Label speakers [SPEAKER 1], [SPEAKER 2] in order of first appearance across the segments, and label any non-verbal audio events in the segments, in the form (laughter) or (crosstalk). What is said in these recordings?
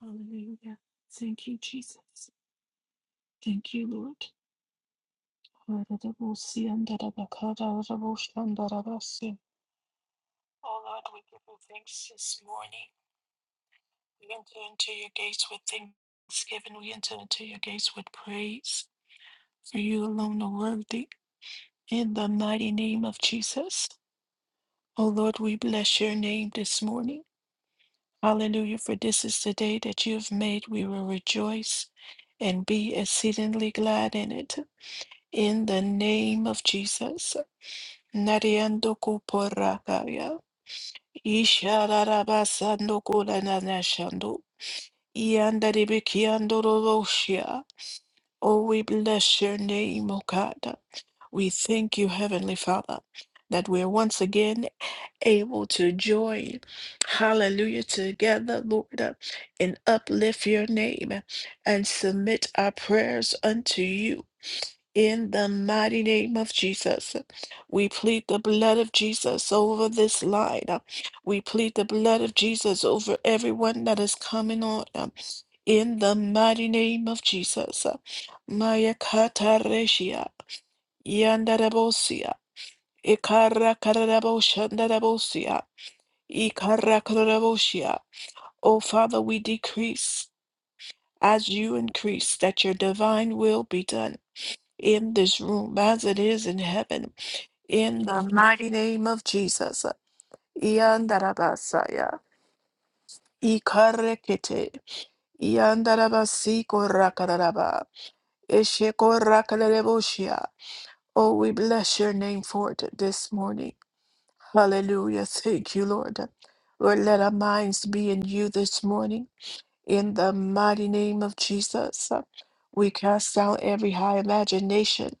[SPEAKER 1] Hallelujah. Thank you, Jesus. Thank you, Lord. Oh Lord, we give you thanks this morning. We enter into your gates with thanksgiving. We enter into your gates with praise. For you alone are worthy. In the mighty name of Jesus. Oh Lord, we bless your name this morning. Hallelujah. For this is the day that you have made. We will rejoice and be exceedingly glad in it. In the name of Jesus, Nariando Kuporakaya, Isharabasando Kulanashando, Iandaribikiando Roshia. Oh, we bless your name, O God. We thank you, Heavenly Father, that we're once again able to join, hallelujah, together, Lord, uh, and uplift your name and submit our prayers unto you. In the mighty name of Jesus, we plead the blood of Jesus over this line. We plead the blood of Jesus over everyone that is coming on. uh, In the mighty name of Jesus, Maya Katareshia, Yandarabosia, Ikara Karaboshandarabosia, Ikara Karabosia. O Father, we decrease as you increase, that your divine will be done in this room as it is in heaven. In the mighty name of Jesus. Iandarabasaya. Ikarekete. Iandarabasiko korakaraba Esheko rakarareboshia. Oh, we bless your name for it this morning. Hallelujah. Thank you, Lord. Lord, let our minds be in you this morning. In the mighty name of Jesus, uh, we cast down every high imagination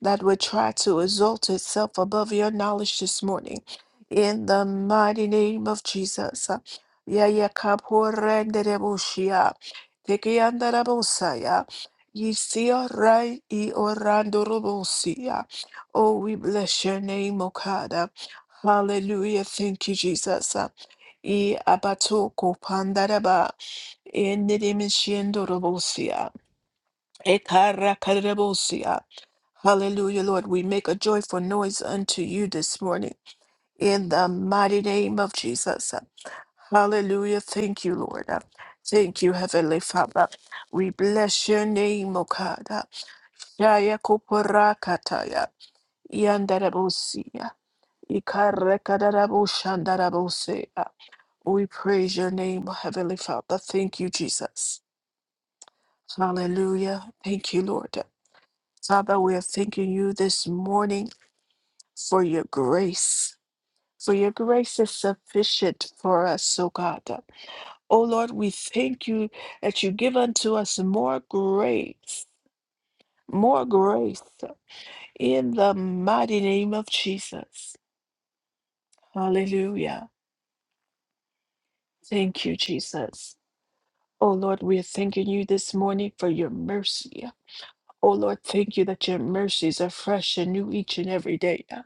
[SPEAKER 1] that would try to exalt itself above your knowledge this morning. In the mighty name of Jesus. uh, Ya ya kaporendereboshia, tekiandarabosaya, yisiorai iorandorobosia. Oh, we bless your name, Okada. Hallelujah. Thank you, Jesus. Uh, I abatoko pandaraba. Endidimishiendorobosia. Ekarakarabosia. Hallelujah, Lord. We make a joyful noise unto you this morning in the mighty name of Jesus. Hallelujah. Thank you, Lord. Thank you, Heavenly Father. We bless your name, O God. Shaya koporakataya. Yandarabosia. Ikarakadarabosandarabosea. We praise your name, Heavenly Father. Thank you, Jesus. Hallelujah. Thank you, Lord. Father, we are thanking you this morning for your grace. For your grace is sufficient for us, O God. O Lord, we thank you that you give unto us more grace, more grace in the mighty name of Jesus. Hallelujah. Thank you, Jesus. O Lord, we are thanking you this morning for your mercy. Oh Lord, thank you that your mercies are fresh and new each and every day. uh.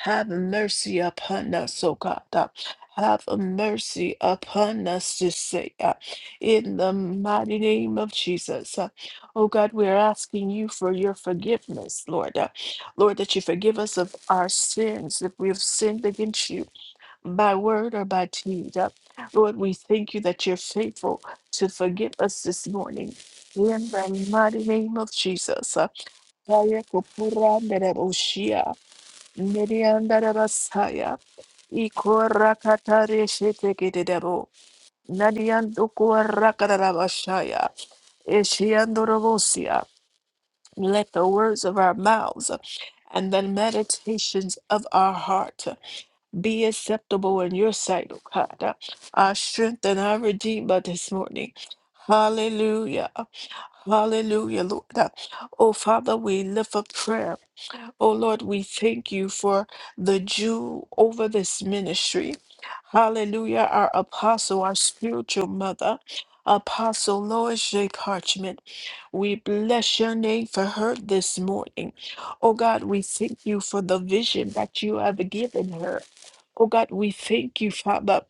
[SPEAKER 1] Have mercy upon us, O God. uh. Have mercy upon us this day. uh, In the mighty name of Jesus. uh. Oh God, we are asking you for your forgiveness, Lord. uh. Lord, that you forgive us of our sins if we have sinned against you by word or by deed. Uh, Lord, we thank you that you're faithful to forgive us this morning. In the mighty name of Jesus. Uh, Aya kupura ndereboshia, neriandarabasaya, ikorakatareshetekedebo, nadiandokorakadabashaya, eshiandorobosia. Let the words of our mouths and the meditations of our heart be acceptable in your sight, O God. Our strength and our redeemer this morning. Hallelujah. Hallelujah, Lord. Uh, Oh, Father, we lift up prayer. Oh Lord, we thank you for the Jew over this ministry. Hallelujah, our apostle, our spiritual mother, Apostle Lois J. Parchment. We bless your name for her this morning. Oh God, we thank you for the vision that you have given her. Oh God, we thank you, Father.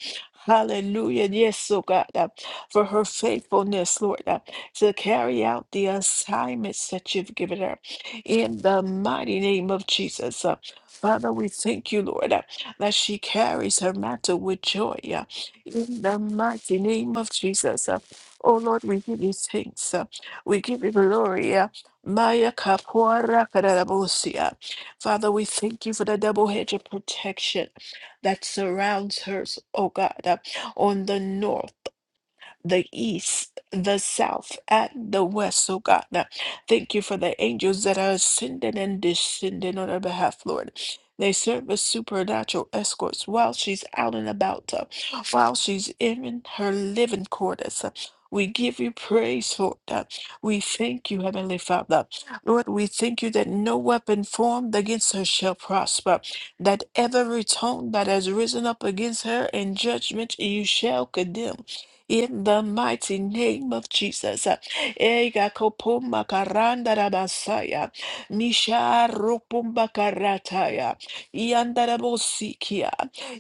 [SPEAKER 1] Hallelujah. Yes, oh God, uh, for her faithfulness, Lord, uh, to carry out the assignments that you've given her in the mighty name of Jesus. Uh, Father, we thank you, Lord, uh, that she carries her mantle with joy uh, in the mighty name of Jesus. Uh, Oh Lord, we give you thanks. uh, We give you glory. uh, Maya Kapora Kadarabosia. Father, we thank you for the double hedge of protection that surrounds her, oh God, uh, on the north the east, the south, and the west, oh God. Now, Thank you for the angels that are ascending and descending on our behalf, Lord. They serve as supernatural escorts while she's out and about, uh, while she's in her living quarters. Uh, We give you praise for that. We thank you, Heavenly Father. Lord, we thank you that no weapon formed against her shall prosper, that every tongue that has risen up against her in judgment you shall condemn in the mighty name of Jesus. Ega kopumba karanda rabasaya, misha rupumba karataya, iandarabosikia,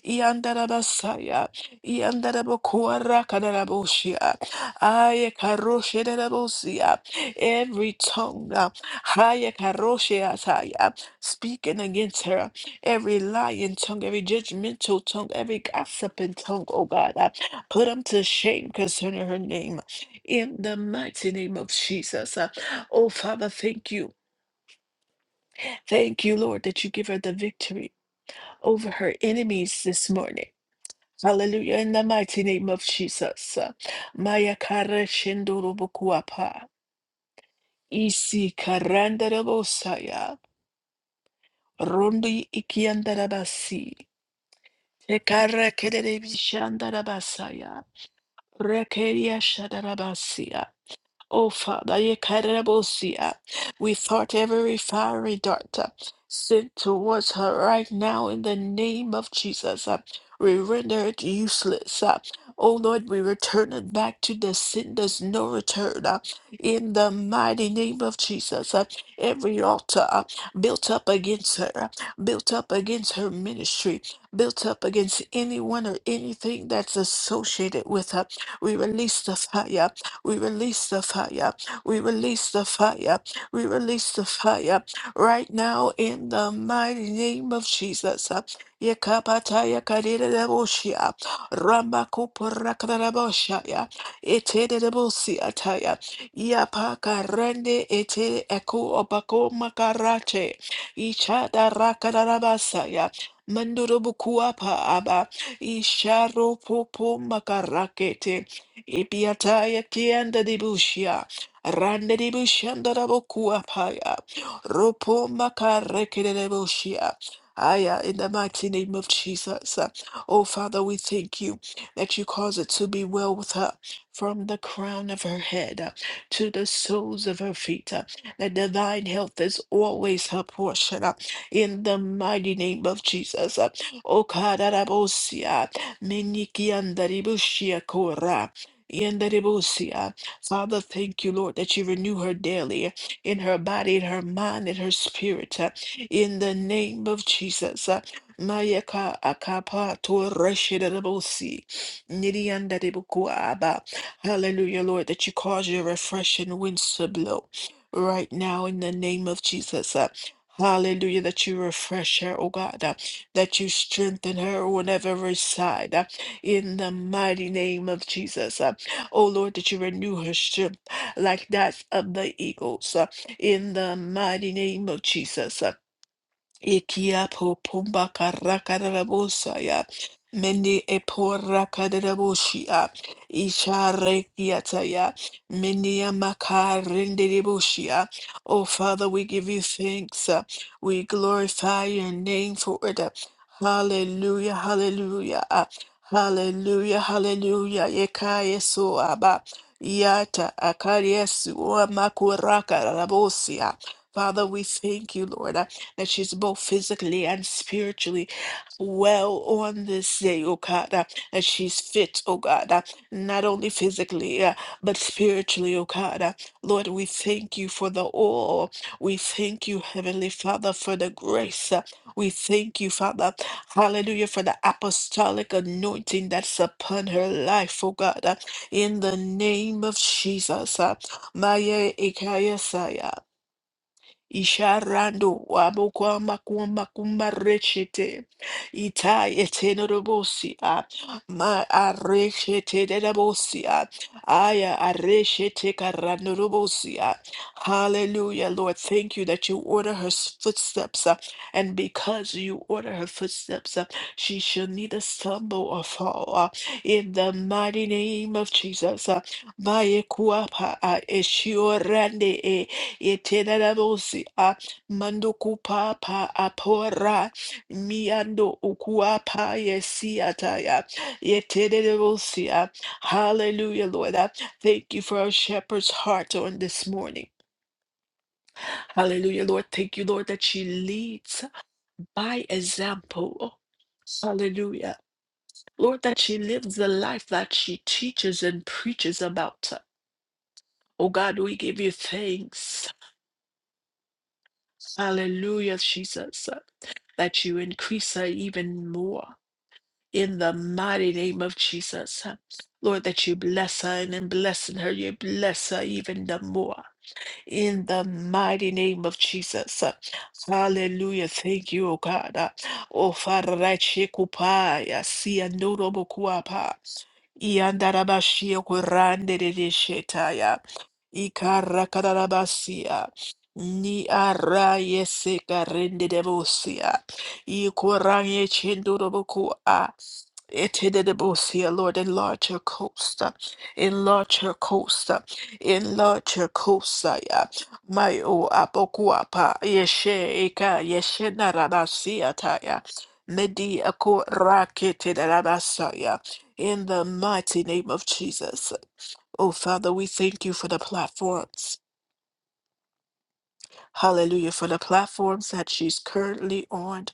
[SPEAKER 1] iandarabasaya, iandarabokuara kanaraboshia, aye karoshe darabosia, every tongue, uh, haye karoshe ataya, speaking against her, every lying tongue, every judgmental tongue, every gossiping tongue, oh God. Put them to shame concerning her name in the mighty name of Jesus. Uh, Oh, Father, thank you. Thank you, Lord, that you give her the victory over her enemies this morning. Hallelujah. In the mighty name of Jesus. Uh, Maya kara shendoro bokuapa. Isi karandara bosaya. Rondi ikiandara basi. Tekara kedere bishandara basaya. Rekeria shadara basia. Oh, Father, ye Karebosia, we thought every fiery dart uh, sent towards her right now in the name of Jesus. uh, We render it useless. uh. Oh Lord, we return it back to the senders, no return. uh, In the mighty name of Jesus, uh. every altar uh, built up against her, uh, built up against her ministry, built up against anyone or anything that's associated with her, we release the fire we release the fire. We release the fire. We release the fire right now in the mighty name of Jesus. Yekapataya kadireboshia. Ramakupurakadareboshaya. Etedebosiataya. Yapakarende ete eku opako makarate. Ichada rakadarabasaya. Mandurubukuapa aba. Isharo popo makarakete. Ipiataya kianda di bushia. Rande di bushanda da bokua paya. Ropo makareke de bushia. Aya, in the mighty name of Jesus. Oh, Father, we thank you that you cause it to be well with her from the crown of her head uh, to the soles of her feet. uh, That divine health is always her portion. uh, In the mighty name of Jesus. uh, O Kadarabosia, Minikiandaribushia Yandarebosia. Father, thank you, Lord, that you renew her daily in her body, in her mind, in her spirit. uh, In the name of Jesus. uh, Mayaka akapa to reshidarebosi. Nidiandarebokuaba. Hallelujah, Lord, that you cause your refreshing winds to blow right now in the name of Jesus. uh, Hallelujah, that you refresh her, oh God, uh, that you strengthen her on every side, uh, in the mighty name of Jesus. Oh Lord, that you renew her strength like that of the eagles uh, in the mighty name of Jesus. uh, Ikia po pumba karakarabosa Meni epora kadaraboshia. Isha rekiataya. Meni amakarendeboshia. Oh Father, we give you thanks. uh, We glorify your name for it. uh, Hallelujah, hallelujah. uh, Hallelujah, hallelujah. Yekaya so aba. Yata akariesu amakuraka rabosia. Father, we thank you, Lord that she's both physically and spiritually well on this day, oh God, uh, that she's fit, oh God, uh, not only physically, uh, but spiritually, oh God. uh. Lord, we thank you for the all. We thank you, Heavenly Father, for the grace. uh. We thank you, Father, hallelujah, for the apostolic anointing that's upon her life, oh God, uh, in the name of Jesus. uh. Maya Ikaya Isharando wabokwama kumba kumba rechete ita etenorobosia ma arechete derabosia aya arechete karanorobosia hallelujah lord thank you that you order her s- footsteps uh, and because you order her footsteps uh, she shall neither stumble or fall uh, in the mighty name of jesus uh, Maya kuapa, uh, eshiorande eh, Yeterarabosi a mando kupapa apora miando ukuapa yesiataya. Yeterarabosi a hallelujah, Lord. I Thank you for our shepherd's heart on this morning. Hallelujah, Lord. Thank you, Lord, that she leads by example. Hallelujah. Lord, that she lives the life that she teaches and preaches about. Oh God, we give you thanks. Hallelujah, Jesus. that you increase her even more in the mighty name of Jesus. Lord, that you bless her and in blessing her, you bless her even the more in the mighty name of Jesus. Hallelujah. Thank you, O God. O Father, I check upaya, see a notable co-op. Yandarabashia kurande de shetaya. Ikarakarabasia. Ni ara yese karende de bosia. Ikoranye chendurobokua. Etedebosia, Lord, enlarge her coast, uh, enlarge her coast, uh, enlarge her coast, uh, yeah. my o apokuapa, yeshe eka, yeshe naradasia taya, medi ako raketedadasaya. In the mighty name of Jesus. Oh, Father, we thank you for the platforms. Hallelujah, for the platforms that she's currently on.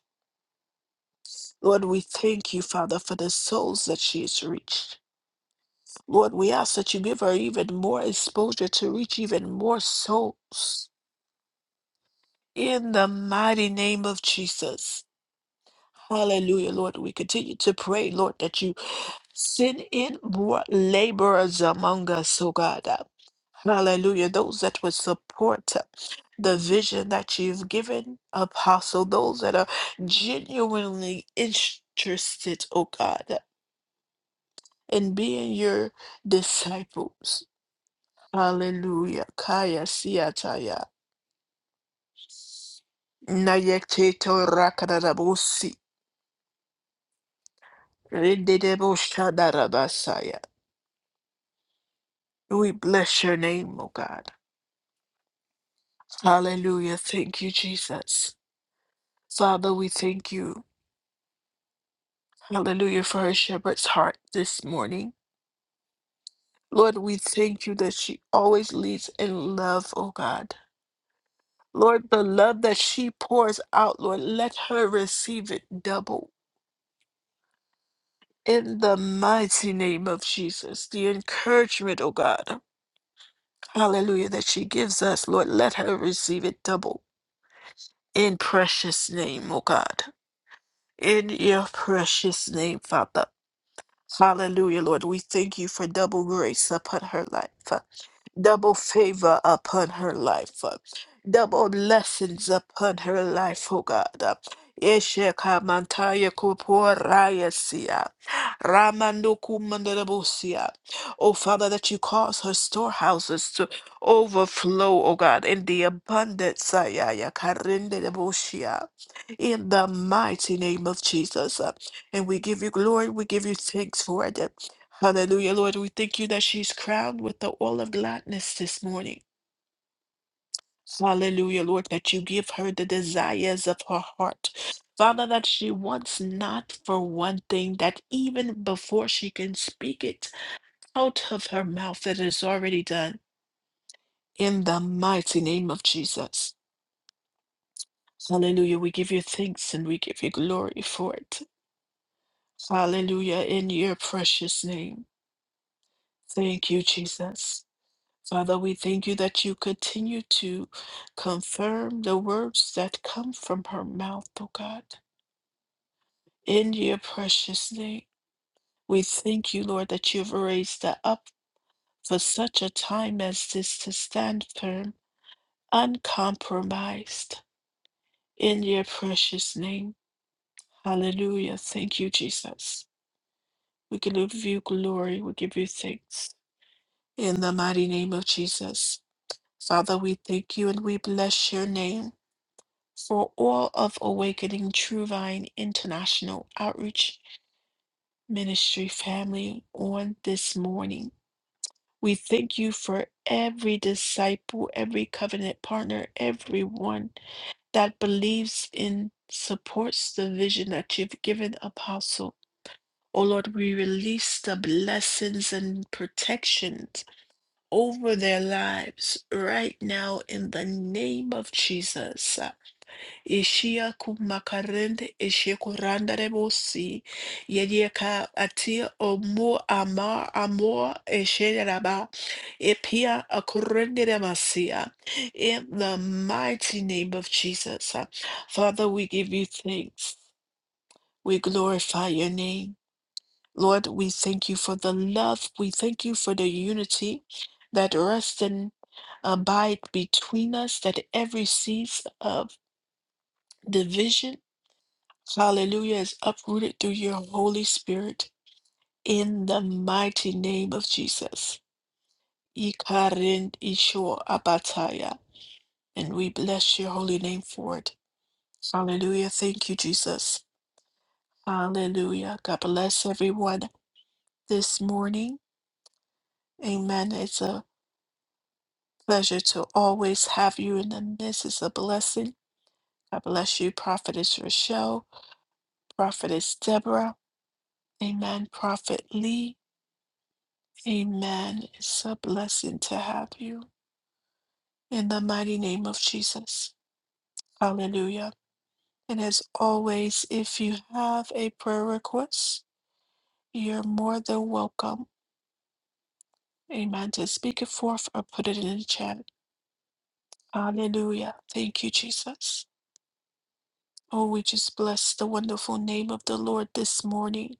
[SPEAKER 1] Lord, we thank you, Father, for the souls that she has reached. Lord, we ask that you give her even more exposure to reach even more souls in the mighty name of Jesus. Hallelujah, Lord. We continue to pray, Lord, that you send in more laborers among us, oh God. Hallelujah. Those that would support the vision that you've given, Apostle, those that are genuinely interested, oh God, in being your disciples. Hallelujah. Kaya siataya. Nayekteto rakarabusi. Rendedeboshadabasaya. We bless your name, O God. Hallelujah. Thank you, Jesus. Father, we thank you. Hallelujah for her shepherd's heart this morning. Lord, we thank you that she always leads in love, O God. Lord, the love that she pours out, Lord, let her receive it double. In the mighty name of Jesus, the encouragement, oh God, hallelujah, that she gives us, Lord, let her receive it double. In precious name, oh God. In your precious name, Father. Hallelujah, Lord. We thank you for double grace upon her life. double favor upon her life, uh, double blessings upon her life, oh God. uh, Yesheka mantaya kuporaya siya, ramando kumandarabusiya. Oh Father, that you cause her storehouses to overflow, oh God, in the abundance, ah, yeah, yeah, karindarabusiya. in the mighty name of Jesus. uh, And we give you glory, we give you thanks for it. Hallelujah, Lord. We thank you that she's crowned with the oil of gladness this morning. Hallelujah, Lord, that you give her the desires of her heart. Father, that she wants not for one thing, that even before she can speak it out of her mouth, it is already done. In the mighty name of Jesus. Hallelujah. We give you thanks and we give you glory for it. Hallelujah. In your precious name. Thank you, Jesus. Father, we thank you that you continue to confirm the words that come from her mouth, oh God, in your precious name. We thank you, Lord, that you've raised her up for such a time as this to stand firm, uncompromised, in your precious name. Hallelujah. Thank you, Jesus. We give you glory. We give you thanks. In the mighty name of Jesus. Father, we thank you and we bless your name. for all of Awakening True Vine International Outreach Ministry family on this morning. We thank you for every disciple, every covenant partner, everyone that believes in, supports the vision that you've given, Apostle. Oh Lord, we release the blessings and protections over their lives right now in the name of Jesus. Ishia kumakarende ishia kurandare bosi yediaka atia omu ama amor esheraba epia akurende masia in the mighty name of Jesus. uh, Father, we give you thanks. We glorify your name. Lord, we thank you for the love. We thank you for the unity that rests and abide between us, that every seeds of division Hallelujah is uprooted through your Holy Spirit in the mighty name of Jesus. Ikarin Isho Abataya. And we bless your holy name for it. Hallelujah. Thank you, Jesus. Hallelujah. God bless everyone this morning. Amen. It's a pleasure to always have you in the midst. It's a blessing. God bless you, Prophetess Rochelle, Prophetess Deborah. Amen. Prophet Lee. Amen. It's a blessing to have you in the mighty name of Jesus. Hallelujah. And as always, if you have a prayer request, you're more than welcome. Amen. To speak it forth or put it in the chat. Hallelujah. Thank you, Jesus. Oh, we just bless the wonderful name of the Lord this morning.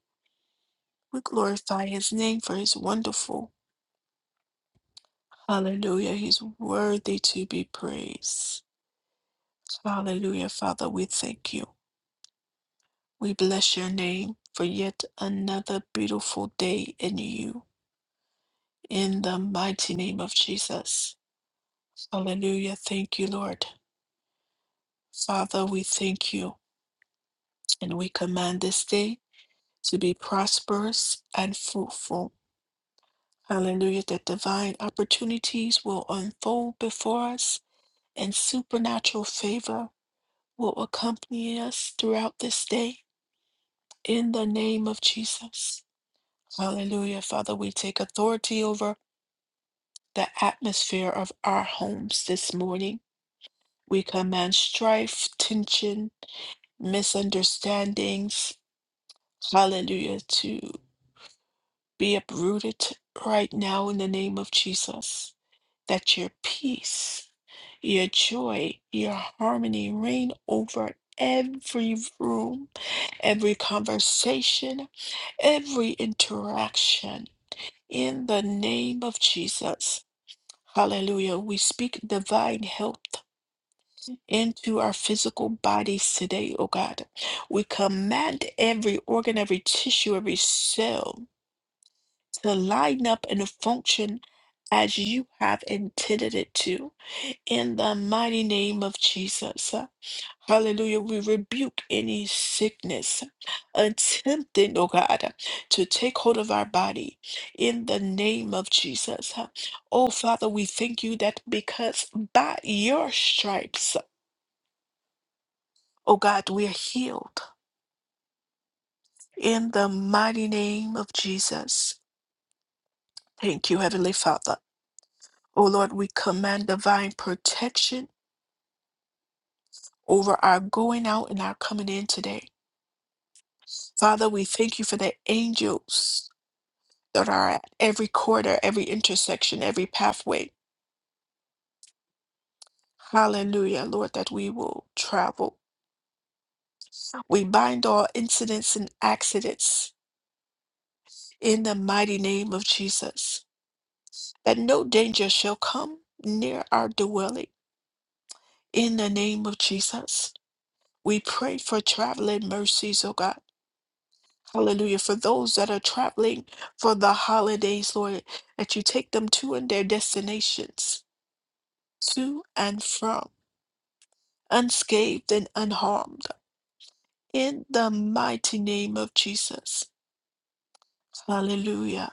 [SPEAKER 1] We glorify his name for his wonderful. Hallelujah. He's worthy to be praised. Hallelujah. Father, we thank you. We bless your name for yet another beautiful day in you. In the mighty name of Jesus. Hallelujah. Thank you, Lord. Father, we thank you and we command this day to be prosperous and fruitful. Hallelujah. That divine opportunities will unfold before us and supernatural favor will accompany us throughout this day. In the name of Jesus. Hallelujah. Father, we take authority over the atmosphere of our homes this morning. We command strife, tension, misunderstandings, hallelujah, to be uprooted right now in the name of Jesus. That your peace, your joy, your harmony reign over every room, every conversation, every interaction. In the name of Jesus. Hallelujah. We speak divine health into our physical bodies today, oh God. We command every organ, every tissue, every cell to line up and function as you have intended it to. In the mighty name of Jesus. Hallelujah. We rebuke any sickness attempting, oh God, to take hold of our body in the name of Jesus. Oh Father, we thank you that because by your stripes, oh God, we are healed. In the mighty name of Jesus, thank you, Heavenly Father. Oh Lord, we command divine protection over our going out and our coming in today. Father, we thank you for the angels that are at every corner, every intersection, every pathway. Hallelujah, Lord, that we will travel. We bind all incidents and accidents in the mighty name of Jesus, that no danger shall come near our dwelling in the name of Jesus. We pray for traveling mercies, oh God. Hallelujah. For those that are traveling for the holidays, Lord, that you take them to and their destinations, to and from, unscathed and unharmed, in the mighty name of Jesus. Hallelujah.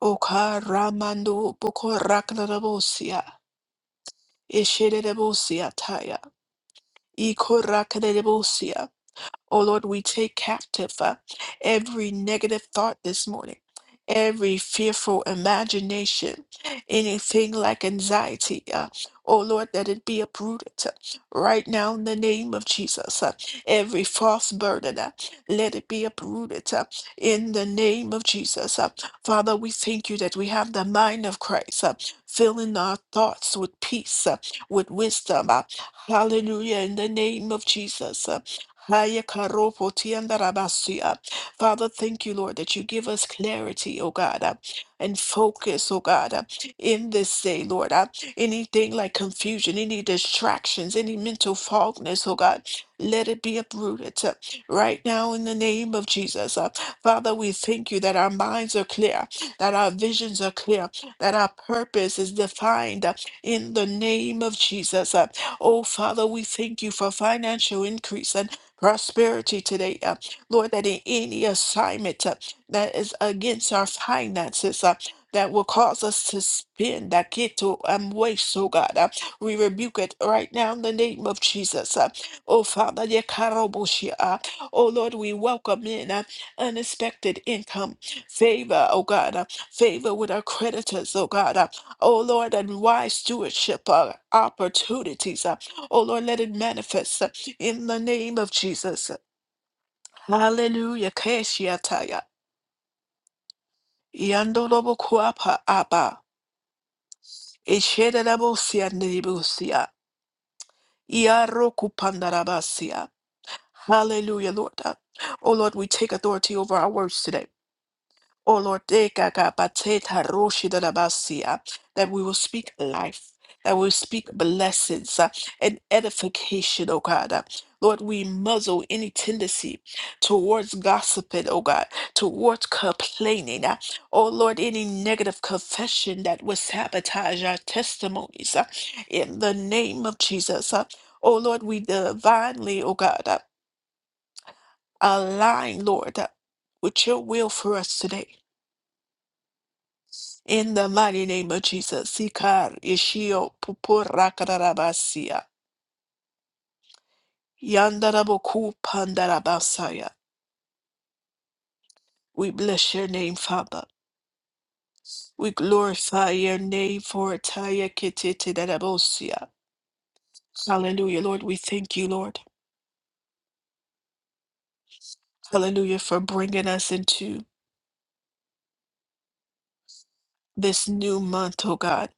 [SPEAKER 1] Oka ramando boko raknarabosia, esherebosia taya, iko Oh Lord, we take captive uh, every negative thought this morning, every fearful imagination, anything like anxiety. Uh, oh Lord, that it be uprooted uh, right now in the name of Jesus. uh, every false burden, uh, let it be uprooted uh, in the name of Jesus. uh. Father, we thank you that we have the mind of Christ, uh, filling our thoughts with peace, uh, with wisdom. uh, hallelujah, in the name of Jesus. uh. Haya karo potianda rabasia. Father, thank you, Lord, that you give us clarity, oh God, uh, and focus, oh God, uh, in this day, Lord. uh, Anything like confusion, any distractions, any mental fogness, oh God, let it be uprooted uh, right now in the name of Jesus. uh. Father, we thank you that our minds are clear, that our visions are clear, that our purpose is defined uh, in the name of Jesus. uh. Oh, Father, we thank you for financial increase prosperity today, uh, Lord, that in any assignment uh, that is against our finances, uh, that will cause us to spend that get to um, waste, oh God. Uh, we rebuke it right now in the name of Jesus. Uh, oh Father, de karoboshi, uh, oh Lord, we welcome in uh, unexpected income, favor, oh God, uh, favor with our creditors, oh God. Uh, oh Lord, and wise stewardship uh, opportunities. uh, Oh Lord, let it manifest uh, in the name of Jesus. Hallelujah. Keshiataya. Yandolobo kuapa apa. Eshederabosia neribusia. Iaroku pandarabasia. Hallelujah, Lord. Uh, Oh Lord, we take authority over our words today. O Lord, te kaka pateta roshi da da basia, that we will speak life, that we will speak blessings uh, and edification, O God. Uh, Lord, we muzzle any tendency towards gossiping, O God, towards complaining. uh, Oh Lord, any negative confession that would sabotage our testimonies uh, in the name of Jesus. uh, Oh Lord, we divinely, O God, uh, align, Lord, uh, with your will for us today. In the mighty name of Jesus, Sikar Ishio Pupurakarabasia. Yandaraboku Pandarabasaya. We bless your name, Father. We glorify your name for Taya Kititidarabosia. Hallelujah, Lord. We thank you, Lord. Hallelujah, for bringing us into this new month, oh God.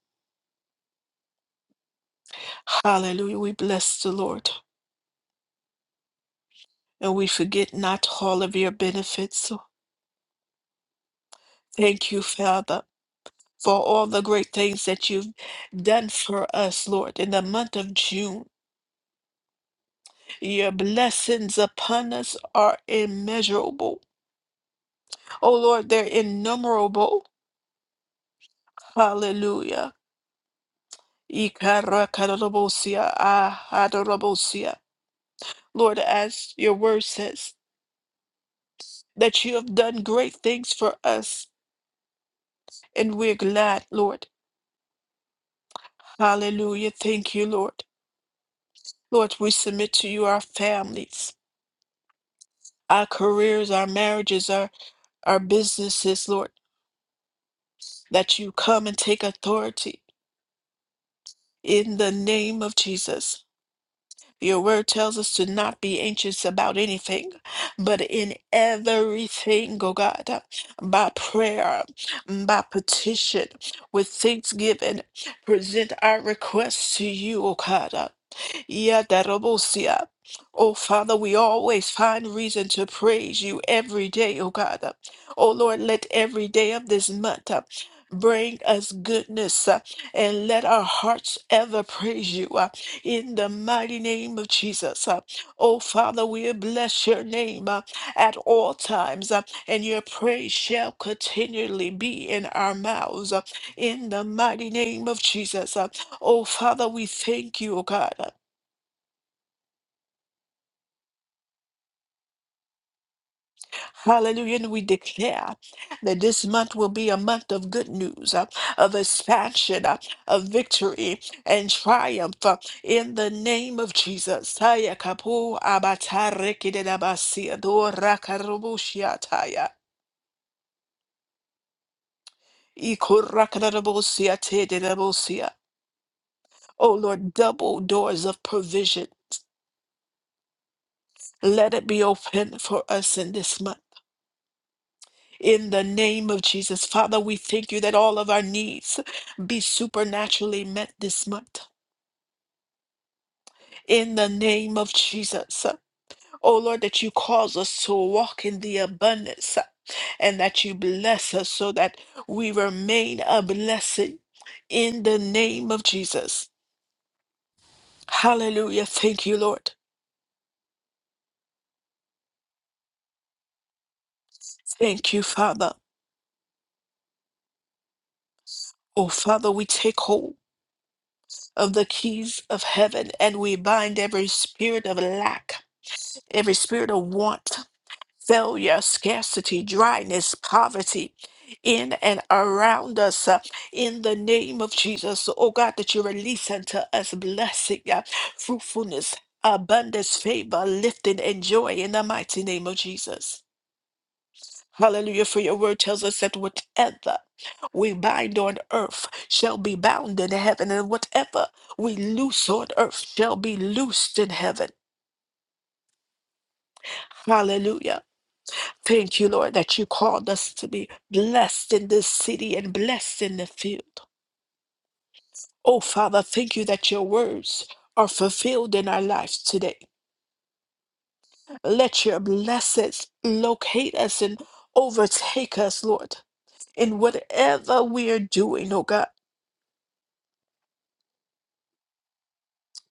[SPEAKER 1] Hallelujah. We bless the Lord. And we forget not all of your benefits. Thank you, Father. for all the great things that you've done for us, Lord, in the month of June. Your blessings upon us are immeasurable. Oh Lord, they're innumerable. Hallelujah. Ikarakarabosia, aharabosia. Lord, as your word says, that you have done great things for us, and we're glad, Lord. Hallelujah. Thank you, Lord. Lord, we submit to you our families, our careers, our marriages, our. our businesses, Lord, that you come and take authority in the name of Jesus. Your word tells us to not be anxious about anything, but in everything, oh God, by prayer, by petition, with thanksgiving, present our requests to you, oh God. Yeah, Darobosia. Oh, Father, we always find reason to praise you every day, oh God. Oh, Lord, let every day of this month uh, bring us goodness uh, and let our hearts ever praise you uh, in the mighty name of Jesus. uh. Oh, Father, we bless your name uh, at all times, uh, and your praise shall continually be in our mouths uh, in the mighty name of Jesus. uh. Oh, Father, we thank you, oh God. Hallelujah. And we declare that this month will be a month of good news, uh, of expansion, uh, of victory and triumph uh, in the name of Jesus. Taya kapu abatarekidedabasia dorakarabusiataya, ikorakarabusiatederabusia. Oh Lord, double doors of provision. Let it be open for us in this month. In the name of Jesus, Father, we thank you that all of our needs be supernaturally met this month. In the name of Jesus. Oh Lord, that you cause us to walk in the abundance and that you bless us so that we remain a blessing in the name of Jesus. Hallelujah. Thank you, Lord. Thank you, Father. Oh, Father, we take hold of the keys of heaven and we bind every spirit of lack, every spirit of want. failure, scarcity, dryness, poverty in and around us uh, in the name of Jesus. So, Oh God, that you release unto us blessing, uh, fruitfulness, abundance, favor, lifting, and joy in the mighty name of Jesus. Hallelujah. For your word tells us that whatever we bind on earth shall be bound in heaven, and whatever we loose on earth shall be loosed in heaven. Hallelujah. Thank you, Lord, that you called us to be blessed in this city and blessed in the field. Oh, Father, thank you that your words are fulfilled in our lives today. Let your blessings locate us and overtake us, Lord, in whatever we are doing, oh God,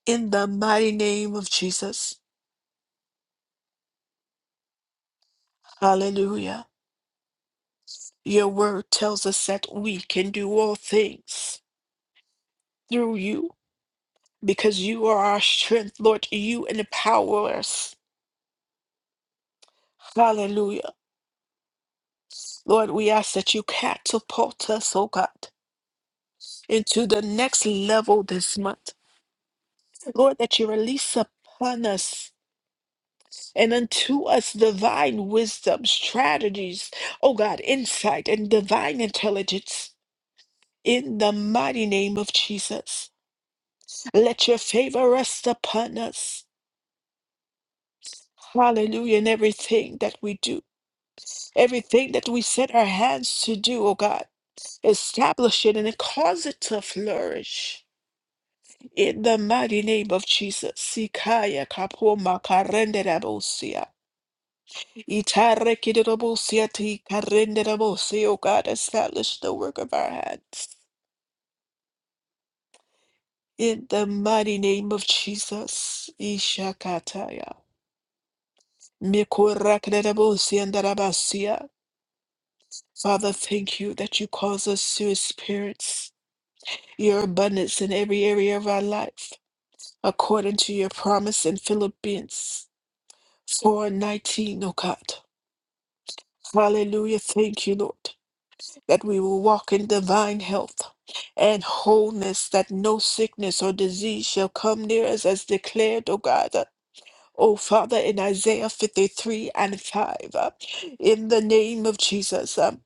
[SPEAKER 1] in the mighty name of Jesus. Hallelujah. Your word tells us that we can do all things through you because you are our strength, Lord. You empower us Hallelujah. Lord, we ask that you catapult us, oh God, into the next level this month. Lord, that you release upon us and unto us divine wisdom, strategies, oh God, insight and divine intelligence. In the mighty name of Jesus, let your favor rest upon us. Hallelujah. In everything that we do, everything that we set our hands to do, oh God, establish it and cause it to flourish. In the mighty name of Jesus, Sikaya Kapoma Karenderabosia, Itare Kiderabosia Ti Karenderabosia, O God, establish the work of our hands. In the mighty name of Jesus, Ishakataya, Mikorakderabosia and Darabasia. Father, thank you that you cause us to experience your abundance in every area of our life, according to your promise in Philippians 4:19, O God. Hallelujah. Thank you, Lord, that we will walk in divine health and wholeness, that no sickness or disease shall come near us, as declared, O God. Oh, Father, in Isaiah 53 and 5, uh, in the name of Jesus, uh,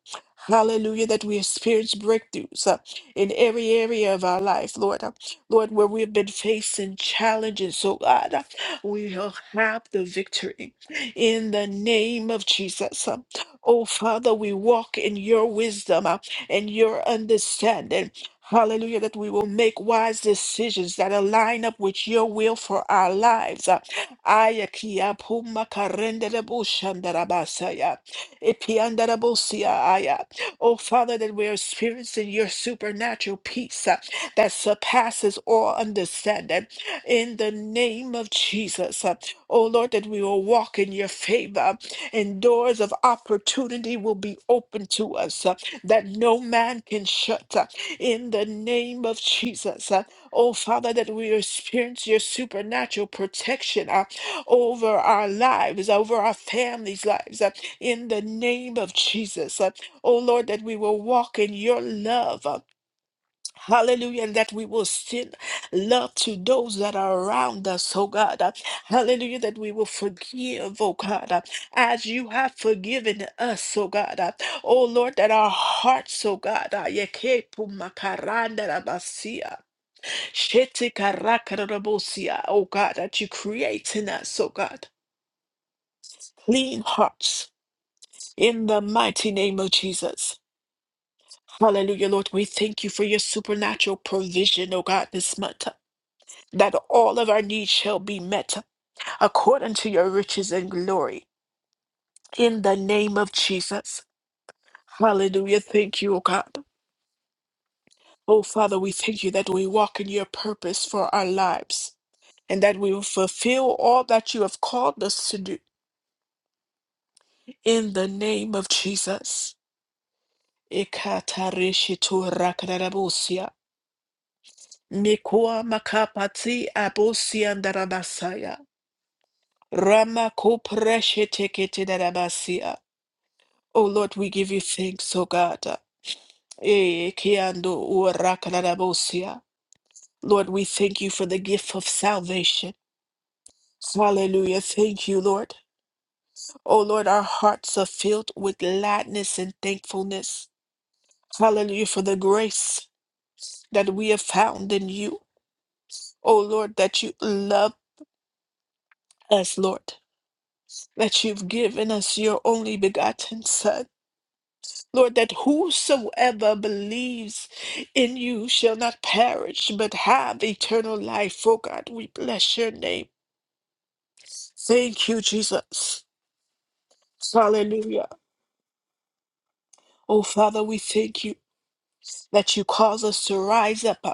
[SPEAKER 1] hallelujah, that we experience breakthroughs uh, in every area of our life, Lord. uh, Lord, where we've been facing challenges, oh God, uh, we will have the victory in the name of Jesus. uh. oh, Father, we walk in your wisdom uh, and your understanding. Hallelujah, that we will make wise decisions that align up with your will for our lives. uh. Aya kia puma karendere bushandarabasaya. Ipiandarabusia aya. Oh, Father, that we're experiencing your supernatural peace uh, that surpasses all understanding in the name of Jesus. uh, Oh, Lord, that we will walk in your favor and doors of opportunity will be open to us uh, that no man can shut uh, in the name of Jesus. uh, Oh, Father, that we experience your supernatural protection. uh, over our lives, over our families' lives, uh, in the name of Jesus. Uh, oh Lord, that we will walk in your love. uh, Hallelujah, and that we will send love to those that are around us, oh God. Uh, Hallelujah, that we will forgive, oh God, uh, as you have forgiven us, oh God. Uh, Oh Lord, that our hearts, oh God, uh, yekepumakarandarabasia, shetikarakarabosia, oh God, that you create in us, oh God clean hearts in the mighty name of Jesus. Hallelujah, Lord. We thank you for your supernatural provision, oh God, this month, that all of our needs shall be met according to your riches and glory. In the name of Jesus. Hallelujah. Thank you, oh God. Oh Father, we thank you that we walk in your purpose for our lives and that we will fulfill all that you have called us to do. In the name of Jesus. Mikoa makapati abosi andarabasaya. Rama kopreshe tekete darabasia. Oh Lord, we give you thanks, oh God. Eh, kiando urakarabosia. Lord, we thank you for the gift of salvation. Hallelujah. Thank you, Lord. Oh Lord, our hearts are filled with gladness and thankfulness. Hallelujah for the grace that we have found in you. Oh Lord, that you love us, Lord. that you've given us your only begotten Son. Lord, that whosoever believes in you shall not perish but have eternal life. Oh God, we bless your name. Thank you, Jesus. Hallelujah. Oh Father, we thank you that you cause us to rise up uh,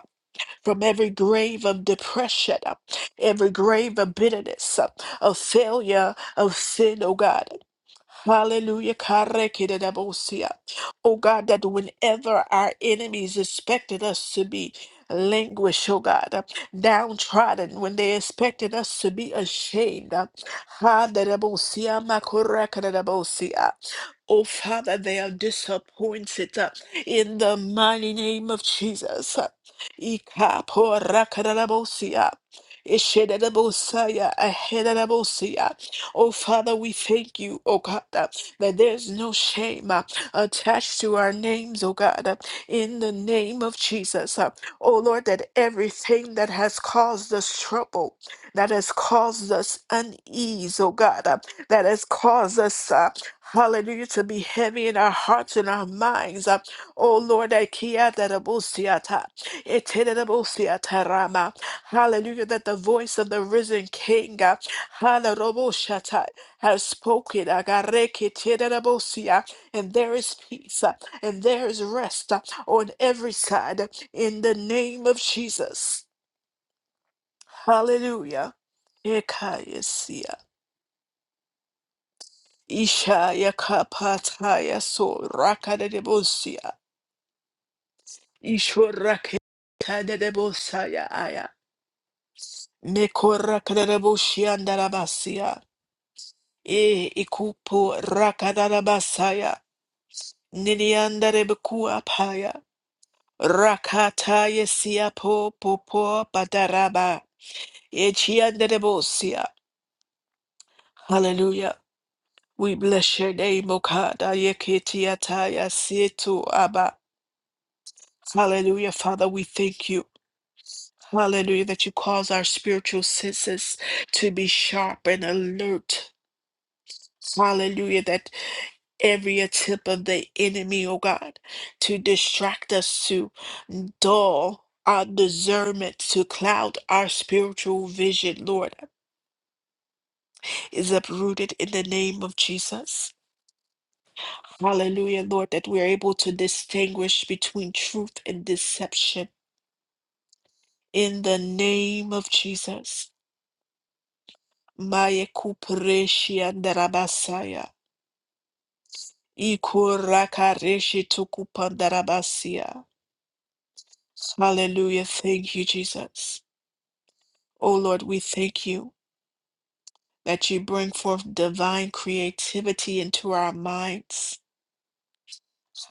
[SPEAKER 1] from every grave of depression, uh, every grave of bitterness, uh, of failure, of sin, oh God. Hallelujah. Karekidabosia. Oh God, that whenever our enemies expected us to be languished, oh God, uh, downtrodden, when they expected us to be ashamed, Hadabosia, makorakadabosia. oh Father, they are disappointed uh, in the mighty name of Jesus. Ikaporakadabosia. Ishedabosaya, ahedabosea. Oh, Father, we thank you, oh God, uh, that there's no shame uh, attached to our names, oh God, uh, in the name of Jesus. uh, Oh Lord, that everything that has caused us trouble, that has caused us unease, oh God, uh, that has caused us. Uh, Hallelujah, to be heavy in our hearts and our minds. uh, Oh Lord, that kia that Hallelujah, that the voice of the risen King, uh, Hallelujah, has spoken, uh, Garekitirabosia, and there is peace, uh, and there is rest uh, on every side, uh, in the name of Jesus. Hallelujah. Ekayesia, Ishaya kapataya so rakadebosia, Ishorakadebosaya aya, Mekorakadeboshiandarabasia. E ikupu rakadada basaya Niliandare bukua paya. Rakata yesia po popo padaraba. Echiandere bosia. Hallelujah. We bless your name, Okada Yekitiataya Situ Abba. Hallelujah, Father, we thank you. Hallelujah, that you cause our spiritual senses to be sharp and alert. Hallelujah, that. every attempt of the enemy, oh God, to distract us, to dull our discernment, to cloud our spiritual vision, Lord, is uprooted in the name of Jesus. Hallelujah, Lord, that we're able to distinguish between truth and deception in the name of Jesus. Maya kupreshi andarabasaya. Ikurakareshi tukupandarabasia. Hallelujah. Thank you, Jesus. O Lord, we thank you that you bring forth divine creativity into our minds.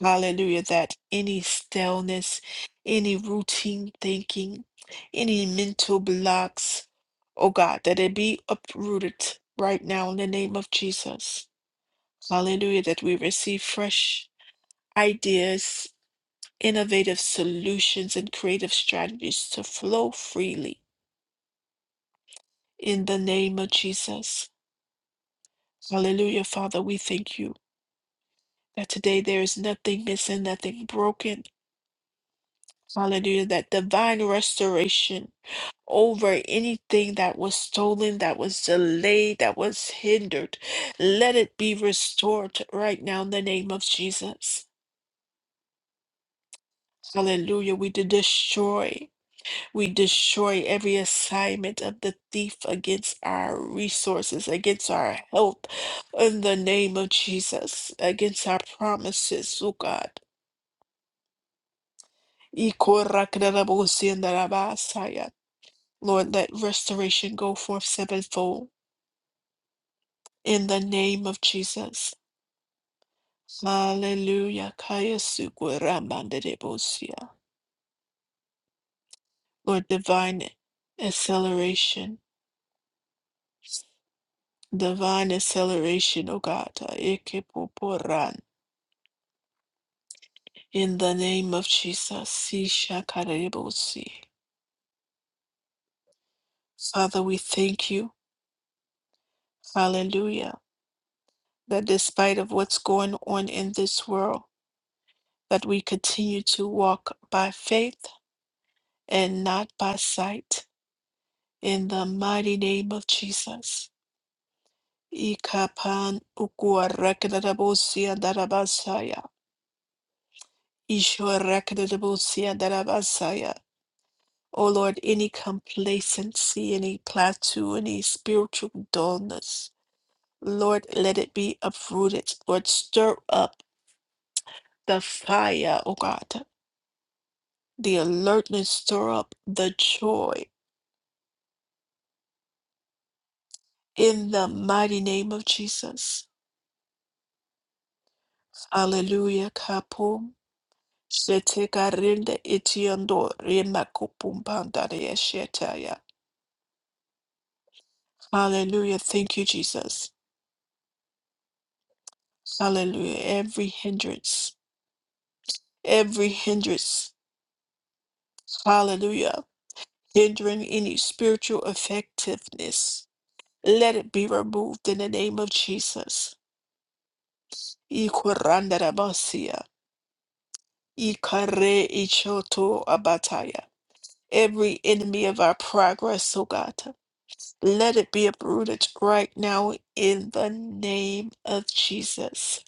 [SPEAKER 1] Hallelujah, that any stillness, any routine thinking, any mental blocks, oh God, that it be uprooted right now in the name of Jesus. Hallelujah, that we receive fresh ideas, innovative solutions, and creative strategies to flow freely in the name of Jesus. Hallelujah, Father, we thank you. that today there is nothing missing, nothing broken. Hallelujah. That divine restoration over anything that was stolen, that was delayed, that was hindered. Let it be restored right now in the name of Jesus. Hallelujah. We did destroy. We destroy every assignment of the thief against our resources, against our health, in the name of Jesus, against our promises, oh God. Ikorakadabosiandarabasaya. Lord, let restoration go forth sevenfold in the name of Jesus. Hallelujah. Kayasukuramandadebosia. Lord, divine acceleration, divine acceleration, O God. Ekepoporan. In the name of Jesus. Sishakarebosi. Father, we thank you. Hallelujah. That despite of what's going on in this world, that we continue to walk by faith and not by sight. In the mighty name of Jesus. Ikapan ukuarakadabosia darabasaya. Ishoarakadabosia darabasaya. O Lord, any complacency, any plateau, any spiritual dullness, Lord, let it be uprooted. Lord, stir up the fire, O God, the alertness, stir up the joy. In the mighty name of Jesus. Hallelujah. Kapum. Shete karinde itiando rema kupumbanda rea shetaya. Hallelujah. Thank you, Jesus. Hallelujah. Every hindrance, every hindrance. Hallelujah. Hindering any spiritual effectiveness. Let it be removed in the name of Jesus. Ikoranda rabasia. Ikare ichoto abataya. every enemy of our progress, oh God. Let it be uprooted right now in the name of Jesus.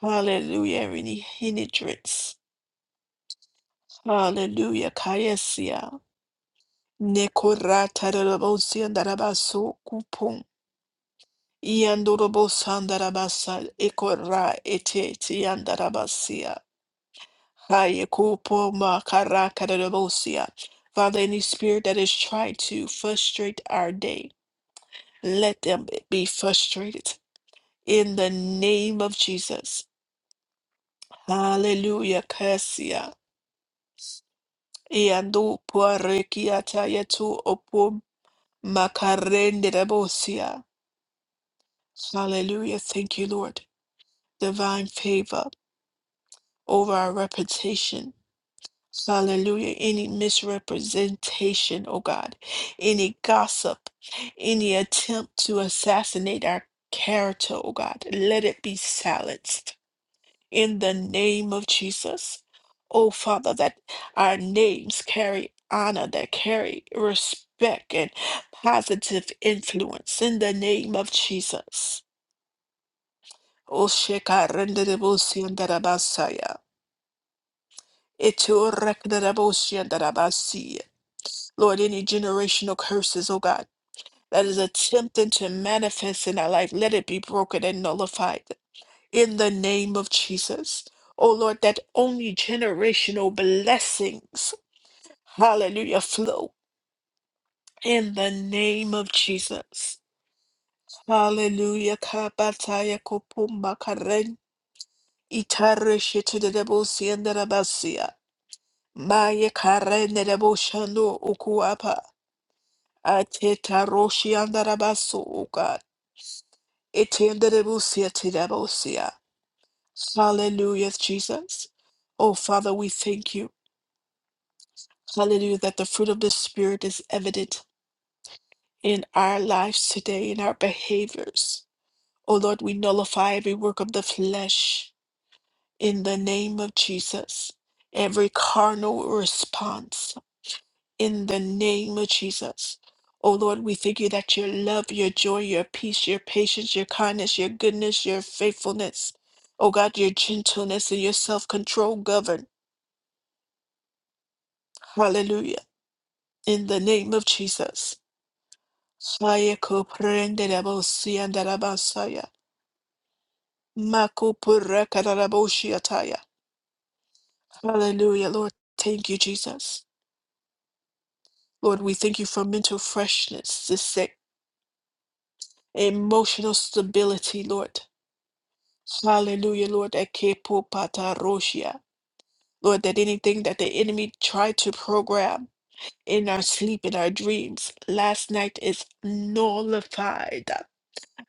[SPEAKER 1] Hallelujah. Any hindrance. Hallelujah. Kayasia. Nekorata darabosandarabasokupon. Iandorobosandarabasa ekora ete tiandarabasia. Hayekupo makaraka darabosia. Father, any spirit that is trying to frustrate our day. Let them be frustrated in the name of Jesus. Hallelujah. Kasia. Iandu puarekiata yetu opum makarende rebosia. Hallelujah. Thank you, Lord. Divine favor over our reputation. Hallelujah. Any misrepresentation, oh God, any gossip, any attempt to assassinate our character, oh God, let it be silenced. in the name of Jesus. Oh, Father, that our names carry honor, that carry respect and positive influence in the name of Jesus. Oh, Shekarenderebosyandaramasaya. Etorekenderebosyandaramasaya. Lord, any generational curses, oh God, that is attempting to manifest in our life, let it be broken and nullified. in the name of Jesus. Oh Lord, that only generational blessings, hallelujah, flow in the name of Jesus. Hallelujah. Kabataya kopumba karen itare shitedebo sienderabasia. Maya karen shando ukuapa. Ateta roshi andarabaso uka. Etenderebusia tidebosia. Hallelujah, Jesus. Oh Father, we thank you. Hallelujah, that the fruit of the Spirit is evident in our lives today, in our behaviors. Oh Lord, we nullify every work of the flesh in the name of Jesus, every carnal response in the name of Jesus. Oh Lord, we thank you that your love, your joy, your peace, your patience, your kindness, your goodness, your faithfulness, oh God, your gentleness and your self control govern. Hallelujah. In the name of Jesus. Saya koprende rabosi and rabasaya. Makupura karaboshi ataya. Hallelujah, Lord. Thank you, Jesus. Lord, we thank you for mental freshness this day, emotional stability, Lord. Hallelujah, Lord. Ekepo pataroshia. Lord, that anything that the enemy tried to program in our sleep, in our dreams, last night is nullified,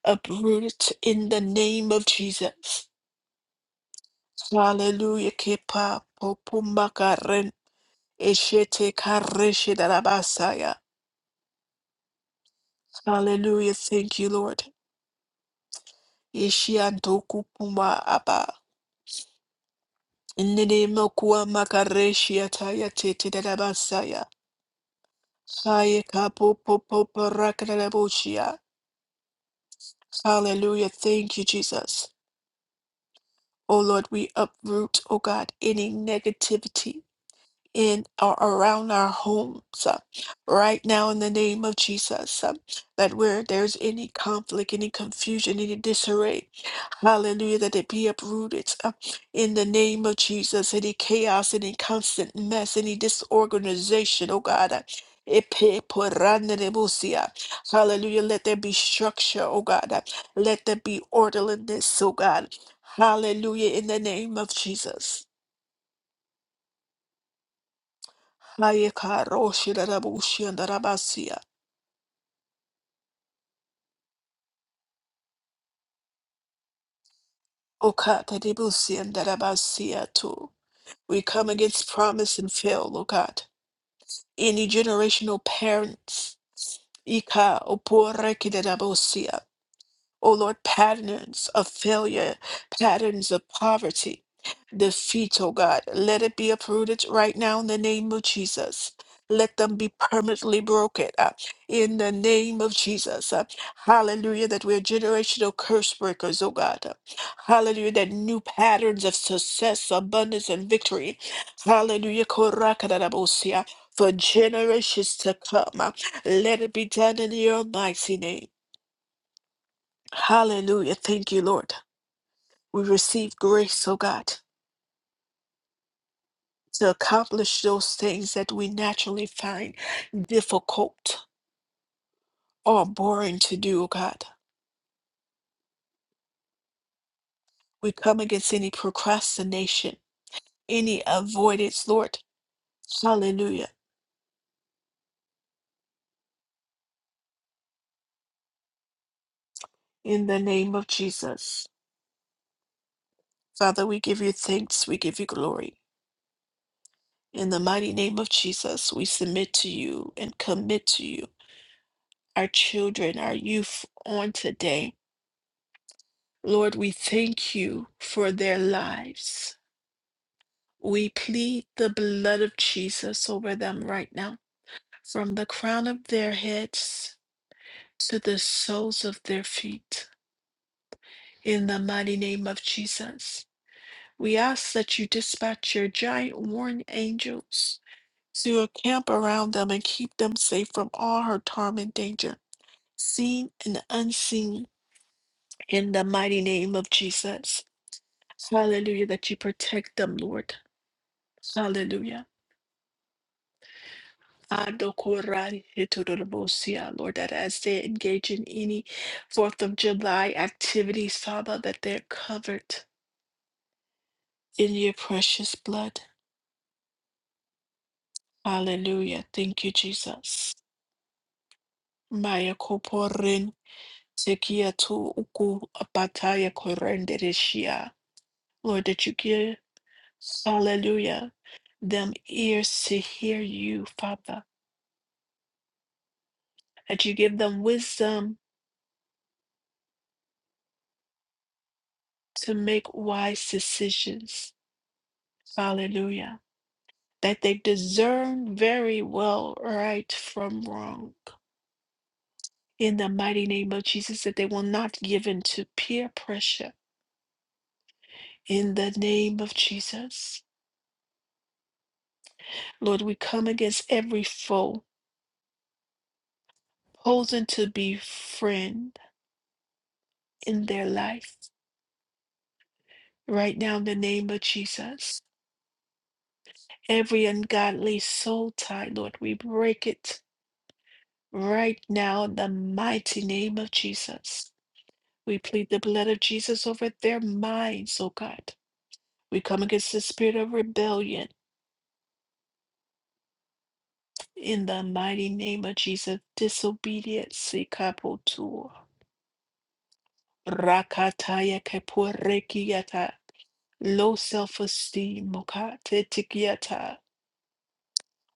[SPEAKER 1] uprooted in the name of Jesus. Hallelujah. Kepa popumba karen eshete kareshe darabasaya. Hallelujah. Thank you, Lord. Ishiantoku puma aba. Nene mokua makareshi ataya tete darabasaya. Haye kapo popo parakarabushia. Hallelujah. Thank you, Jesus. Oh Lord, we uproot, oh God, any negativity in or around our homes uh, right now in the name of Jesus. uh, that where there's any conflict, any confusion, any disarray, hallelujah, that it be uprooted uh, in the name of Jesus. Any chaos, any constant mess, any disorganization, oh God. uh, Epe poranerebusia. Hallelujah. Let there be structure, oh God. uh, Let there be orderliness, oh God. Hallelujah. In the name of Jesus. Kaya roshi darabushi and darabasia. Okata debusi and darabasia too. We come against promise and fail, O God. Any generational parents. Ika oporeki Oh Lord, patterns of failure, patterns of poverty, defeat, oh God. Let it be uprooted right now in the name of Jesus. Let them be permanently broken uh, in the name of Jesus. uh, hallelujah, that we're generational curse breakers, oh God. uh, hallelujah, that new patterns of success, abundance, and victory. Hallelujah, korakadarabosia, for generations to come. uh, let it be done in the almighty name. Hallelujah. Thank you, Lord. We receive grace, oh God, to accomplish those things that we naturally find difficult or boring to do, oh God. We come against any procrastination, any avoidance, Lord. Hallelujah. In the name of Jesus. Father, we give you thanks. We give you glory. In the mighty name of Jesus, we submit to you and commit to you our children, our youth on today. Lord, we thank you for their lives. We plead the blood of Jesus over them right now, from the crown of their heads to the soles of their feet. In the mighty name of Jesus, we ask that you dispatch your giant warring angels to encamp around them and keep them safe from all hurt, harm, and danger, seen and unseen. In the mighty name of Jesus. Hallelujah, that you protect them, Lord Hallelujah. Adokorari hetodorobosia, Lord, that as they engage in any Fourth of July activities, Father, that they're covered in your precious blood. Hallelujah. Thank you, Jesus. Maya koporin sekia tu uku apataya korendereshia. Lord, that you give, hallelujah, them ears to hear you, Father, that you give them wisdom to make wise decisions. Hallelujah. That they discern very well right from wrong. In the mighty name of Jesus, that they will not give in to peer pressure. In the name of Jesus. Lord, we come against every foe posing to be friend in their life. Right now, in the name of Jesus. Every ungodly soul tie, Lord, we break it right now in the mighty name of Jesus. We plead the blood of Jesus over their minds, oh God. We come against the spirit of rebellion in the mighty name of Jesus. Disobedience, ikapotu, rakataya keporekiata, low self-esteem, oh God, tetikiata,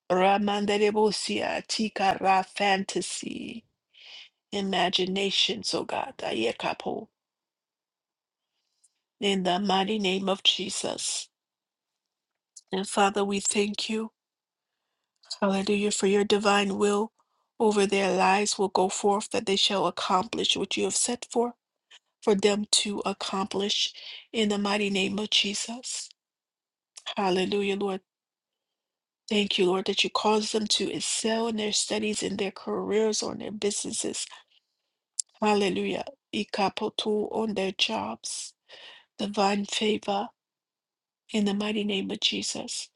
[SPEAKER 1] ramanderebosia, tikara fantasy, imaginations, oh God, ayekapo, in the mighty name of Jesus. And Father, we thank you. Hallelujah. For your divine will over their lives will go forth, that they shall accomplish what you have set for, for them to accomplish in the mighty name of Jesus. Hallelujah, Lord. Thank you, Lord, that you cause them to excel in their studies, in their careers, or in their businesses. Hallelujah. Ikapotu on their jobs. Divine favor in the mighty name of Jesus.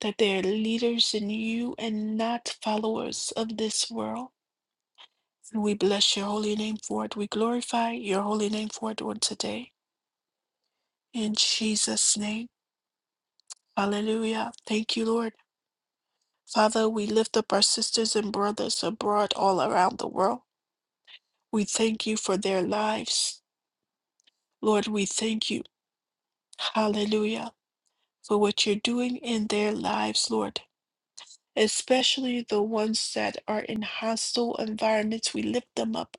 [SPEAKER 1] That they are leaders in you and not followers of this world. We bless your holy name for it. We glorify your holy name for it on today. In Jesus' name. Hallelujah. Thank you, Lord. Father, we lift up our sisters and brothers abroad all around the world. We thank you for their lives. Lord, we thank you. Hallelujah. For what you're doing in their lives, Lord. Especially the ones that are in hostile environments. We lift them up.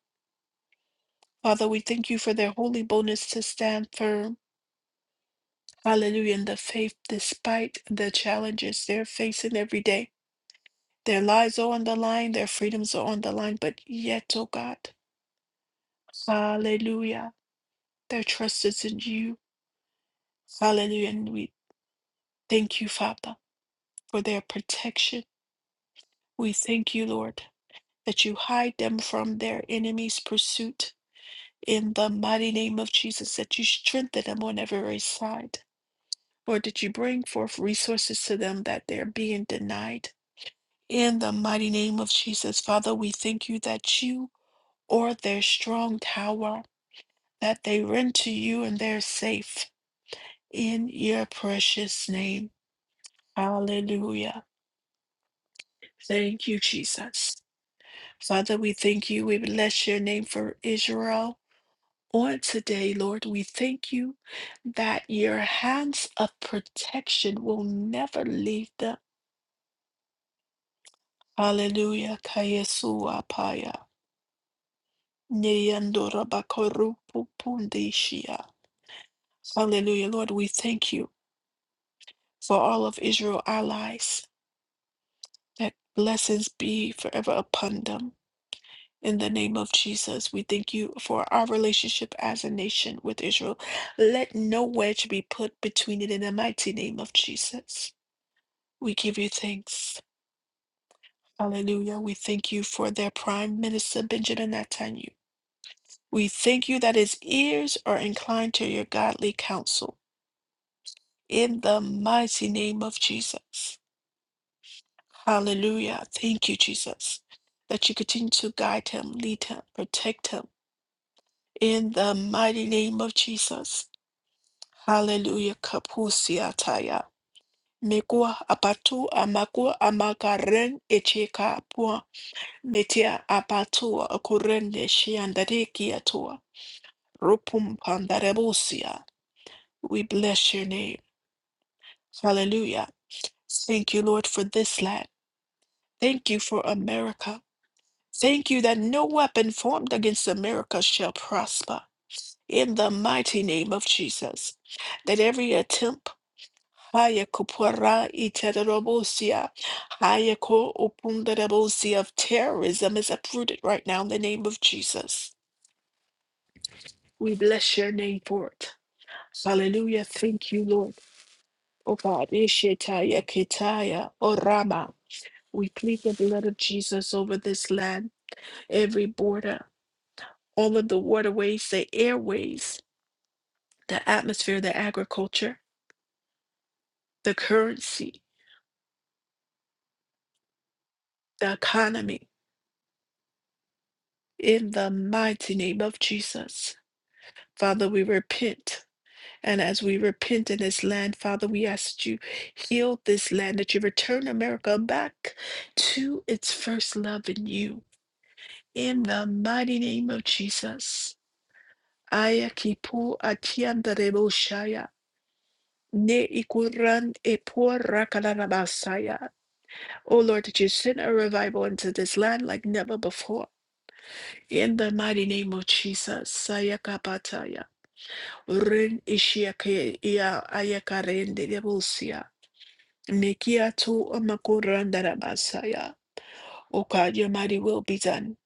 [SPEAKER 1] Father, we thank you for their holy boldness to stand firm Hallelujah. In the faith, despite the challenges they're facing every day, their lives are on the line, their freedoms are on the line, but yet, oh God, hallelujah, their trust is in you. Hallelujah. And we thank you, Father, for their protection. We thank you, Lord, that you hide them from their enemies' pursuit. In the mighty name of Jesus, that you strengthen them on every side, or that you bring forth resources to them that they're being denied. In the mighty name of Jesus, Father, we thank you that you are their strong tower, that they run to you and they're safe in your precious name. Hallelujah. Thank you, Jesus. Father, we thank you. We bless your name for Israel. On today, Lord, we thank you that your hands of protection will never leave them. Hallelujah. Kayesua Paya. Neyandora bakorupu pundeshia. Hallelujah. Lord, we thank you for all of Israel allies. That blessings be forever upon them. In the name of Jesus, we thank you for our relationship as a nation with Israel. Let no wedge be put between it in the mighty name of Jesus. We give you thanks. Hallelujah. We thank you for their Prime Minister, Benjamin Netanyahu. We thank you that his ears are inclined to your godly counsel in the mighty name of Jesus. Hallelujah. Thank you, Jesus, that you continue to guide him, lead him, protect him in the mighty name of Jesus. Hallelujah. Kapusia taya. Megua abatu amagua amagaren echeka pua metia abatua okurende shiandareki atua rupum pandarebusia. We bless your name. Hallelujah. Thank you, Lord, for this land. Thank you for America. Thank you that no weapon formed against America shall prosper. In the mighty name of Jesus, that every attempt Haya kupora iterobosia, haya ko opundarobosia of terrorism is uprooted right now in the name of Jesus. We bless your name for it. Hallelujah. Thank you, Lord. O God, Ishetaya Kitaya Orama. We plead the blood of Jesus over this land, every border. all of the waterways, the airways, the atmosphere, the agriculture, the currency, the economy. In the mighty name of Jesus, Father, we repent. And as we repent in this land, Father, we ask that you heal this land, that you return America back to its first love in you. In the mighty name of Jesus. Aya kipu atiandarebo shaya. Ne ikuran epo rakalarabasaya. O Lord, that you send a revival into this land like never before. In the mighty name of Jesus, Sayakabataya, Ren Ishiake, Ia Ayakaren de Debusia, Mikia to Amakurandarabasaya. O God, your mighty will be done.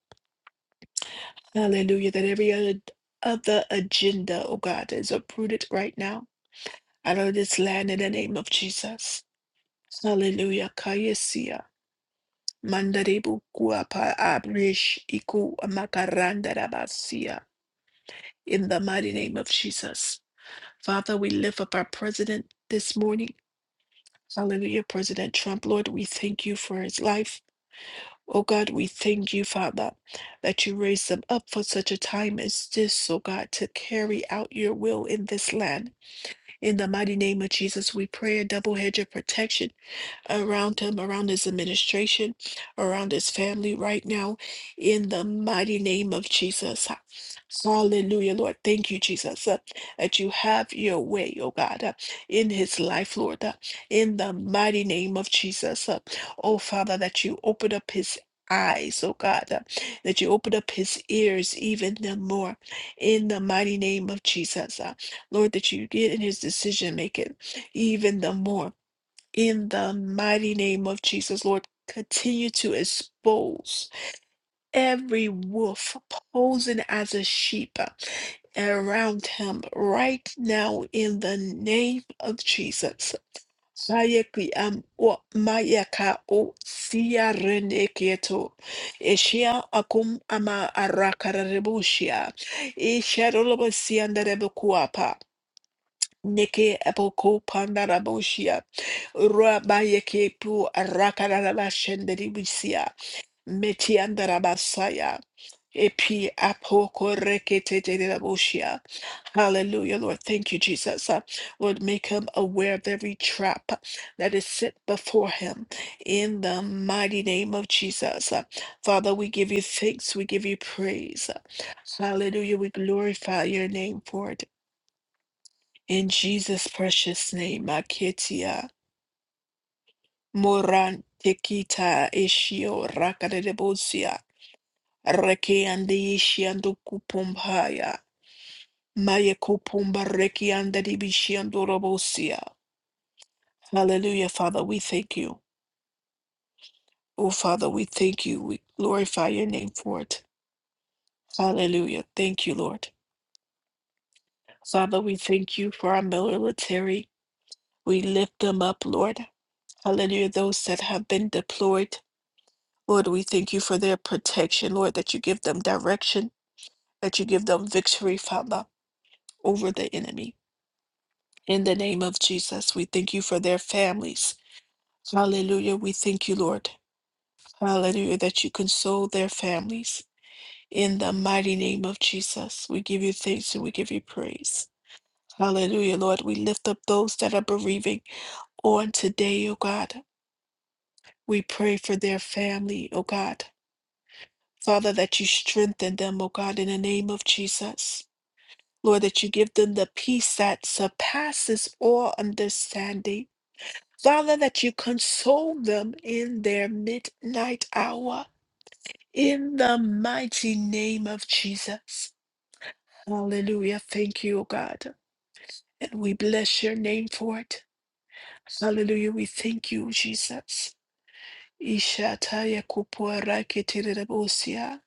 [SPEAKER 1] Hallelujah, that every other, other agenda, O God, is uprooted right now out of this land in the name of Jesus. Hallelujah, Kayesia. Mandaribu kuapa abrish iku makaranda rabasia. In the mighty name of Jesus. Father, we lift up our president this morning. Hallelujah, President Trump. Lord, we thank you for his life. Oh God, we thank you, Father, that you raised him up for such a time as this, oh God, to carry out your will in this land. In the mighty name of Jesus, we pray a double hedge of protection around him, around his administration, around his family right now, in the mighty name of Jesus. Hallelujah, Lord. Thank you, Jesus, uh, that you have your way, oh God, uh, in his life, Lord, uh, in the mighty name of Jesus. uh, oh Father, that you open up his eyes, oh God, uh, that you open up his ears even the more in the mighty name of Jesus. uh, Lord, that you get in his decision making even the more in the mighty name of Jesus, Lord, continue to expose every wolf posing as a sheep around him right now in the name of Jesus. Sayeki am o mayaka o siya rene keto. Eshia akum ama arakareboshia. Isharolobo siandarebekuapa. Neke aboko pandaraboshia. Rabayeke pu rakarabashenderibisia. Metiandarabasaya. Epi apoko reketetereboshia. Hallelujah, Lord. Thank you, Jesus. Uh, Lord, make him aware of every trap that is set before him in the mighty name of Jesus. Uh, Father, we give you thanks. We give you praise. Hallelujah. We glorify your name for it. In Jesus' precious name, Aketia Moran Tekita Ishio Rakadebusia Reke and the Ishiandu Kupumbaya Maya Kupumba Reki and the Dibishiandu Robosia. Hallelujah, Father, we thank you. Oh, Father, we thank you. We glorify your name for it. Hallelujah. Thank you, Lord. Father, we thank you for our military. We lift them up, Lord. Hallelujah, those that have been deployed. Lord, we thank you for their protection, Lord, that you give them direction, that you give them victory, Father, over the enemy. In the name of Jesus, we thank you for their families. Hallelujah. We thank you, Lord. Hallelujah, that you console their families. In the mighty name of Jesus, we give you thanks and we give you praise. Hallelujah, Lord. We lift up those that are bereaving on today, O God. We pray for their family, O God. Father, that you strengthen them, O God, in the name of Jesus. Lord, that you give them the peace that surpasses all understanding. Father, that you console them in their midnight hour. In the mighty name of Jesus. Hallelujah. Thank you, O God. And we bless your name for it. Hallelujah. We thank you, Jesus. Ishataya kupora keterebosia,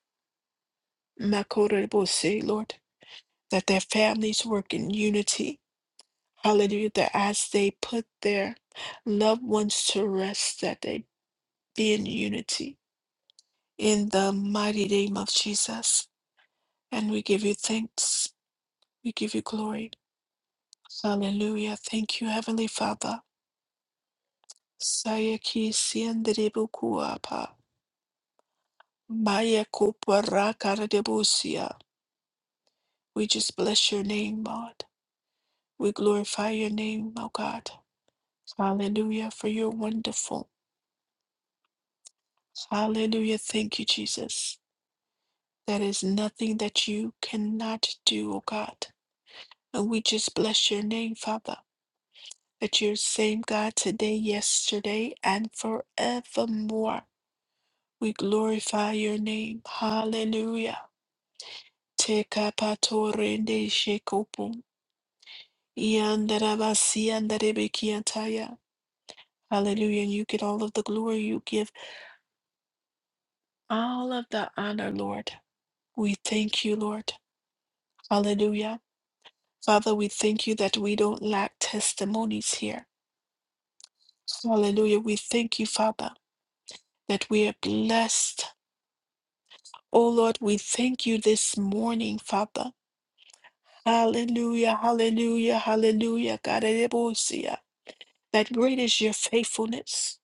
[SPEAKER 1] makorebose, Lord, that their families work in unity Hallelujah. That as they put their loved ones to rest, that they be in unity in the mighty name of Jesus. And we give you thanks. We give you glory. Hallelujah. Thank you, Heavenly Father. Sayaki sienderebukuapa. Maya kuparakaradebusia. We just bless your name, God. We glorify your name, oh God. Hallelujah, for you're wonderful. Hallelujah. Thank you, Jesus. There is nothing that you cannot do, oh God. And we just bless your name, Father, that you're the same God today, yesterday, and forevermore. We glorify your name. Hallelujah. Tekapatorende shekopum. Yandarabasiyandarebekiataya. Hallelujah. And you get all of the glory. You give all of the honor, Lord. We thank you, Lord. Hallelujah. Father, we thank you that we don't lack testimonies here. So, Hallelujah. We thank you, Father, that we are blessed. Oh Lord, we thank you this morning, Father. Hallelujah, hallelujah, hallelujah. God, elebosia. that great is your faithfulness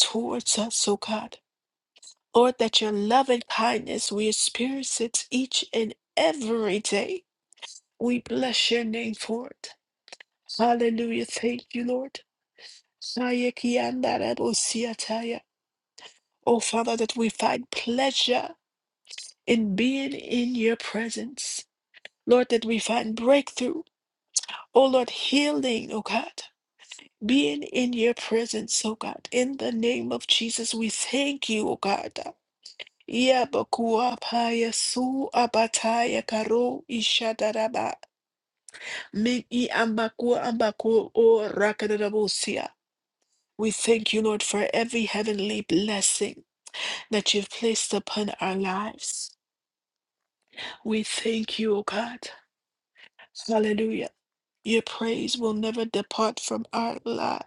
[SPEAKER 1] towards us, oh God. Lord, that your love and kindness, we experience it each and every day. We bless your name for it. Hallelujah. Thank you, Lord. Sayekiandarabosiataya. Oh, Father, that we find pleasure in being in your presence. Lord, that we find breakthrough. Oh Lord, healing, oh God. Being in your presence, oh God. In the name of Jesus, we thank you, oh God. Yabakuapaya su abataya karo ishadaraba. Mi i ambaku ambaku o rakadarabusia. We thank you, Lord, for every heavenly blessing that you've placed upon our lives. We thank you, O God. Hallelujah Your praise will never depart from our life.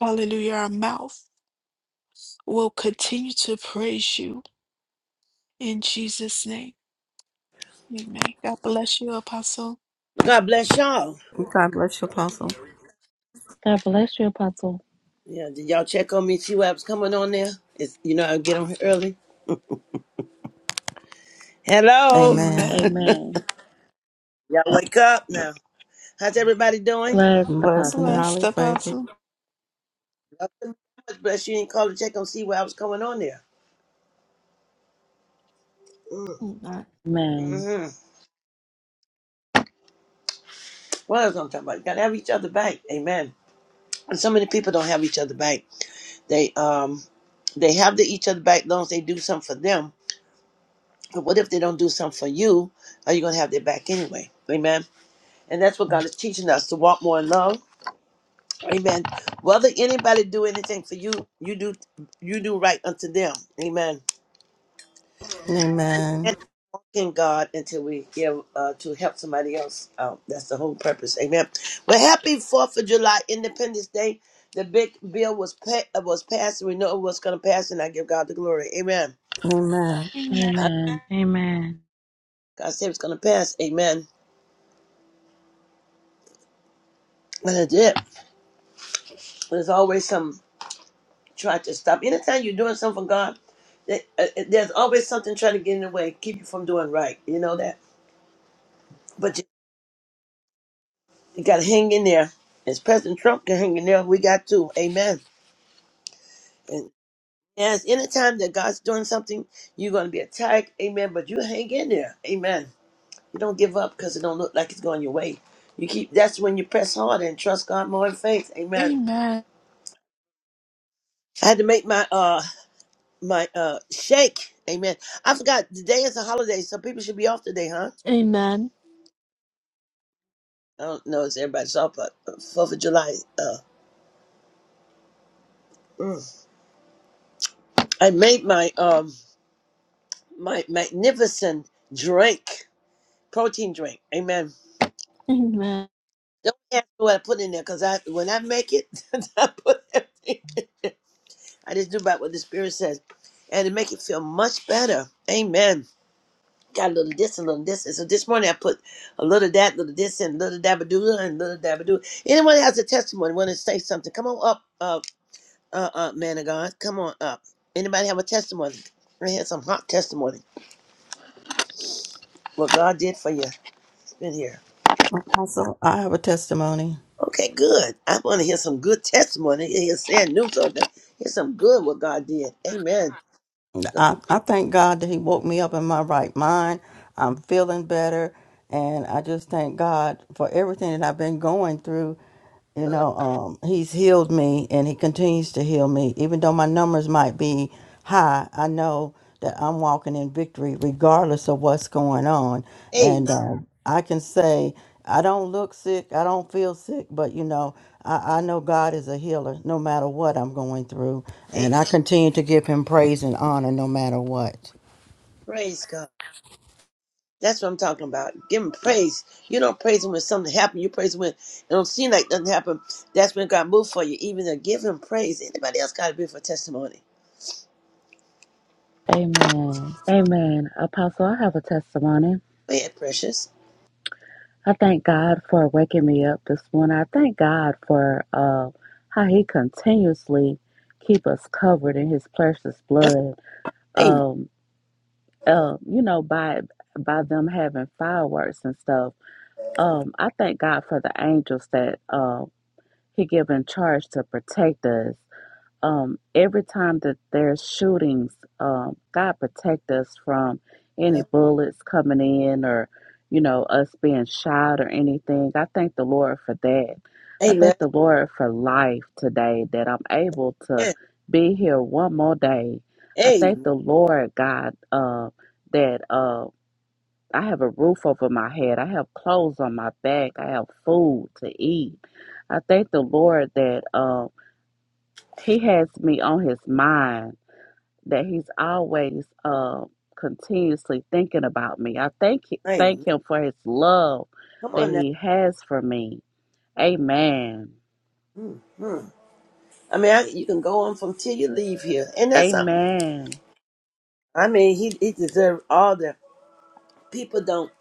[SPEAKER 1] Hallelujah. Our mouth will continue to praise you in Jesus' name. Amen. God bless you, Apostle.
[SPEAKER 2] God bless y'all.
[SPEAKER 3] God bless you, Apostle.
[SPEAKER 4] God bless you, Apostle.
[SPEAKER 2] Yeah, did y'all check on me, see what was coming on there? It's, you know, I get on here early. Hello.
[SPEAKER 3] Amen.
[SPEAKER 1] Amen.
[SPEAKER 4] Amen.
[SPEAKER 2] Y'all wake up now. How's everybody doing?
[SPEAKER 4] Bless the
[SPEAKER 3] Blessed and
[SPEAKER 4] Apostle.
[SPEAKER 1] Blessed
[SPEAKER 3] highly favored.
[SPEAKER 1] Apostle.
[SPEAKER 2] God Bless you and call to check on see what was coming on there. Mm,
[SPEAKER 1] Amen.
[SPEAKER 4] Amen.
[SPEAKER 2] Mm-hmm. What else I'm talking about? You gotta have each other back. Amen. And so many people don't have each other back. They um they have the each other back as long as they do something for them. But what if they don't do something for you? Are you gonna have their back anyway? Amen. And that's what God is teaching us to walk more in love Amen. Whether anybody do anything for you, you do you do right unto them. Amen.
[SPEAKER 3] Amen.
[SPEAKER 2] And in God until we give uh, to help somebody else. out. that's the whole purpose. Amen. Well, happy Fourth of July Independence Day. The big bill was pa- uh, was passed. We know it was going to pass, and I give God the glory. Amen.
[SPEAKER 3] Amen.
[SPEAKER 1] Amen.
[SPEAKER 2] I-
[SPEAKER 4] Amen. Amen.
[SPEAKER 2] God said it's going to pass. Amen. And it did. There's always some trying to stop. Anytime you're doing something for God, there- uh, there's always something trying to get in the way, keep you from doing right. You know that. But you, you got to hang in there. As President Trump can hang in there, we got to. Amen. And yes, anytime that God's doing something, you're going to be attacked. Amen. But you hang in there. Amen. You don't give up because it don't look like it's going your way. You keep. That's when you press hard and trust God more in faith. Amen.
[SPEAKER 1] Amen.
[SPEAKER 2] I had to make my uh my uh shake. Amen. I forgot today is a holiday, so people should be off today, huh?
[SPEAKER 1] Amen.
[SPEAKER 2] I don't know if everybody's off, but uh, Fourth of July. Uh, mm. I made my um. my magnificent drink, protein drink. Amen.
[SPEAKER 1] Amen.
[SPEAKER 2] Don't ask me what I put in there because I when I make it, (laughs) I put everything. I just do about what the Spirit says, and to make it feel much better. Amen. Got a little this, a little this, and so this morning I put a little of that, little this, and little dabadoo, and little dabadoo. Anyone has a testimony, want to say something? Come on up, uh, uh, uh, man of God. Come on up. Anybody have a testimony? I had some hot testimony. What God did for you. It's been here.
[SPEAKER 3] Apostle, I have a testimony.
[SPEAKER 2] Okay, good. I want to hear some good testimony. Hear sad news new that. Hear some good what God did. Amen.
[SPEAKER 3] I, I thank God that He woke me up in my right mind. I'm feeling better. And I just thank God for everything that I've been going through. You
[SPEAKER 2] Uh,
[SPEAKER 3] know, um, he's healed me and he continues to heal me. Even though my numbers might be high, I know that I'm walking in victory regardless of what's going on.
[SPEAKER 2] amen.
[SPEAKER 3] And um, I can say, I don't look sick, I don't feel sick, but you know, I, I know God is a healer no matter what I'm going through. And
[SPEAKER 2] Amen.
[SPEAKER 3] I continue to give him praise and honor no matter what.
[SPEAKER 2] Praise God. That's what I'm talking about. Give him praise. You don't praise him when something happened. You praise him when it don't seem like nothing happened. That's when God moved for you. Even to give him praise. Anybody else got a beautiful testimony?
[SPEAKER 4] Amen. Amen. Apostle, I have a testimony.
[SPEAKER 2] Man, ahead, precious.
[SPEAKER 4] I thank God for waking me up this morning. I thank God for uh, how He continuously keep us covered in His precious blood.
[SPEAKER 2] Amen.
[SPEAKER 4] Um, uh, you know, by by them having fireworks and stuff. Um, I thank God for the angels that uh, He give in charge to protect us. um, every time that there's shootings, um, God protect us from any
[SPEAKER 2] Amen.
[SPEAKER 4] bullets coming in or, you know, us being shot or anything. I thank the Lord for that. I thank the Lord for life today that I'm able to
[SPEAKER 2] Amen.
[SPEAKER 4] be here one more day. I thank the Lord, God, uh, that uh, I have a roof over my head. I have clothes on my back. I have food to eat. I thank the Lord that. Um, he has me on his mind that he's always uh, continuously thinking about me. I thank thank
[SPEAKER 2] Amen.
[SPEAKER 4] him for his love
[SPEAKER 2] Come
[SPEAKER 4] that
[SPEAKER 2] on now.
[SPEAKER 4] he has for me. Amen.
[SPEAKER 2] I mean, I, you can go on from till you leave here. Ain't that something?
[SPEAKER 4] Amen.
[SPEAKER 2] I mean, he, he deserves all the. people don't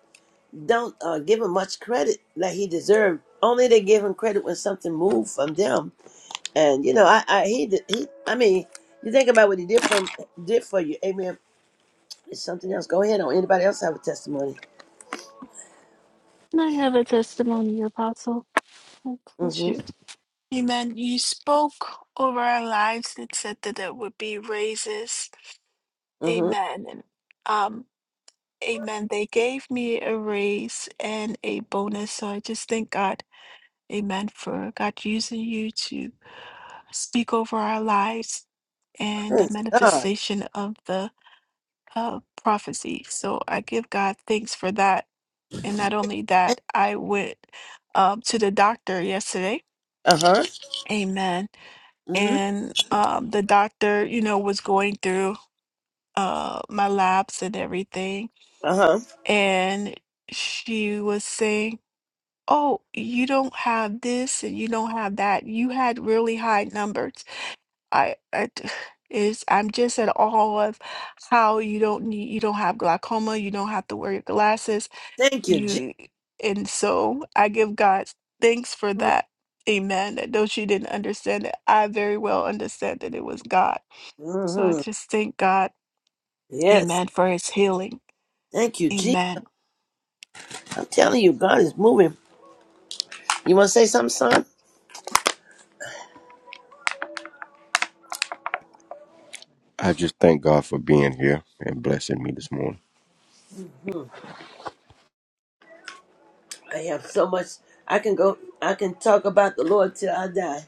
[SPEAKER 2] don't uh, give him much credit that he deserved. Only they give him credit when something moved from them. And you know, I, I he did- he. I mean, you think about what he did for did for you. Amen. It's something else. Go ahead. On anybody else have a testimony?
[SPEAKER 1] Can I have a testimony, Apostle? God bless you.
[SPEAKER 2] Mm-hmm.
[SPEAKER 1] Amen. You spoke over our lives and said that there would be raises.
[SPEAKER 2] Mm-hmm.
[SPEAKER 1] Amen. And Um. Amen. They gave me a raise and a bonus. So I just thank God, amen, for God using you to speak over our lives and the
[SPEAKER 2] Praise God.
[SPEAKER 1] manifestation of the uh, prophecy. So I give God thanks for that. And not only that, I went um, to the doctor yesterday.
[SPEAKER 2] Uh huh.
[SPEAKER 1] Amen.
[SPEAKER 2] Mm-hmm.
[SPEAKER 1] And um, the doctor, you know, was going through uh, my labs and everything.
[SPEAKER 2] Uh huh.
[SPEAKER 1] And she was saying, oh, you don't have this and you don't have that. You had really high numbers. I, I d- (sighs) is I'm just at awe of how you don't need you don't have glaucoma, you don't have to wear your glasses.
[SPEAKER 2] Thank you, Jesus.
[SPEAKER 1] You and so I give God thanks for that. Amen. That though she didn't understand it, I very well understand that it was God. So I
[SPEAKER 2] Mm-hmm.
[SPEAKER 1] just thank God,
[SPEAKER 2] Yes.
[SPEAKER 1] Amen, for his healing.
[SPEAKER 2] Thank you, Jesus.
[SPEAKER 1] Amen.
[SPEAKER 2] I'm telling you, God is moving. You want to say something,
[SPEAKER 5] I just thank God for being here and blessing me this morning.
[SPEAKER 2] son? I have so much I can go I can talk about the Lord till I die.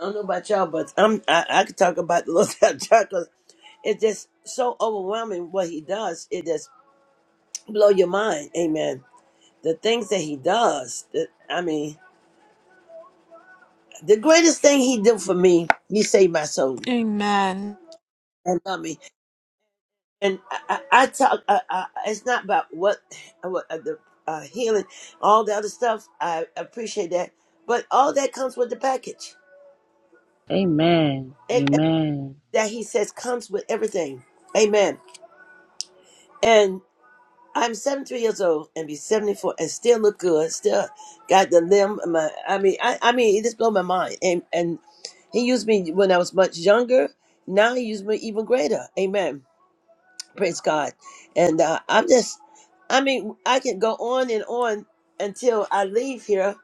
[SPEAKER 2] I don't know about y'all, but I'm I, I could talk about the Lord (laughs) till I die 'cause it's just so overwhelming what he does. It just blow your mind. Amen. The things that he does, that I mean, the greatest thing he did for me, he saved my soul
[SPEAKER 1] Amen.
[SPEAKER 2] and love me. And I, I, I talk. I, I, it's not about what, what uh, the uh, healing, all the other stuff. I appreciate that, but all that comes with the package
[SPEAKER 4] Amen. Amen.
[SPEAKER 2] that he says comes with everything. Amen. And I'm 73 years old and be 74 and still look good. Still got the limb. of My, I mean, I, I mean, it just blew my mind. And and he used me when I was much younger. Now he used me even greater. Amen. Praise God. And uh, I'm just, I mean, I can go on and on until I leave here,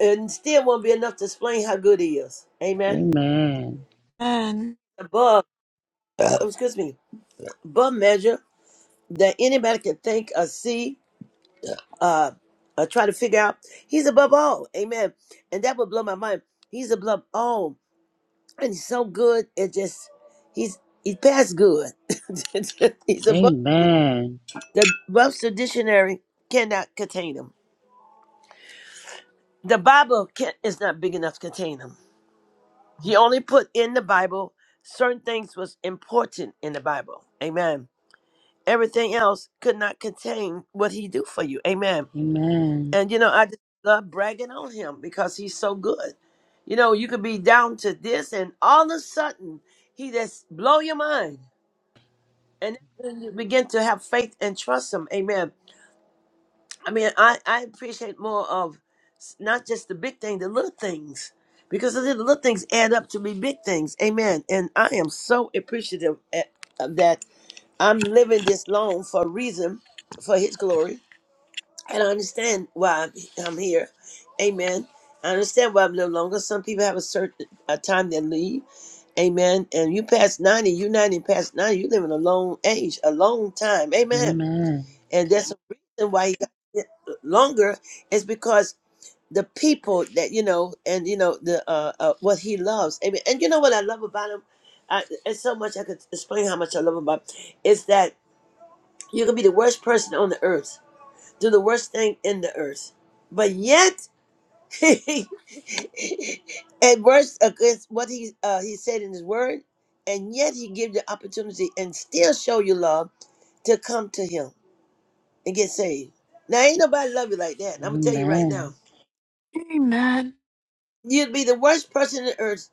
[SPEAKER 2] and still won't be enough to explain how good he is. Amen.
[SPEAKER 4] Amen.
[SPEAKER 1] Amen.
[SPEAKER 2] Above, (clears throat) excuse me, above measure that anybody can think or see uh, or try to figure out. He's above all. Amen. And that would blow my mind. He's above all. And he's so good. It just, he's he's past good. (laughs) he's above.
[SPEAKER 4] Amen.
[SPEAKER 2] The Webster Dictionary cannot contain him. The Bible can't, is not big enough to contain him. He only put in the Bible certain things was important in the Bible. Amen. Everything else could not contain what he do for you. Amen.
[SPEAKER 4] Amen.
[SPEAKER 2] And you know, I just love bragging on him because he's so good. You know, you could be down to this, and all of a sudden, he just blow your mind, and then you begin to have faith and trust him. Amen. I mean, I I appreciate more of s- not just the big thing, the little things, because the little things add up to be big things. Amen. And I am so appreciative at, of that I'm living this long for a reason, for His glory And I understand why I'm I'm here. Amen. I understand why I'm no longer. Some people have a certain a time they leave. Amen. And you past 90, you 90 past 90, you living a long age, a long time. Amen.
[SPEAKER 4] Amen.
[SPEAKER 2] And that's the reason why he got it longer is because the people that, you know, and, you know, the uh, uh what he loves. Amen. And you know what I love about him? I, it's so much I could explain how much I love about him, is that you can be the worst person on the earth do the worst thing in the earth. But yet, (laughs) at worst, against what he uh, he said in his word, and yet he give the opportunity and still show you love to come to him and get saved. Now, ain't nobody love you like that. I'm gonna tell you right now,
[SPEAKER 4] Amen.
[SPEAKER 1] Amen.
[SPEAKER 2] you'd be the worst person in the earth,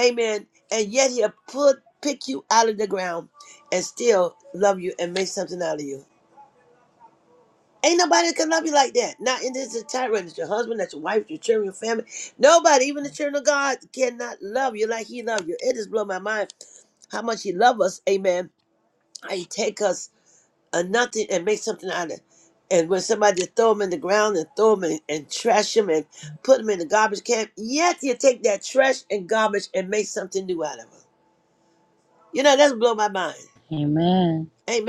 [SPEAKER 2] amen. And yet he'll put pick you out of the ground and still love you and make something out of you. Ain't nobody can love you like that. Not in this entire world. It's your husband, that's your wife, your children, your family. Nobody, even the children of God, cannot love you like He loves you. It just blow my mind how much He loves us. Amen. How He take us a nothing and make something out of it. And when somebody just throw them in the ground and throw them in, and trash them and put them in the garbage can, yet you take that trash and garbage and make something new out of them. You know, that's blow my mind.
[SPEAKER 4] Amen.
[SPEAKER 2] Amen.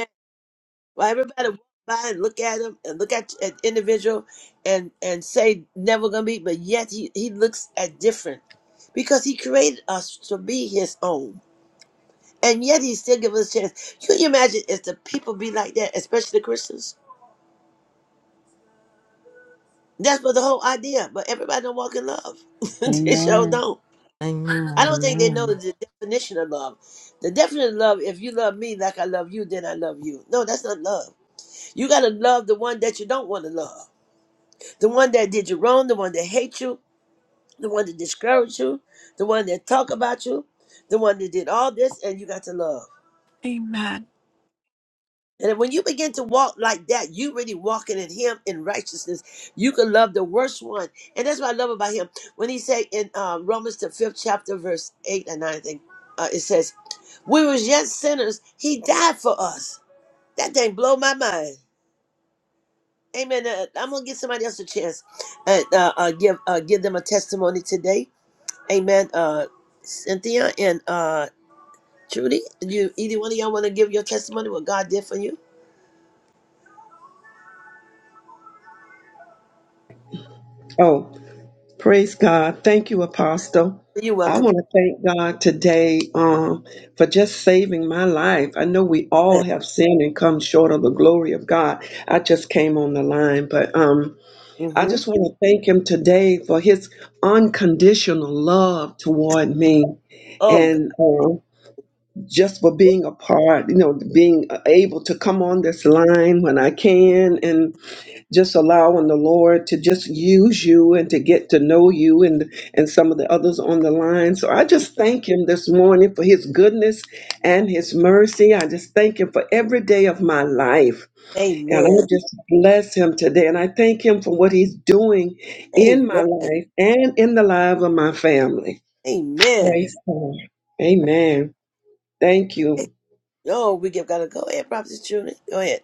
[SPEAKER 2] Well, everybody walk by and look at him and look at an individual and and say never gonna be, but yet he, he looks at different because he created us to be his own. And yet he still gives us a chance. Can you imagine if the people be like that, especially the Christians? That's what the whole idea. But everybody don't walk in love.
[SPEAKER 4] Amen.
[SPEAKER 2] (laughs) they sure
[SPEAKER 4] Amen.
[SPEAKER 2] don't. I don't think they know
[SPEAKER 3] Amen.
[SPEAKER 2] the definition of love. The definition of love, if you love me like I love you, then I love you. No, that's not love. You gotta love the one that you don't want to love. the one that did you wrong, the one that hate you, the one that discouraged you, the one that talk about you, the one that did all this, and you got to love.
[SPEAKER 1] Amen.
[SPEAKER 2] And when you begin to walk like that, you really walking in Him in righteousness. You can love the worst one, and that's what I love about Him. When He say in uh, Romans the fifth chapter, verse eight and nine, I think uh, it says, "We was yet sinners; He died for us." That thing blow my mind. Amen. Uh, I'm gonna give somebody else a chance and uh, uh, give uh, give them a testimony today Amen. Uh, Cynthia and uh, Trudy, you either one of y'all want to give your testimony what God did for you?
[SPEAKER 6] Oh, praise God. Thank you, Apostle.
[SPEAKER 2] You're
[SPEAKER 6] I
[SPEAKER 2] welcome.
[SPEAKER 6] want to thank God today um, for just saving my life. I know we all have sinned and come short of the glory of God. I just came on the line, but um, I
[SPEAKER 2] Mm-hmm.
[SPEAKER 6] just want to thank Him today for His unconditional love toward me
[SPEAKER 2] Oh,
[SPEAKER 6] and
[SPEAKER 2] God.
[SPEAKER 6] um, just for being a part, you know, being able to come on this line when I can just allowing the Lord to just use you and to get to know you and and some of the others on the line. So I just thank him this morning for his goodness and his mercy. I just thank him for every day of my life. And I
[SPEAKER 2] Amen.
[SPEAKER 6] just bless him today. And I thank him for what he's doing in my
[SPEAKER 2] Amen.
[SPEAKER 6] life and in the lives of my family.
[SPEAKER 2] Amen.
[SPEAKER 6] Praise God. Amen. Thank you.
[SPEAKER 2] Oh, we give God a go ahead, Prophet Trudy. Go ahead.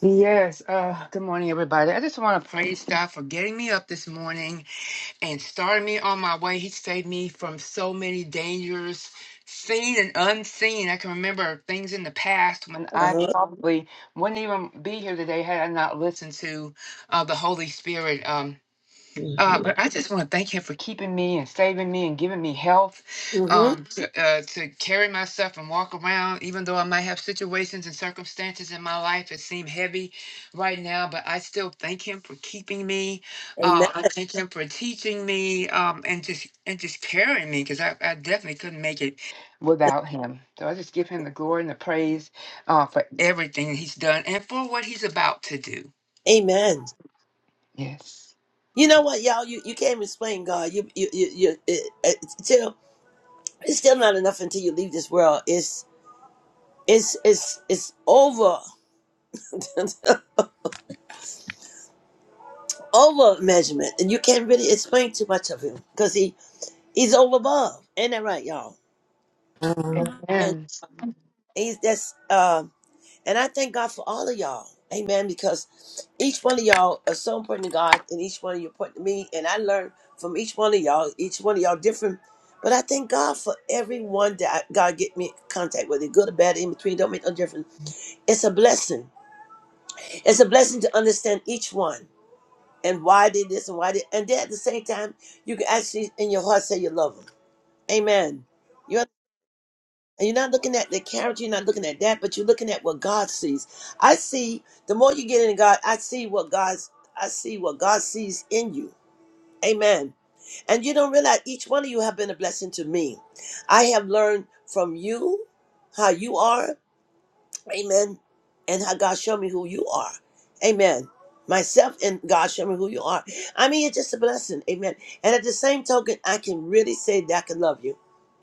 [SPEAKER 7] Yes, uh, good morning, everybody. I just want to praise God for getting me up this morning and starting me on my way. He saved me from so many dangers, seen and unseen. I can remember things in the past when
[SPEAKER 2] Uh
[SPEAKER 7] I
[SPEAKER 2] huh.
[SPEAKER 7] probably wouldn't even be here today had I not listened to uh, the Holy Spirit. Um, uh,
[SPEAKER 6] Mhm.
[SPEAKER 7] but I just want to thank him for keeping me and saving me and giving me health
[SPEAKER 2] Mm-hmm.
[SPEAKER 7] um, Mhm. to, uh, to carry myself and walk around, even though I might have situations and circumstances in my life that seem heavy right now. But I still thank him for keeping me.
[SPEAKER 2] Amen.
[SPEAKER 7] Uh, I thank him for teaching me um, and just and just carrying me because I, I definitely couldn't make it without him. So I just give him the glory and the praise uh, for everything he's done and for what he's about to do.
[SPEAKER 2] Amen.
[SPEAKER 7] Yes.
[SPEAKER 2] You know what, y'all? You, you can't explain God. You you you, you it, it's still it's still not enough until you leave this world. It's it's it's it's over. (laughs) over measurement, and you can't really explain too much of him because he he's all above. Ain't that right, y'all?
[SPEAKER 3] Amen.
[SPEAKER 2] And
[SPEAKER 7] Amen.
[SPEAKER 2] he's that's um, and I thank God for all of y'all, Amen. Because each one of y'all are so important to God, and each one of you important to me, and I learn from each one of y'all. Each one of y'all different, but I thank God for everyone that I, God get me in contact with, it good or bad, in between, don't make no difference. It's a blessing. It's a blessing to understand each one. and why did this and why did and then at the same time you can actually in your heart say you love them. Amen. You're and you're not looking at the character, you're not looking at that, but you're looking at what God sees. I see the more you get in God, I see what God's I see what God sees in you. Amen. And you don't realize each one of you have been a blessing to me. I have learned from you how you are. Amen. And how God show me who you are. Amen. Myself and God show me who you are. I mean, it's just a blessing. Amen. And at the same token, I can really say that I can love you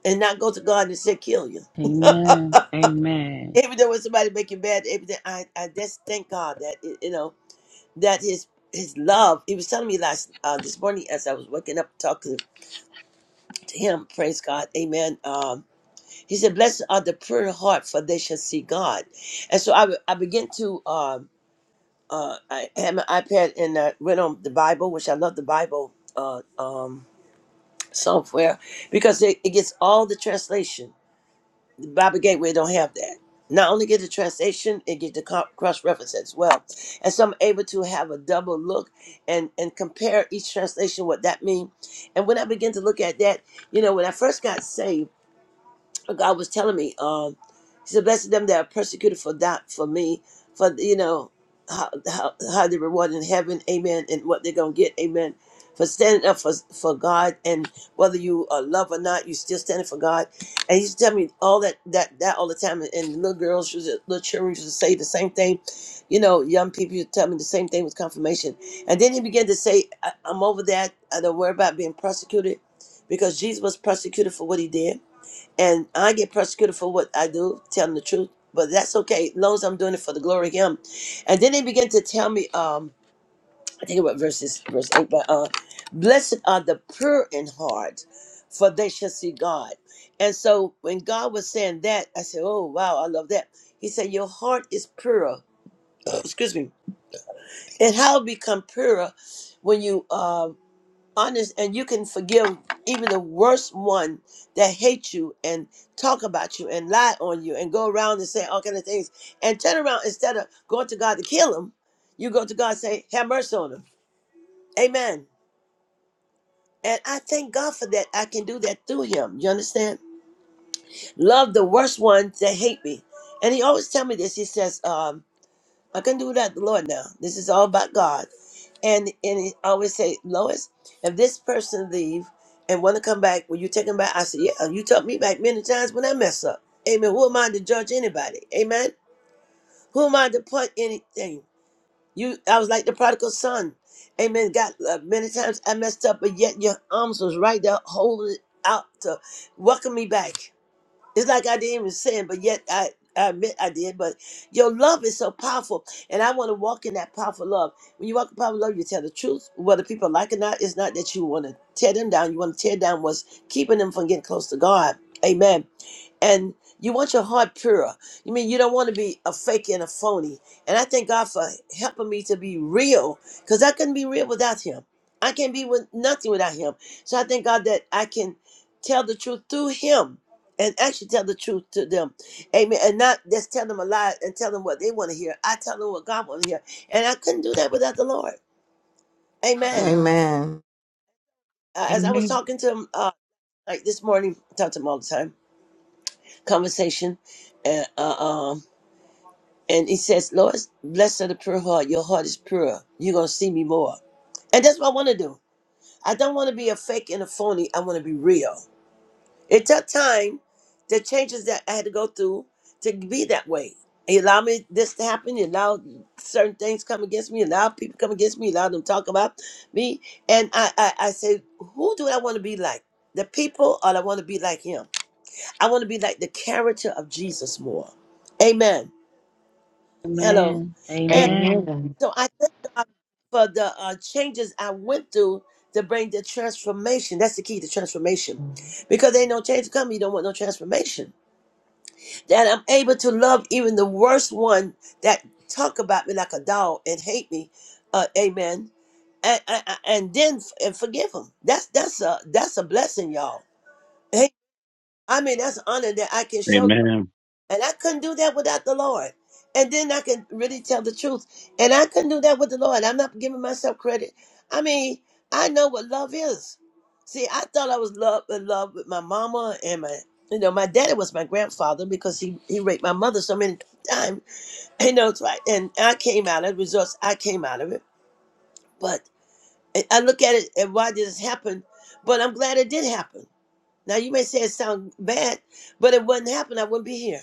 [SPEAKER 2] and not go to God and say, kill you. (laughs)
[SPEAKER 4] Amen.
[SPEAKER 2] Even though when somebody make you bad, everything, I, I just thank God that, you know, that his his love. He was telling me last uh, this morning as I was waking up talking to him, praise God, amen. Um, he said, blessed are the pure in heart for they shall see God. And so I, I begin to, um, uh, I had my iPad and I went on the Bible, which I love the Bible uh, um, software because it, it gets all the translation. The Bible Gateway don't have that. Not only get the translation, it get the co- cross reference as well, and so I'm able to have a double look and and compare each translation what that mean. And when I begin to look at that, you know, when I first got saved. God was telling me, um, He said, "Blessed them that are persecuted for that, for me, for you know how how, how they reward in heaven, Amen, and what they're gonna get, Amen, for standing up for for God, and whether you are love or not, you still standing for God." And He used to tell me all that that that all the time, and, and little girls, used to- little children used to say the same thing, you know, young people used to tell me the same thing with confirmation, and then He began to say, I, "I'm over that. I don't worry about being persecuted." Because Jesus was persecuted for what he did and I get persecuted for what I do, telling the truth. But that's okay, as long as I'm doing it for the glory of Him. And then they begin to tell me, um, I think about verses verse eight, but uh, blessed are the pure in heart, for they shall see God. And so when God was saying that, I said, Oh wow, I love that. He said, Your heart is pure. (coughs) (clears throat) Excuse me. And how it become purer when you uh, honest and you can forgive even the worst one that hates you and talk about you and lie on you and go around and say all kind of things and turn around instead of going to God to kill him, you go to God and say, Have mercy on him. Amen. And I thank God for that. I can do that through him. You understand? Love the worst ones that hate me. And he always tell me this. He says, um, I can do that, the Lord now. This is all about God. And and he always say, Lois, if this person leave and want to come back, will you take him back? I said, Yeah, you took me back many times when I mess up. Amen. Who am I to judge anybody? Amen. Who am I to put anything? You, I was like the prodigal son. Amen. God, uh, many times I messed up, but yet your arms was right there holding out to welcome me back. It's like I didn't even say it, but yet I, I admit I did. But your love is so powerful, and I want to walk in that powerful love. When you walk in powerful love, you tell the truth, whether people like it or not. It's not that you want to tear them down. You want to tear down what's keeping them from getting close to God. Amen and you want your heart pure. You mean you don't want to be a fake and a phony. And I thank God for helping me to be real because I couldn't be real without Him. I can't be with nothing without Him. So I thank God that I can tell the truth through Him and actually tell the truth to them. Amen. And not just tell them a lie and tell them what they want to hear. I tell them what God wants to hear. And I couldn't do that without the Lord. Amen.
[SPEAKER 3] Amen.
[SPEAKER 2] Uh, as I was talking to him uh, like this morning, I talk to him all the time, conversation. And, uh, um, And he says, Lord, blessed are the pure heart. Your heart is pure. You're going to see me more. And that's what I want to do. I don't want to be a fake and a phony. I want to be real. It took time, the changes that I had to go through to be that way. He allowed me this to happen. He allowed certain things come against me. He Allowed people come against me. He Allowed them talk about me. And I, I, I said, who do I want to be like? The people or I want to be like him? I want to be like the character of Jesus more. Amen. Hello.
[SPEAKER 4] Amen. Amen.
[SPEAKER 7] Amen.
[SPEAKER 2] So I thank God for the uh, changes I went through to bring the transformation. That's the key to transformation. Because there ain't no change to come. you don't want no transformation. That I'm able to love even the worst one that talk about me like a dog and hate me. Uh, amen. And, and, and then f- and forgive them. That's that's a that's a blessing, y'all. Hey, I mean that's an honor that I can show
[SPEAKER 8] Amen.
[SPEAKER 2] and I couldn't do that without the Lord. And then I can really tell the truth. And I couldn't do that with the Lord. I'm not giving myself credit. I mean, I know what love is. See, I thought I was love in love with my mama and my you know, my daddy was my grandfather because he, he raped my mother so many times. (laughs) You know, it's right. And I came out of the results, I came out of it. But I I look at it and why did this happen? But I'm glad it did happen. Now you may say it sounds bad, but if it wouldn't happen, I wouldn't be here.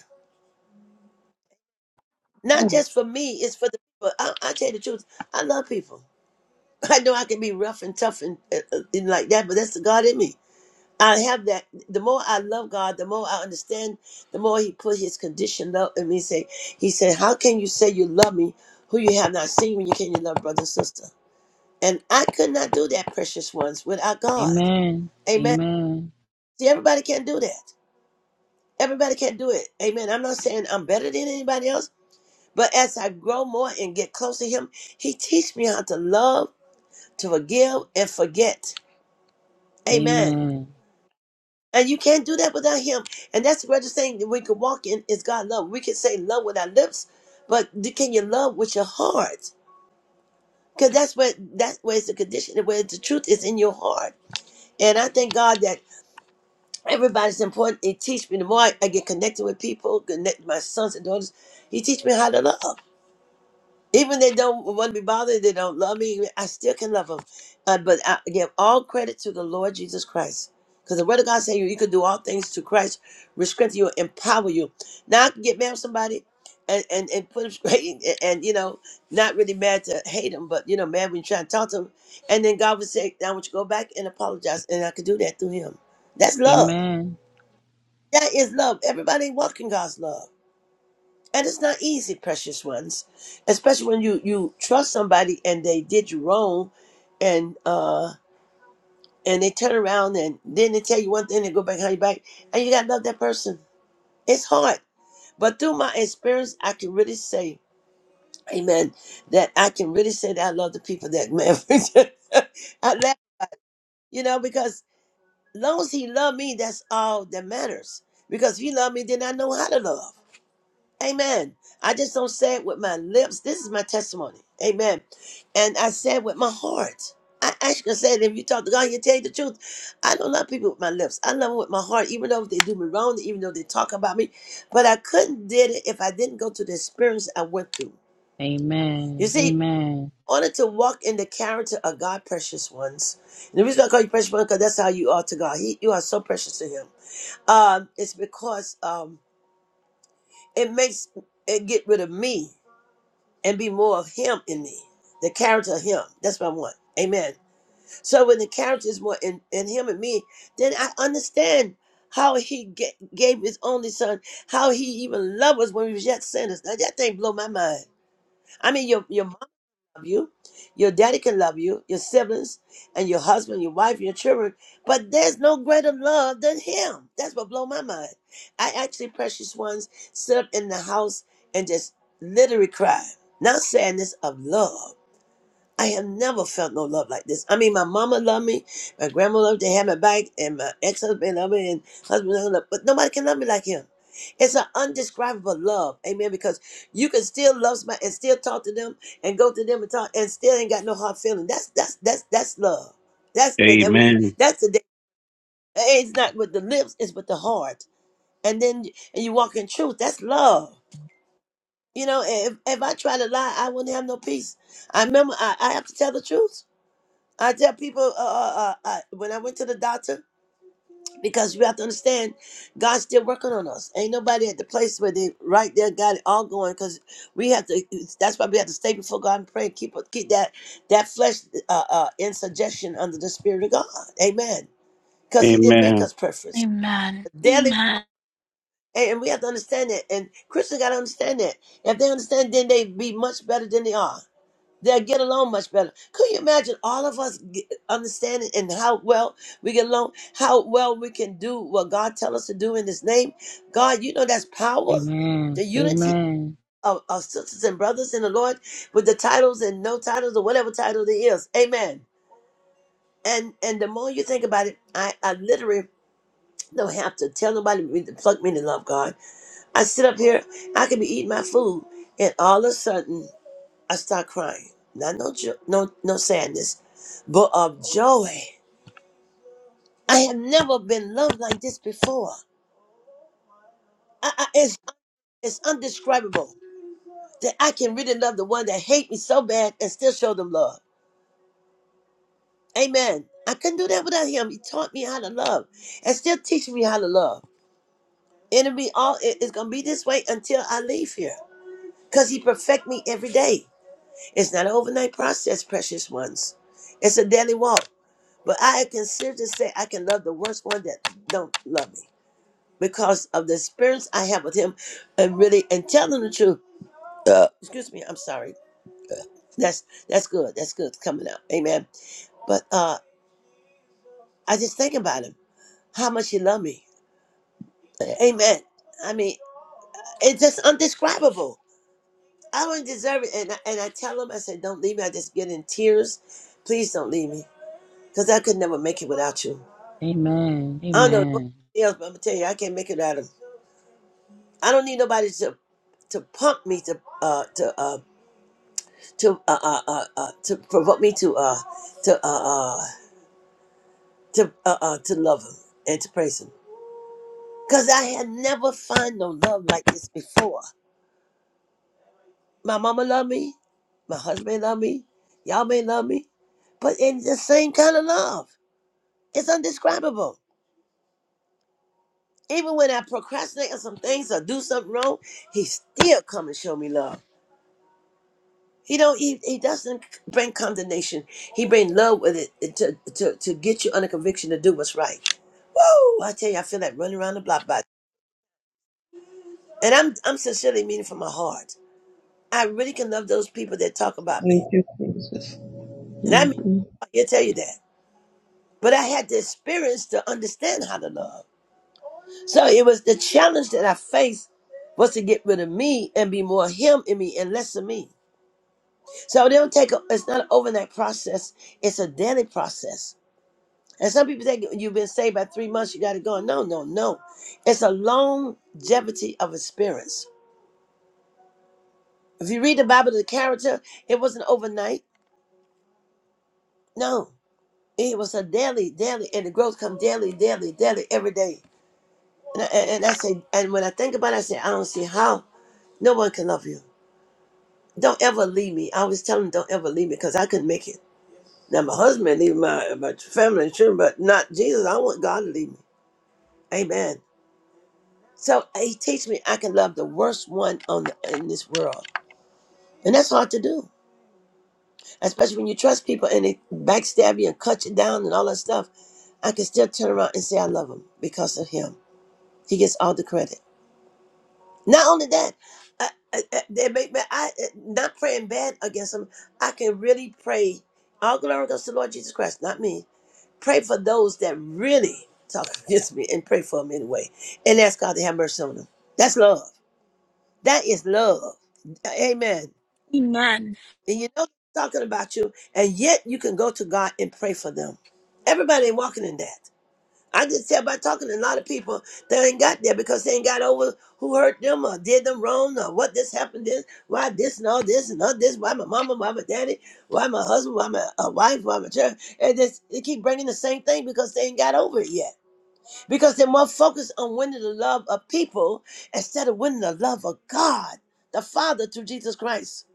[SPEAKER 2] Not
[SPEAKER 7] Amen.
[SPEAKER 2] just for me, it's for the people. I, I tell you the truth, I love people. (laughs) I know I can be rough and tough and, uh, uh, and like that, but that's the God in me. I have that. The more I love God, the more I understand. The more He put His condition love in me. Say He said, "How can you say you love me, who you have not seen, when you can't even love brother and sister?" And I could not do that, precious ones, without God.
[SPEAKER 4] Amen.
[SPEAKER 2] Amen.
[SPEAKER 4] Amen.
[SPEAKER 2] See, everybody can't do that. Everybody can't do it. Amen. I'm not saying I'm better than anybody else. But as I grow more and get close to Him, He teach me how to love, to forgive, and forget. Amen.
[SPEAKER 4] Amen.
[SPEAKER 2] And you can't do that without Him. And that's the greatest thing that we can walk in is God love. We can say love with our lips, but do- can you love with your heart? Because that's where that's where it's the condition, where the truth is in your heart. And I thank God that everybody's important. He teach me the more I I get connected with people, connect my sons and daughters. He teach me how to love. Even they don't want to be bothered, they don't love me. I still can love them, uh, but I give all credit to the Lord Jesus Christ, because the Word of God says you, you can do all things to Christ, which strengthen you, empower you. Now I can get mad with somebody, and and and put them (laughs) straight, and, and, you know, not really mad to hate them, but you know, mad when you try to talk to them, and then God would say, "Now I want you to go back and apologize," and I could do that through Him. That's love.
[SPEAKER 4] Amen.
[SPEAKER 2] That is love. Everybody ain't walking God's love and it's not easy, precious ones, especially when you you trust somebody and they did you wrong, and uh and they turn around and then they tell you one thing, they go back behind your back, and you gotta love that person. It's hard, but through my experience, I can really say, Amen, that I can really say that I love the people that man. (laughs) I laugh, you know, because long as he loved me, that's all that matters. Because if he loved me, then I know how to love. Amen. I just don't say it with my lips. This is my testimony. Amen. And I say it with my heart. I actually say it. If you talk to God, he'll tell you the truth. I don't love people with my lips. I love them with my heart, even though they do me wrong, even though they talk about me. But I couldn't did it if I didn't go through the experience I went through. You
[SPEAKER 4] Amen.
[SPEAKER 2] see, in
[SPEAKER 4] Amen.
[SPEAKER 2] order to walk in the character of God, precious ones. And the reason I call you precious ones, because that's how you are to God. He, you are so precious to him. Um, it's because um, it makes it get rid of me and be more of him in me. The character of him. That's what I want. Amen. So when the character is more in, in him and me, then I understand how he ga- gave his only son, how he even loved us when we was yet sinners. Now that thing blow my mind. I mean, your, your love you. Your daddy can love you, your siblings, and your husband, your wife, your children. But there's no greater love than him. That's what blow my mind. I actually, precious ones, sit up in the house and just literally cry. Not sadness of love. I have never felt no love like this. I mean, my mama loved me, my grandma loved to have my back, and my ex husband loved me, and husband loved me, but nobody can love me like him. It's an undescribable love, amen. Because you can still love somebody and still talk to them and go to them and talk and still ain't got no hard feeling. That's that's that's that's love. That's that, that when you
[SPEAKER 8] Amen.
[SPEAKER 2] that's the It's not with the lips, it's with the heart. And then and you walk in truth. That's love. You know, if if I try to lie, I wouldn't have no peace. I remember I, I have to tell the truth. I tell people uh, uh, uh, uh, when I went to the doctor because you have to understand, God's still working on us. Ain't nobody at the place where they right there got it all going because we have to. That's why we have to stay before God and pray and keep keep that that flesh uh, uh, in suggestion under the Spirit of God. Amen. Because He didn't make
[SPEAKER 8] Amen.
[SPEAKER 2] us perfect
[SPEAKER 1] Amen.
[SPEAKER 2] daily,
[SPEAKER 1] Amen.
[SPEAKER 2] and and we have to understand that. And Christians got to understand that. If they understand, then they be much better than they are. They'll get along much better. Could you imagine all of us get, understanding and how well we get along, how well we can do what God tells us to do in His name? God, you know that's power,
[SPEAKER 4] Amen.
[SPEAKER 2] the unity
[SPEAKER 4] Amen.
[SPEAKER 2] of, of sisters and brothers in the Lord with the titles and no titles or whatever title there is. Amen. And and the more you think about it, I, I literally don't have to tell nobody to pluck me to love God. I sit up here, I can be eating my food, and all of a sudden I start crying. Not no jo- no no sadness, but of joy. I have never been loved like this before. I, I, it's it's undescribable that I can really love the one that hate me so bad and still show them love. Amen. I couldn't do that without him. He taught me how to love and still teaching me how to love. And it'll be all it- it's gonna be this way until I leave here. Cause he perfect me every day. It's not an overnight process, precious ones. It's a daily walk. But I consider to say I can love the worst one that don't love me because of the experience I have with him, and really and tell them the truth. Uh, excuse me, I'm sorry. Uh, that's that's good. That's good coming out. Amen. But uh, I just think about him, how much he loved me. Amen. I mean, it's just undescribable. I don't deserve it, and I, and I tell him, I said, don't leave me. I just get in tears. Please don't leave me, cause I could never make it without you.
[SPEAKER 4] Amen.
[SPEAKER 2] I don't know
[SPEAKER 4] Amen.
[SPEAKER 2] nobody else, but I'm gonna tell you, I can't make it without him. I don't need nobody to to pump me to uh to uh to uh uh, uh, uh to provoke me to uh to uh uh to uh, uh to love him and to praise him because I had never found no love like this before. My mama loved me, my husband loved me, y'all may love me, but it's the same kind of love. It's undescribable. Even when I procrastinate on some things or do something wrong, he still come and show me love. He don't. He, he doesn't bring condemnation. He bring love with it to, to to get you under conviction to do what's right. Woo! I tell you, I feel like running around the block, by. and I'm I'm sincerely meaning from my heart. I really can love those people that talk about
[SPEAKER 6] Thank
[SPEAKER 2] me,
[SPEAKER 6] you, Jesus.
[SPEAKER 2] and I mean,
[SPEAKER 6] Mhm.
[SPEAKER 2] I tell you that. But I had the experience to understand how to love. So it was the challenge that I faced was to get rid of me and be more him in me and less of me. So they don't take. A, it's not an overnight process. It's a daily process And some people think you've been saved by three months, you got to go. No, no, no. It's a longevity of experience. If you read the Bible, the character, it wasn't overnight. No, it was a daily, daily, and the growth come daily, daily, daily, every day. And I, and and I say, and when I think about it, I say, I don't see how no one can love you. Don't ever leave me. I always tell him, don't ever leave me because I couldn't make it. Now, my husband, leave my, my family and children, but not Jesus. I want God to leave me. Amen. So uh, he teaches me I can love the worst one on the, in this world, and that's hard to do, especially when you trust people and they backstab you and cut you down and all that stuff. I can still turn around and say I love him because of him. He gets all the credit. Not only that, I, I, I- they make me I uh, not praying bad against him. I can really pray. All glory goes to the Lord Jesus Christ, not me. Pray for those that really talk (laughs) against me and pray for them anyway, and ask God to have mercy on them. That's love. That is love. Amen.
[SPEAKER 1] Amen.
[SPEAKER 2] And you know they're talking about you, and yet you can go to God and pray for them. Everybody ain't walking in that. I just tell by talking to a lot of people that ain't got there because they ain't got over who hurt them or did them wrong or what this happened this, why this and all this and all this, why my mama, why my daddy, why my husband, why my uh, wife, why my church. And this, they keep bringing the same thing because they ain't got over it yet because they're more focused on winning the love of people instead of winning the love of God, the Father, through Jesus Christ.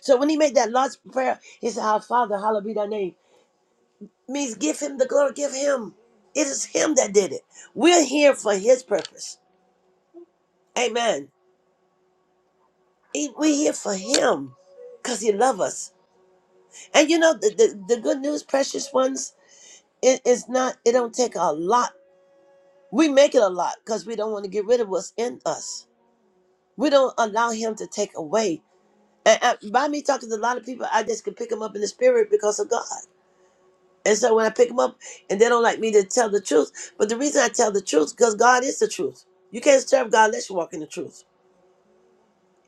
[SPEAKER 2] So when he made that last prayer, he said, Our Father, hallowed be thy name. Means give him the glory, give him. It is him that did it. We're here for his purpose. Amen. He- We're here for him because he loves us. And you know, the, the, the good news, precious ones, it is not, it don't take a lot. We make it a lot because we don't want to get rid of what's in us. We don't allow him to take away. And, and by me talking to a lot of people, I just can pick them up in the spirit because of God. And so when I pick them up, and they don't like me to tell the truth, but the reason I tell the truth because God is the truth. You can't serve God unless you walk in the truth.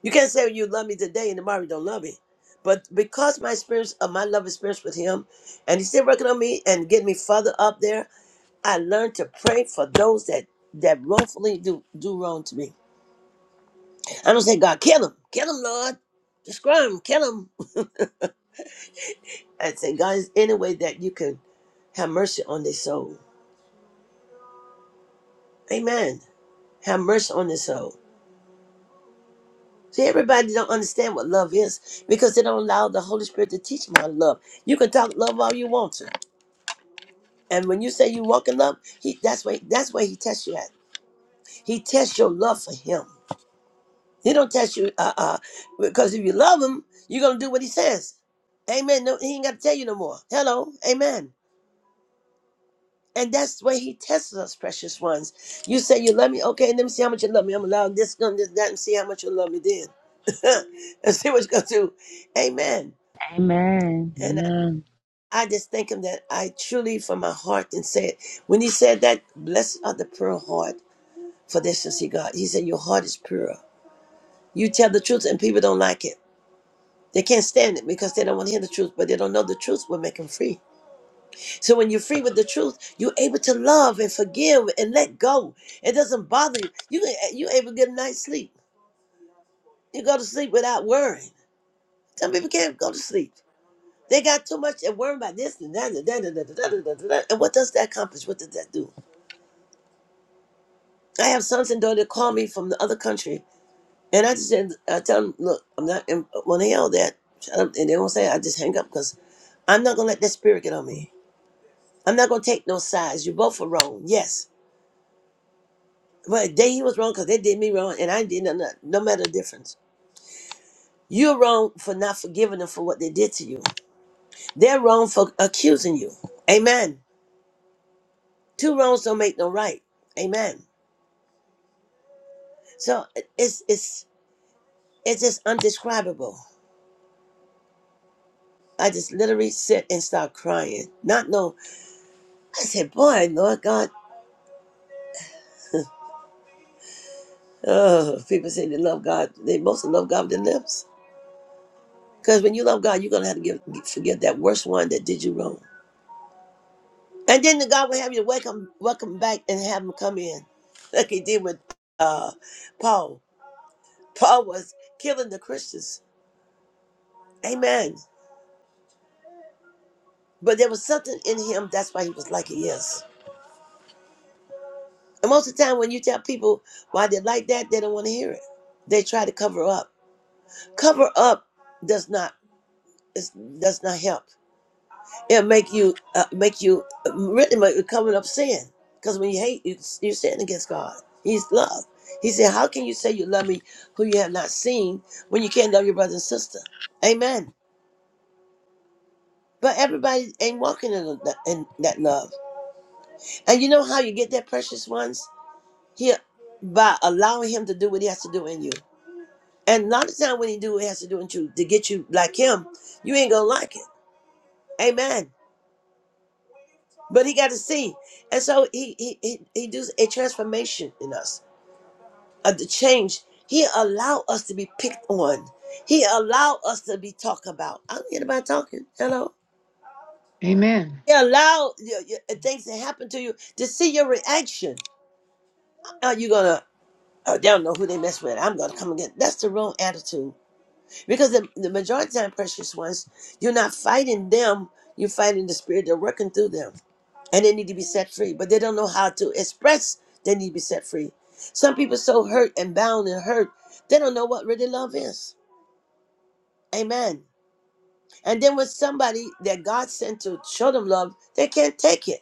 [SPEAKER 2] You can't say you love me today and tomorrow you don't love me. But because my experience of my love experience with Him, and He's still working on me and getting me further up there, I learned to pray for those that that wrongfully do do wrong to me. I don't say God kill him, kill him, Lord, describe him, kill him. I say, God, is any way that you can have mercy on their soul. Amen. Have mercy on their soul. See, everybody don't understand what love is because they don't allow the Holy Spirit to teach them how to love. You can talk love all you want to. And when you say you walk in love, he, that's where that's where he tests you at. He tests your love for him. He don't test you uh, uh, because if you love him, you're gonna do what he says. Amen. No, he ain't got to tell you no more. Hello. Amen. And that's the way he tests us, precious ones. You say you love me, okay, let me see how much you love me. I'm allowed this, gun, this, that, and see how much you love me then. (laughs) and see what you're gonna do. Amen. And I,
[SPEAKER 4] Amen. Amen.
[SPEAKER 2] I just thank him that I truly from my heart and say it. when he said that, blessed are the pure heart, for this is he God. He said, Your heart is pure. You tell the truth and people don't like it. They can't stand it because they don't want to hear the truth, but they don't know the truth will make them free. So when you're free with the truth, you're able to love and forgive and let go. It doesn't bother you. You can- you able to get a night's sleep. You go to sleep without worrying. Some people can't go to sleep. They got too much and worrying about this and that and that and that and that and that. And that. And what does that accomplish? What does that do? I have sons and daughters that call me from the other country, and I just said, I tell them, look, I'm not. And when they yell that, shut up, and they don't say, it, I just hang up because I'm not gonna let that spirit get on me. I'm not gonna take no sides. You both are wrong. Yes, But they he was wrong because they did me wrong and I did nothing. No matter the difference. You're wrong for not forgiving them for what they did to you. They're wrong for accusing you. Amen. Two wrongs don't make no right. Amen. So it's it's it's just undescribable. I just literally sit and start crying. Not no I said, boy, Lord God. Oh, people say they love God. They mostly love God with their lips. Because when you love God, you're gonna have to give, forgive that worst one that did you wrong. And then the God will have you welcome welcome back and have him come in. Like he did with uh Paul. Paul was killing the Christians. Amen. But there was something in him, that's why he was like he is. And most of the time when you tell people why they're like that, they don't want to hear it. They try to cover up. Cover up does not is, does not help. It'll make you uh, make you uh, really make you coming up sin. Because when you hate, you you sin against God. He's love. He said, "How can you say you love me who you have not seen when you can't love your brother and sister?" Amen. But everybody ain't walking in, that- in that love. And you know how you get that precious ones? Here by allowing him to do what he has to do in you. And a lot of time when he do what he has to do in you to get you like him, you ain't gonna like it. Amen. but he got to see, and so he he he, he does a transformation in us, of the change. He allow us to be picked on. He allow us to be talked about. I don't get about talking. Hello.
[SPEAKER 7] Amen.
[SPEAKER 2] He allow your, your- things to happen to you to see your reaction. Are you gonna? Oh, they don't know who they mess with. I'm gonna come and get. That's the wrong attitude because the, the majority of time, precious ones, you're not fighting them. You're fighting the spirit They're working through them. and they need to be set free, but they don't know how to express they need to be set free. Some people so hurt and bound and hurt, they don't know what really love is. Amen. And then when somebody that God sent to show them love, they can't take it.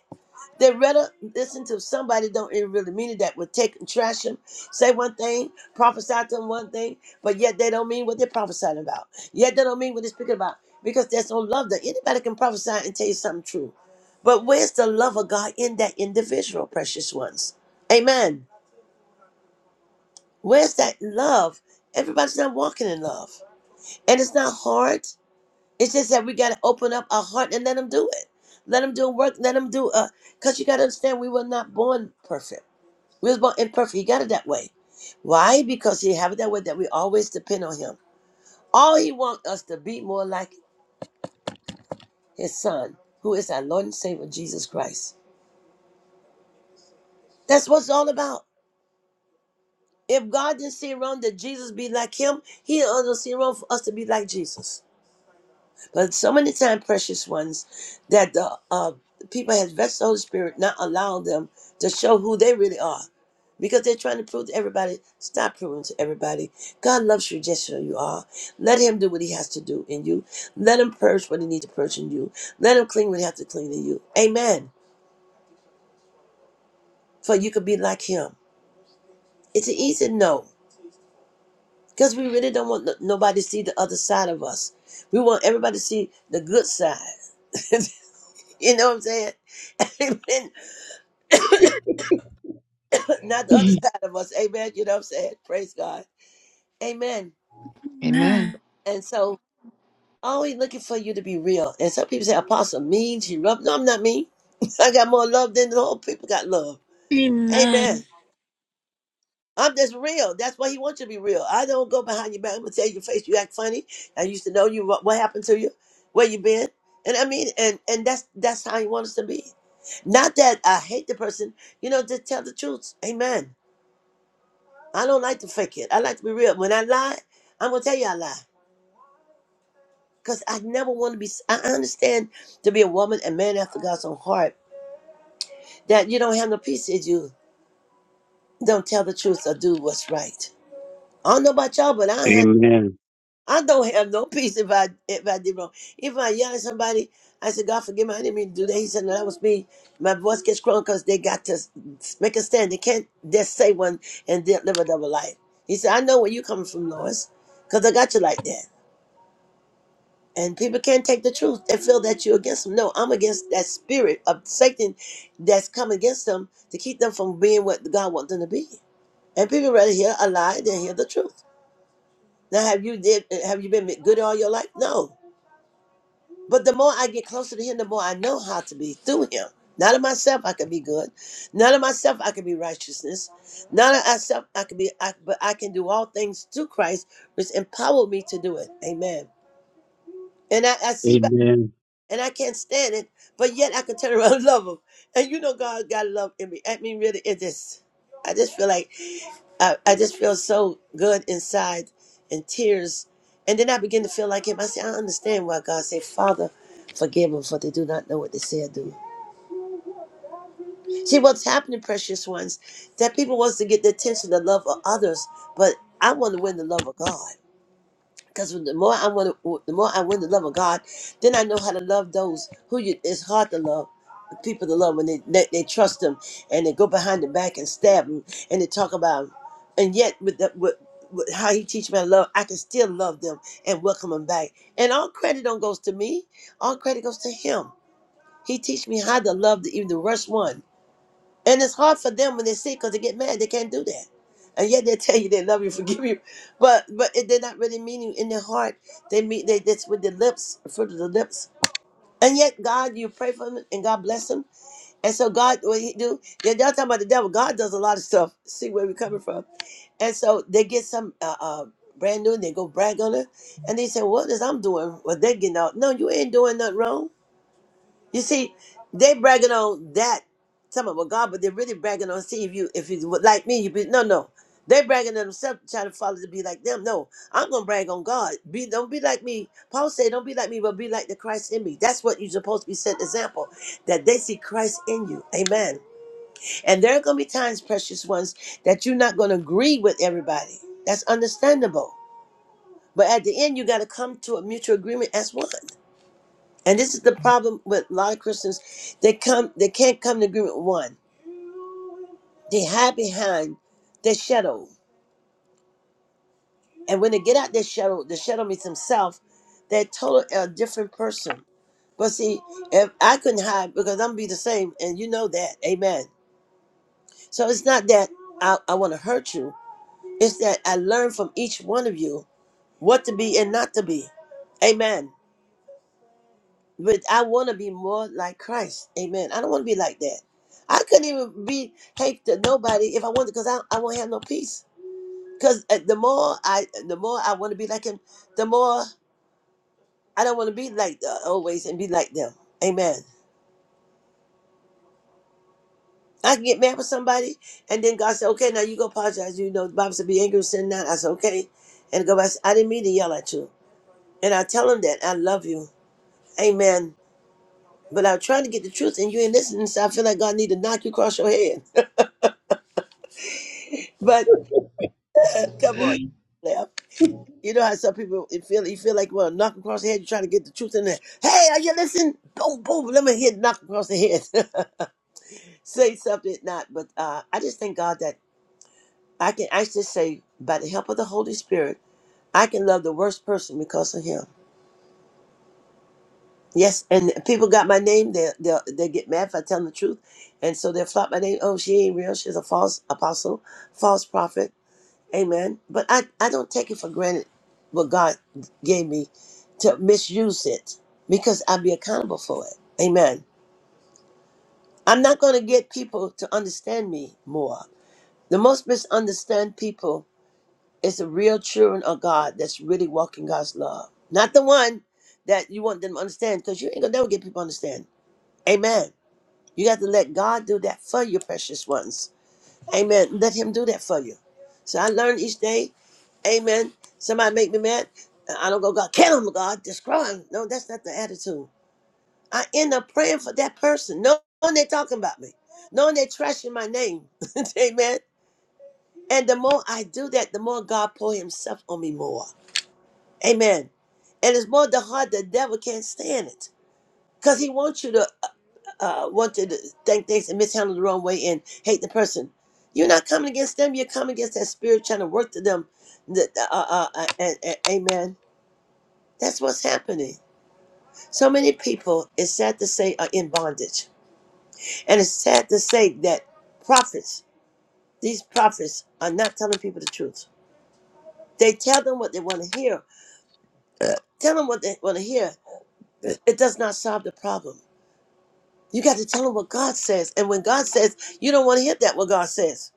[SPEAKER 2] They rather listen to somebody don't even really mean it that would take and trash them, say one thing, prophesy to them one thing, but yet they don't mean what they're prophesying about. Yet they don't mean what they're speaking about because there's no love there. Anybody can prophesy and tell you something true. But where's the love of God in that individual, precious ones? Amen. Where's that love? Everybody's not walking in love. And it's not hard. It's just that we got to open up our heart and let them do it. Let them do work. Let them do, uh, because you got to understand we were not born perfect. We was born imperfect. He got it that way. Why? Because he have it that way that we always depend on him. All he wants us to be more like his son, who is our Lord and Savior Jesus Christ. That's what it's all about. If God didn't see it wrong that Jesus be like him, he doesn't see it wrong for us to be like Jesus. But so many times, precious ones, that the uh, people have vexed the Holy Spirit, not allowing them to show who they really are. Because they're trying to prove to everybody, stop proving to everybody. God loves you just who you are. Let Him do what He has to do in you. Let Him purge what He needs to purge in you. Let Him clean what He has to clean in you. Amen. For you could be like Him. It's an easy no. Because we really don't want no- nobody to see the other side of us. We want everybody to see the good side. (laughs) you know what I'm saying? (laughs) not the
[SPEAKER 6] (laughs)
[SPEAKER 2] other (laughs) side of us. Amen. You know what I'm saying? Praise God. Amen. But,
[SPEAKER 7] Amen.
[SPEAKER 1] Amen.
[SPEAKER 2] and so always looking for you to be real. And some people say, Apostle mean, she rough. No, I'm not mean. (laughs) I got more love than the whole people got love.
[SPEAKER 1] Amen.
[SPEAKER 2] Amen. I'm just real. That's why he wants you to be real. I don't go behind your back. I'm gonna tell you your face. You act funny. I used to know you. What, what happened to you? Where you been? And I mean, and and that's that's how he wants us to be. Not that I hate the person. You know, just tell the truth. Amen. I don't like to fake it. I like to be real. When I lie, I'm gonna tell you I lie. Cause I never want to be. I I understand to be a woman and man after God's own heart. That you don't have no peace if you don't tell the truth or do what's right. I don't know about y'all, but I don't have.
[SPEAKER 8] Amen.
[SPEAKER 2] I don't have no (laughs) peace if I if I did wrong. If I yell at somebody, I said, God forgive me, I didn't mean to do that. He said, No, that was me. My voice gets strong because they got to s- make a stand. They can't just say one and then live a double life. He said, I know where you coming from, Lois, because I got you like that. And people can't take the truth and feel that you're against them. No, I'm against that spirit of Satan that's come against them to keep them from being what God wants them to be. And people rather hear a lie than hear the truth. Now, have you did? Have you been good all your life? No. But the more I get closer to Him, the more I know how to be through Him. Not of myself I can be good. Not of myself I can be righteousness. Not of myself I can be. I, but I can do all things through Christ, which empowered me to do it. Amen. And I, I see by
[SPEAKER 8] Amen.
[SPEAKER 2] and I can't stand it, but yet I can turn around (laughs) and love him. And you know, God got love in me. I mean, really, it just, I just feel like, I, I just feel so good inside and tears. And then I begin to feel like him. I say, I understand why God said, Father, forgive them, for they do not know what they say or do. See, what's happening, precious ones, that people wants to get the attention, the love of others, but I want to win the love of God. Because the more I want to, the more I want to love of God, then I know how to love those who you, it's hard to love. People to love when they, they they trust them and they go behind their back and stab them and they talk about 'em. And yet with the with, with how he teach me how to love, I can still love them and welcome them back. And all credit don't goes to me. All credit goes to him. He teach me how to love the, even the worst one and it's hard for them when they're sick because they get mad. They can't do that. And yet they (laughs) tell you they love you, forgive you, but but it, they're not really meaning in their heart. They mean they that's with their lips, fruit of the lips. And yet God, you pray for them and God bless them. And so God, what He do? Yeah, y'all talking about the devil. God does a lot of stuff. See where we're coming from. And so they get some uh, uh, brand new. and They go brag on her, and they say, "What is I'm doing? What they getting out? No, you ain't doing nothing wrong. You see, they bragging on that some of God, but they're really bragging on see if you if you were like me, you be no no. They bragging on themselves, trying to follow to be like them. No, I'm gonna brag on God. Be don't be like me. Paul said, "Don't be like me, but be like the Christ in me." That's what you're supposed to be set example that they see Christ in you. Amen. And there are gonna be times, precious ones, that you're not gonna agree with everybody. That's understandable. But at the end, you gotta come to a mutual agreement as one. And this is the problem with a lot of Christians. They come, they can't come to agreement with one. They hide behind their shadow, and when they get out their shadow, the shadow means himself. They're totally a different person. But see, if I couldn't hide because I'm gonna be the same, and you know that, Amen. So it's not that I, I want to hurt you. It's that I learn from each one of you what to be and not to be, Amen. But I want to be more like Christ. Amen. I don't want to be like that. I couldn't even be hate to nobody if I wanted, because I, I won't have no peace. Because the more I, the more I want to be like him, the more I don't want to be like the, always and be like them. Amen. I can get mad with somebody, and then God said, "Okay, now you go apologize." You know, the Bible said, "Be angry and sin not." I said, "Okay," and go back. I said, "I didn't mean to yell at you," and I tell him that I love you. Amen. But I'm trying to get the truth, and you ain't listening, so I feel like God need to knock you across your head. (laughs) but Come on, left. You know how some people it feel you feel like well knock across the head, you're trying to get the truth in there. Hey, are you listening? Boom, boom, let me hit knock across the head. (laughs) say something, not but uh I just thank God that I can I just say by the help of the Holy Spirit, I can love the worst person because of him. Yes, and people got my name, they they they get mad if I tell them the truth. And so they'll flop my name. Oh, she ain't real, she's a false apostle, false prophet. Amen. But I, I don't take it for granted what God gave me to misuse it because I'll be accountable for it. Amen. I'm not going to get people to understand me more. The most misunderstand people is the real children of God that's really walking God's love, not the one that you want them to understand because you ain't going to never get people to understand. Amen. You got to let God do that for you, precious ones. Amen. Let Him do that for you. So I learn each day Amen. Somebody make me mad. I don't go, God, kill him, God, destroy him. No, that's not the attitude. I end up praying for that person, knowing they're talking about me, knowing they're trashing my name. (laughs) Amen. And the more I do that, the more God pour himself on me more. Amen. And it's more the heart the devil can't stand it. Because he wants you to uh, want you to think things and mishandle the wrong way and hate the person. You're not coming against them. You're coming against that spirit trying to work to them. The- the- uh, uh, uh, and, and- amen That's what's happening. So many people, it's sad to say, are in bondage. And it's sad to say that prophets, these prophets, are not telling people the truth. They tell them what they want to hear. Uh, Tell them what they want to hear. It it does not solve the problem. You got to tell them what God says. And when God says, you don't want to hear that, what God says,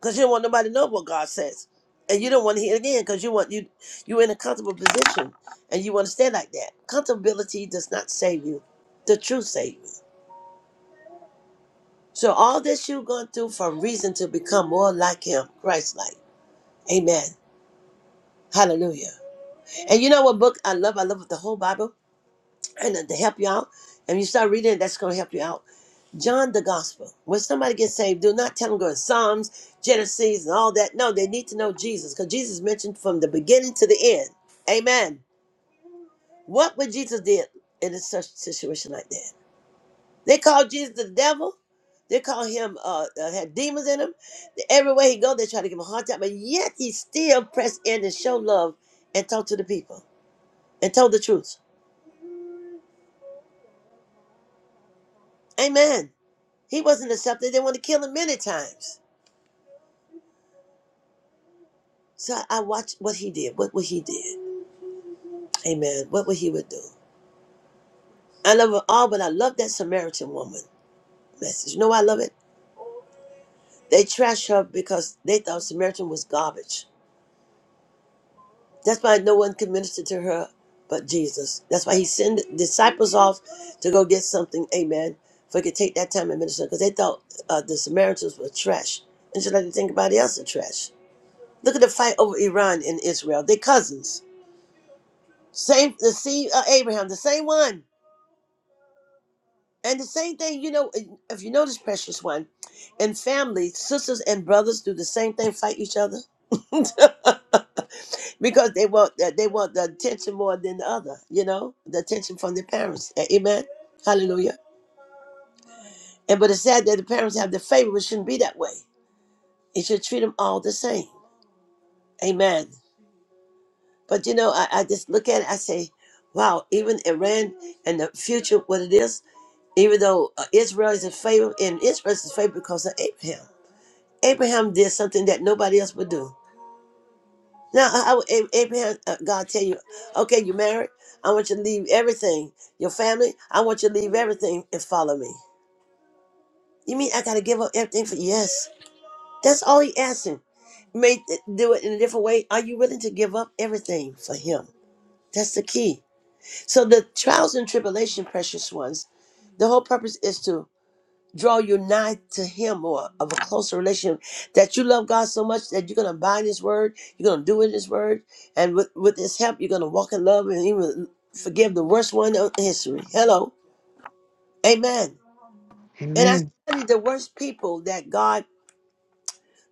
[SPEAKER 2] because you don't want nobody to know what God says. And you don't want to hear it again because you want you you're in a comfortable position and you want to stay like that. Comfortability does not save you. The truth saves you. So all this you're going through for a reason to become more like him, Christ like. Amen. Hallelujah. And you know what book I love? I love the whole Bible and to help you out. And you start reading it, that's going to help you out. John the Gospel. When somebody gets saved, do not tell them go to Psalms, Genesis, and all that. No, they need to know Jesus because Jesus is mentioned from the beginning to the end. Amen. What would Jesus did in a such situation like that? They call Jesus the devil. They call him uh, uh had demons in him. Everywhere he go, they try to give him a hard time, but yet he still pressed in and showed love and talked to the people and told the truth. Amen. He wasn't accepted. They want to kill him many times. So I I watched what he did. What what he did. Amen. What what he would do. I love it all, but I love that Samaritan woman message. You know why I love it? They trashed her because they thought Samaritan was garbage That's why no one could minister to her but Jesus. That's why he sent disciples off to go get something, amen, if He could take that time and minister, because they thought uh, the Samaritans were trash. And just like they think about else are trash. Look at the fight over Iran and Israel. They're cousins. Same, the seed of Abraham, the same one. And the same thing, you know, if you notice, precious one, in family, sisters and brothers do the same thing, fight each other. (laughs) because they want that they want the attention more than the other, you know, the attention from their parents. A- Amen. Hallelujah. And but it's sad that the parents have the favor. but It shouldn't be that way. It should treat them all the same. Amen. But you know, I, I just look at it. I say, wow. Even Iran and the future, what it is. Even though uh, Israel is in favor, and Israel is in favor because of Abraham. Abraham did something that nobody else would do. Now, how Ab- Abraham, uh, God tell you, okay, you married. I want you to leave everything, your family. I want you to leave everything and follow me. You mean I gotta give up everything for? Yes, that's all he asking. May uh, do it in a different way. Are you willing to give up everything for him? That's the key. So the trials and tribulation, precious ones. The whole purpose is to draw you nigh to him or of a closer relation that you love God so much that you're gonna bind his word, you're gonna do in his word, and with, with his help you're gonna walk in love and even forgive the worst one in history. Hello. Amen. And I
[SPEAKER 7] Amen.
[SPEAKER 2] studied the worst people that God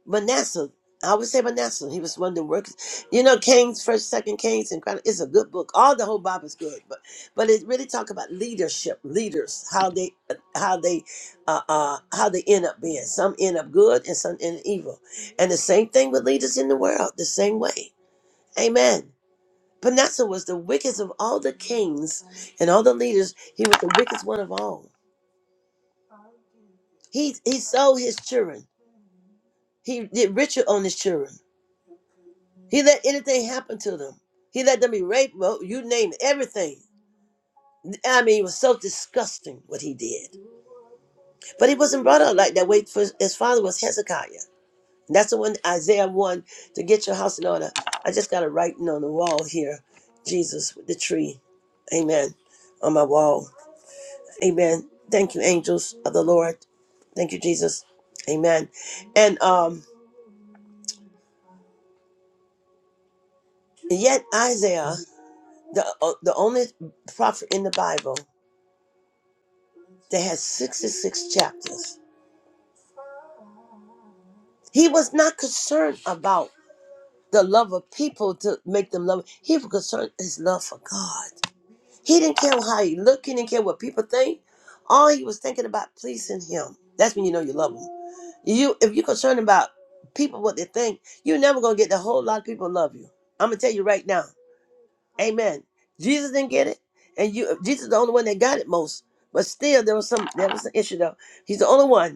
[SPEAKER 2] Manasseh. I would say Manasseh. He was one of the workers. You know, Kings, First, Second Kings, and Chronicles. It's a good book. All the whole Bible is good, but but it really talk about leadership, leaders, how they how they uh, uh how they end up being. Some end up good, and some end up evil. And the same thing with leaders in the world. The same way. Amen. Manasseh was the wickedest of all the kings and all the leaders. He was the wickedest one of all. He he sold his children. He did ritual on his children He let anything happen to them. He let them be raped, well, you name it, everything. I mean, it was so disgusting what he did. But he wasn't brought up like that way. For his father was Hezekiah. And that's the one Isaiah 1 to get your house in order. I just got a writing on the wall here Jesus with the tree. Amen. On my wall. Amen. Thank you, angels of the Lord. Thank you, Jesus. Amen. And um, yet, Isaiah, the, uh, the only prophet in the Bible, that has 66 chapters. He was not concerned about the love of people to make them love. He was concerned his love for God. He didn't care how he looked. He didn't care what people think. All he was thinking about pleasing Him. That's when you know you love Him. You, if you're concerned about people what they think, you're never gonna get the whole lot of people love you. I'm gonna tell you right now. Amen. Jesus didn't get it, and you Jesus is the only one that got it most. But still, there was some there was an issue though. He's the only one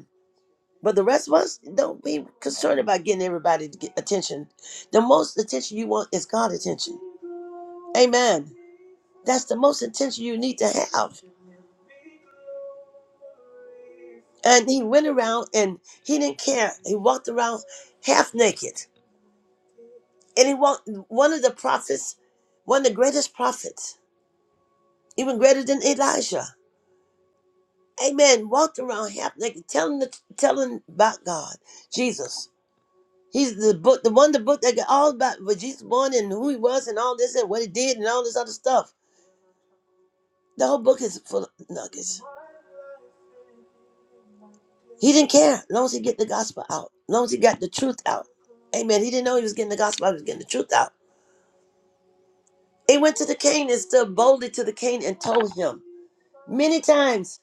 [SPEAKER 2] But the rest of us don't be concerned about getting everybody to get attention. The most attention you want is God attention. Amen. That's the most attention you need to have. And he went around and he didn't care. He walked around half naked. And he walked one of the prophets, one of the greatest prophets, even greater than Elijah. Amen. Walked around half naked, telling the telling about God, Jesus. He's the book, the one, the book that got all about what Jesus born and who he was and all this and what he did and all this other stuff. The whole book is full of nuggets. He didn't care as long as he get the gospel out, as long as he got the truth out. Amen. He didn't know he was getting the gospel out, he was getting the truth out. He went to the king and stood boldly to the king and told him many times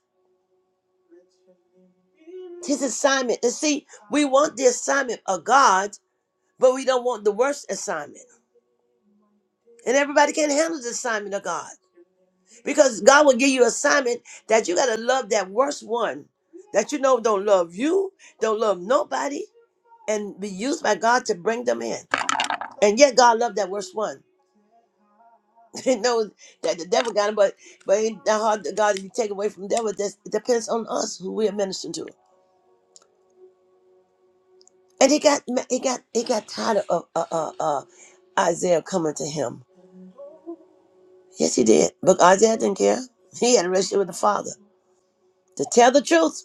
[SPEAKER 2] his assignment. And see, we want the assignment of God, but we don't want the worst assignment. And everybody can't handle the assignment of God. because God will give you assignment that you gotta love that worst one that you know don't love you, don't love nobody, and be used by God to bring them in. And yet God loved that worst one. (laughs) He knows that the devil got him, but but ain't that hard to God to be taken away from the devil. That's, it depends on us who we are ministering to. And he got he got he got tired of uh, uh, uh, Isaiah coming to him. Yes, he did. But Isaiah didn't care. He had a relationship with the Father. To tell the truth.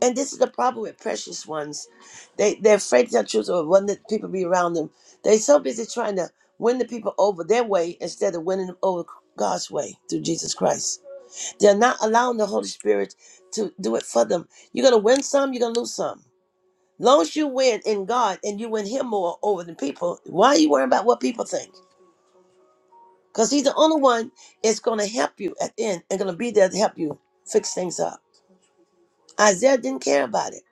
[SPEAKER 2] And this is the problem with precious ones. They they're afraid to tell the truth or when the people be around them. They're so busy trying to win the people over their way instead of winning them over God's way through Jesus Christ. They're not allowing the Holy Spirit to do it for them. You're gonna win some, you're gonna lose some. Long as you win in God and you win him more over than people, why are you worrying about what people think? Because he's the only one that's gonna help you at the end and gonna be there to help you fix things up. Isaiah didn't care about it.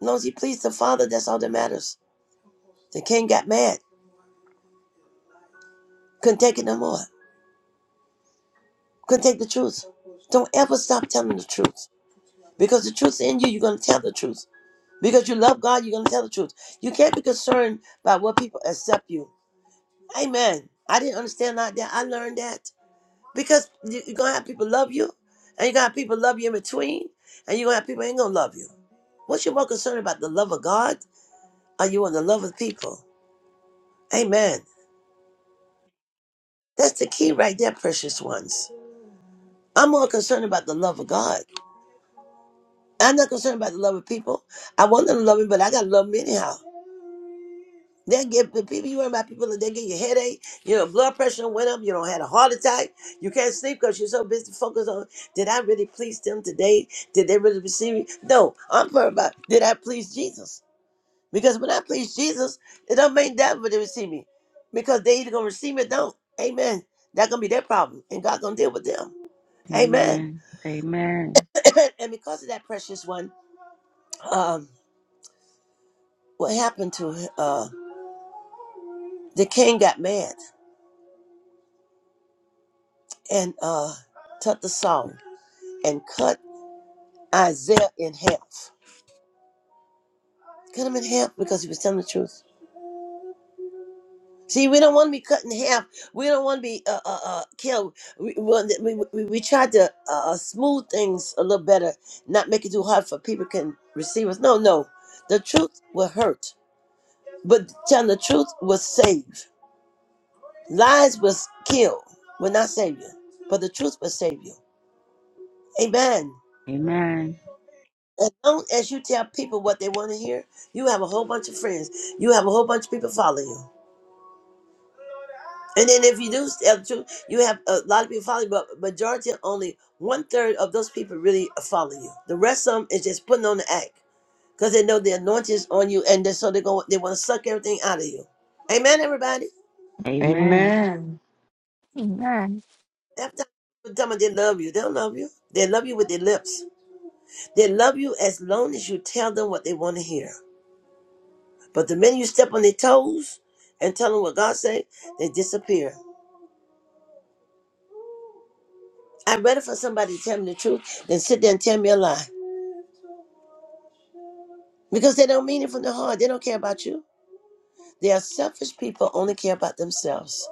[SPEAKER 2] As long as he pleased the Father, that's all that matters. The king got mad, couldn't take it no more, couldn't take the truth. Don't ever stop telling the truth because the truth in you, you're going to tell the truth. Because you love God, you're going to tell the truth. You can't be concerned about what people accept you. Amen. I didn't understand like that. I learned that because you- you're going to have people love you and you're going to have people love you in between and you're going to have people ain't going to love you. What's your more concerned about the love of God? Are you on the love of people? Amen. That's the key right there, precious ones. I'm more concerned about the love of God. I'm not concerned about the love of people. I want them to love me, but I gotta love them anyhow. They give the people you worry about people that they get your headache, you know, blood pressure went up, you don't had a heart attack, you can't sleep because you're so busy focused on did I really please them today? Did they really receive me? No, I'm worried about did I please Jesus? Because when I please Jesus, it don't make that when they receive me. Because they either gonna receive me or don't. Amen. That gonna be their problem. And God gonna deal with them. Amen.
[SPEAKER 4] Amen. Amen.
[SPEAKER 2] (coughs) (clears throat) and because of that precious one, um, what happened to her? The king got mad and uh, took the saw and cut Isaiah in half. Cut him in half because he was telling the truth. See, we don't want to be cut in half. We don't want to be uh, uh, uh, killed. We, we, we, we we tried to uh, uh, smooth things a little better, not make it too hard for people can receive us. No, no. The truth will hurt, but telling the truth will save. Lies will kill, will not save you, but the truth will save you. Amen.
[SPEAKER 4] Amen.
[SPEAKER 2] As long as you tell people what they want to hear, you have a whole bunch of friends. You have a whole bunch of people following you. And then if you do tell the truth, you have a lot of people following. you, but majority only one third of those people really follow you. The rest of them is just putting on the act because they know the anointing is on you, and then so they go they want to suck everything out of you. Amen, everybody.
[SPEAKER 4] Amen.
[SPEAKER 7] Amen.
[SPEAKER 1] Amen.
[SPEAKER 2] After tell them they love you, they don't love you. They love you with their lips. They love you as long as you tell them what they want to hear. But the minute you step on their toes and tell them what God say, they disappear. I'd rather for somebody to tell me the truth than sit there and tell me a lie. Because they don't mean it from the heart. They don't care about you. They are selfish people, only care about themselves.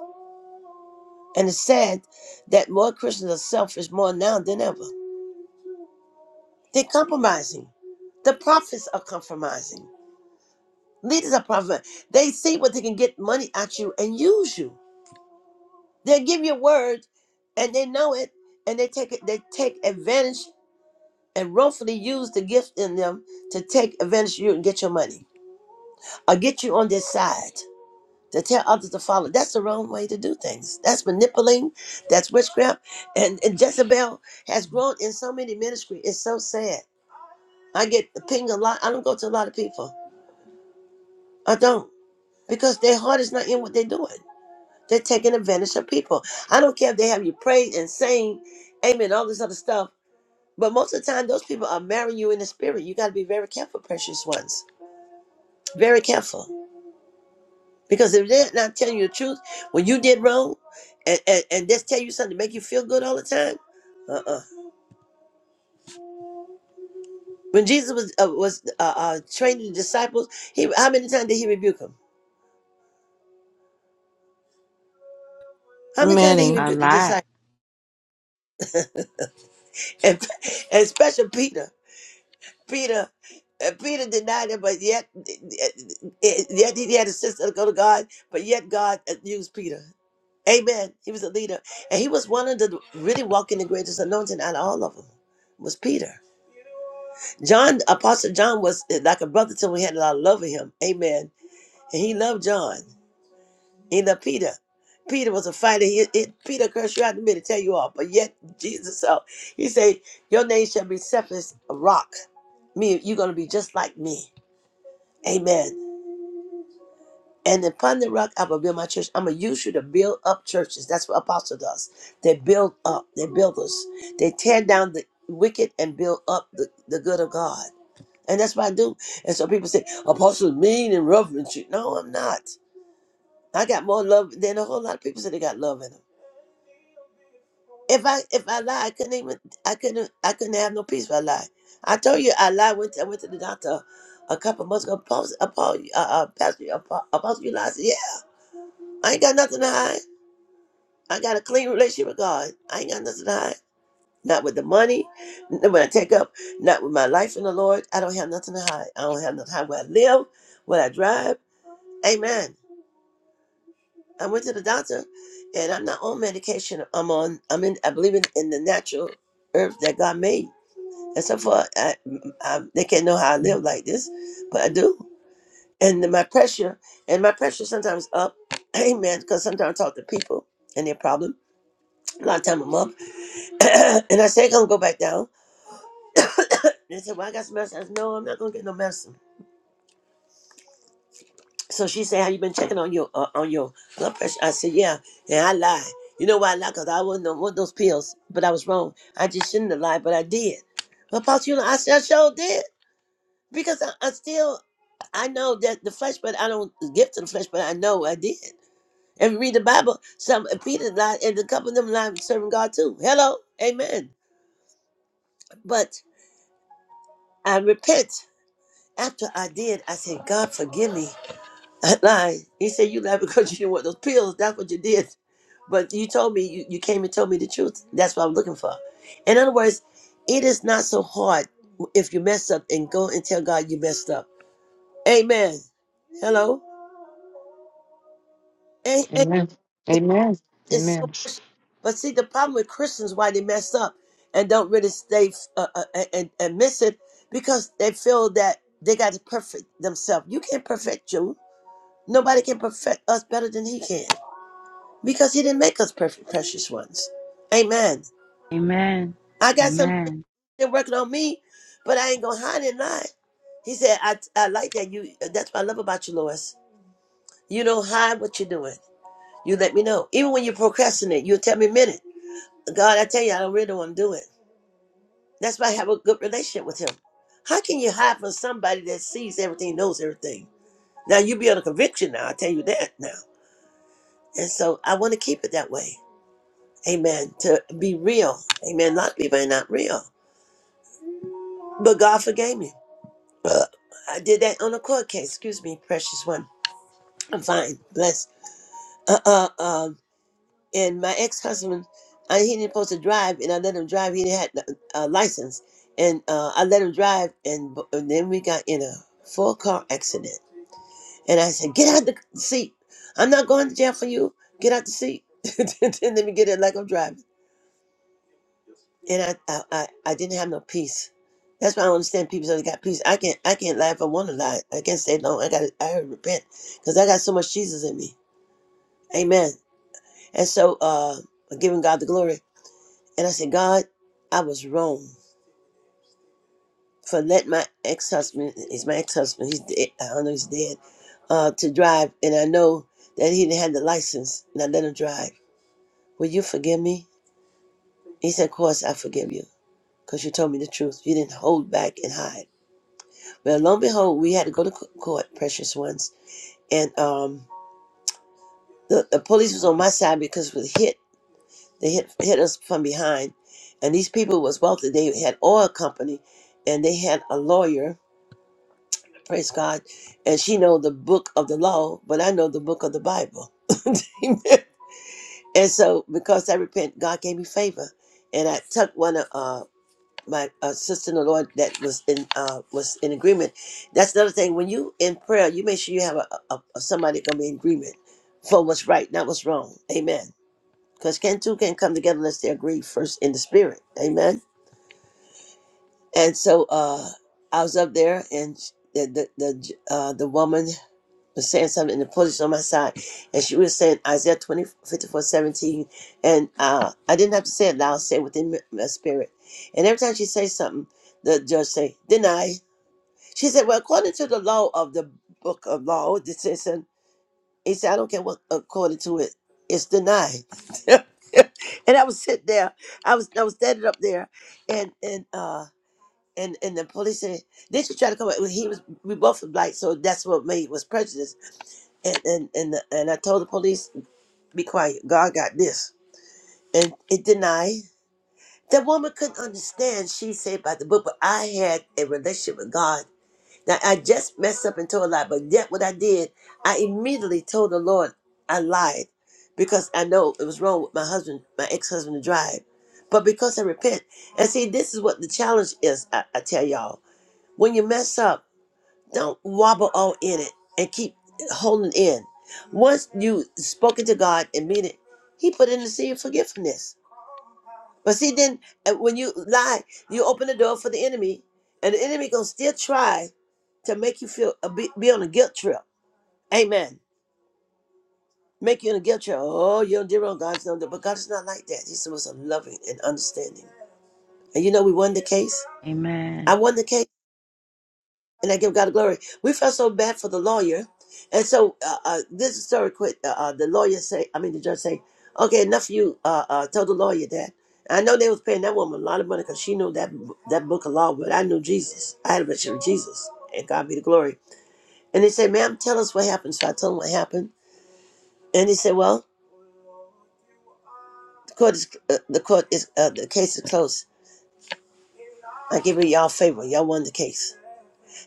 [SPEAKER 2] And it's sad that more Christians are selfish more now than ever. They're compromising. The prophets are compromising. Leaders are compromising. They see what they can get money at you and use you. They'll give you a word and they know it and they take it, they take advantage and wrongfully use the gift in them to take advantage of you and get your money or get you on their side to tell others to follow. That's the wrong way to do things. That's manipulating. That's witchcraft. And, and Jezebel has grown in so many ministries. It's so sad. I get pinged a lot. I don't go to a lot of people. I don't because their heart is not in what they're doing. They're taking advantage of people. I don't care if they have you praying and saying amen, all this other stuff. But most of the time, those people are marrying you in the spirit. You got to be very careful, precious ones Very careful. Because if they're not telling you the truth, when you did wrong, and, and, and just tell you something to make you feel good all the time, uh-uh. When Jesus was uh, was uh, uh, training the disciples, he how many times did he rebuke them? How many times did he
[SPEAKER 3] Many.
[SPEAKER 4] A
[SPEAKER 2] rebuke the
[SPEAKER 4] lot.
[SPEAKER 2] disciples? (laughs) And, and especially Peter. Peter uh, Peter denied him, but yet yet he had a sister to go to God, but yet God used Peter. Amen. He was a leader. And he was one of the really walking the greatest anointing out of all of them was Peter. John, Apostle John was eh, like a brother to him. He had a lot of love for him. Amen. And he loved John. He loved Peter. Peter was a fighter. He, it, Peter cursed you out to me to tell you all. But yet Jesus, so he said, your name shall be Cephas, a rock. Me, you're going to be just like me. Amen. And upon the rock, I will build my church. I'm going to use you to build up churches. That's what apostle does. They build up. They're builders. They tear down the wicked and build up the, the good of God. And that's what I do. And so people say, apostles mean and rough and shit. No, I'm not. I got more love than a whole lot of people say they got love in them. If I if I lie, I couldn't even I couldn't I couldn't have no peace if I lie. I told you I lied. Went to, I went to the doctor a couple months ago. Apostle, Apostle, uh, uh, Pastor, Apo- Apostle, you lied. I said, yeah, I ain't got nothing to hide. I got a clean relationship with God. I ain't got nothing to hide. Not with the money, not when I take up, not with my life in the Lord. I don't have nothing to hide. I don't have nothing to hide where I live, where I drive. Amen. I went to the doctor, and I'm not on medication. I'm on. I'm in. I believe in, in the natural herb that God made. And so far, I, I, they can't know how I live like this, but I do. And then my pressure, and my pressure sometimes up. (clears throat) Amen. Because sometimes I talk to people and their problem. A lot of time I'm up, (clears throat) and I say I'm gonna go back down. They say, "Well, I got some medicine." I said, "No, I'm not gonna get no medicine." So she said, "Have you been checking on your uh, on your blood pressure?" I said, "Yeah," and I lied. You know why I lied? Cause I wasn't on one of those pills, but I was wrong. I just shouldn't have lied, but I did. But Pastor, you know, I said I sure did because I, I still I know that the flesh, but I don't give to the flesh, but I know I did. And read the Bible. Some Peter lied, and a couple of them lied serving God too. Hello, Amen. But I repent after I did. I said, "God, forgive me." Lie. He said you lied because you didn't want those pills. That's what you did. But you told me you, you came and told me the truth. That's what I'm looking for. In other words, it is not so hard if you mess up and go and tell God you messed up. Amen. Hello. And,
[SPEAKER 7] Amen.
[SPEAKER 2] and
[SPEAKER 7] Amen. Amen.
[SPEAKER 2] it's so precious. But see, the problem with Christians why they mess up and don't really stay uh, uh, and and miss it because they feel that they got to perfect themselves. You can't perfect you. Nobody can perfect us better than He can. because he didn't make us perfect, precious ones. Amen.
[SPEAKER 4] Amen.
[SPEAKER 2] I got some
[SPEAKER 4] Amen.
[SPEAKER 2] things working on me, but I ain't gonna hide and lie. He said, I, I like that you. That's what I love about you, Lois. You don't hide what you're doing. You let me know. Even when you procrastinate, you'll tell me a minute. God, I tell you, I don't really want to do it. That's why I have a good relationship with him. How can you hide from somebody that sees everything, knows everything? Now you be on a conviction now, I tell you that now. And so I want to keep it that way. Amen. To be real. Amen. A lot of people are not real. But God forgave me. Uh, I did that on a court case. Excuse me, precious one. I'm fine. Blessed. Uh, uh, um, and my ex-husband, I, he didn't supposed to drive, and I let him drive. He didn't have a license, and uh, I let him drive, and, b- and then we got in a four-car accident. And I said, "Get out the seat. I'm not going to jail for you. Get out the seat." (laughs) and then let me get it like I'm driving. and I, I, I, I didn't have no peace. That's why I don't understand people that got peace. I can't, I can't lie if I want to lie. I can't stay long. I got, I gotta repent because I got so much Jesus in me. Amen. And so, uh, I'm giving God the glory. And I said, God, I was wrong for letting my ex-husband, he's my ex-husband, he's dead, I don't know he's dead, uh, to drive. And I know that he didn't have the license and I let him drive. Will you forgive me? He said, of course I forgive you because you told me the truth. You didn't hold back and hide. But lo and behold, we had to go to court, precious ones. And um, the, the police was on my side because we hit. They hit hit us from behind, and these people was wealthy. They had oil company, and they had a lawyer. Praise God, and she know the book of the law, but I know the book of the Bible. (laughs) Amen. and so, because I repent, God gave me favor, and I took one of uh, my uh, sister in the Lord that was in uh, was in agreement. That's another thing. When you in prayer, you make sure you have a, a, a somebody gonna be in agreement for what's right, not what's wrong. Amen. Because can two can can't come together unless they agree first in the spirit. Amen. And so uh, I was up there, and the the the, uh, the woman was saying something and the police on my side and she was saying Isaiah 20 54 17, and uh, I didn't have to say it loud, say it within my my spirit. And every time she say something, the judge say, deny. She said, well, according to the law of the book of law, this is decision, he said, I don't care what according to it, it's denied. (laughs) and I was sitting there, I was I was standing up there and and uh and, and the police said, then she tried to come up. Well, He was, we both were black, so that's what made was prejudice and and and, and I told the police, "Be quiet. God got this." And it denied. That woman couldn't understand. She said about the book, but I had a relationship with God. Now I just messed up and told a lie, but yet what I did, I immediately told the Lord I lied because I know it was wrong with my husband, my ex-husband, to drive. But because I repent, and see, this is what the challenge is. I, I tell y'all, when you mess up don't wobble all in it and keep holding in. Once you spoken to God and mean it, He put in the seed of forgiveness. But see, then uh, when you lie, you open the door for the enemy, and the enemy gonna still try to make you feel uh, be, be on a guilt trip. Amen. Make you on a guilt trip. Oh, you did wrong. God's done that, but God is not like that. He's the most loving and understanding. And you know we won the case. I
[SPEAKER 4] Amen.
[SPEAKER 2] won the case. and I give God glory. We felt so bad for the lawyer, and so uh, uh, this is story Quick, Uh, uh, the lawyer say, I mean the judge say, okay, enough. of You uh, uh, told the lawyer that. I know they was paying that woman a lot of money because she knew that that book of law, but I knew Jesus. I had a relationship with Jesus, and God be the glory. And they said, ma'am, tell us what happened. So I told him what happened, and he said, well, the court is uh, the court is uh, the case is closed. I give you y'all favor. Y'all won the case.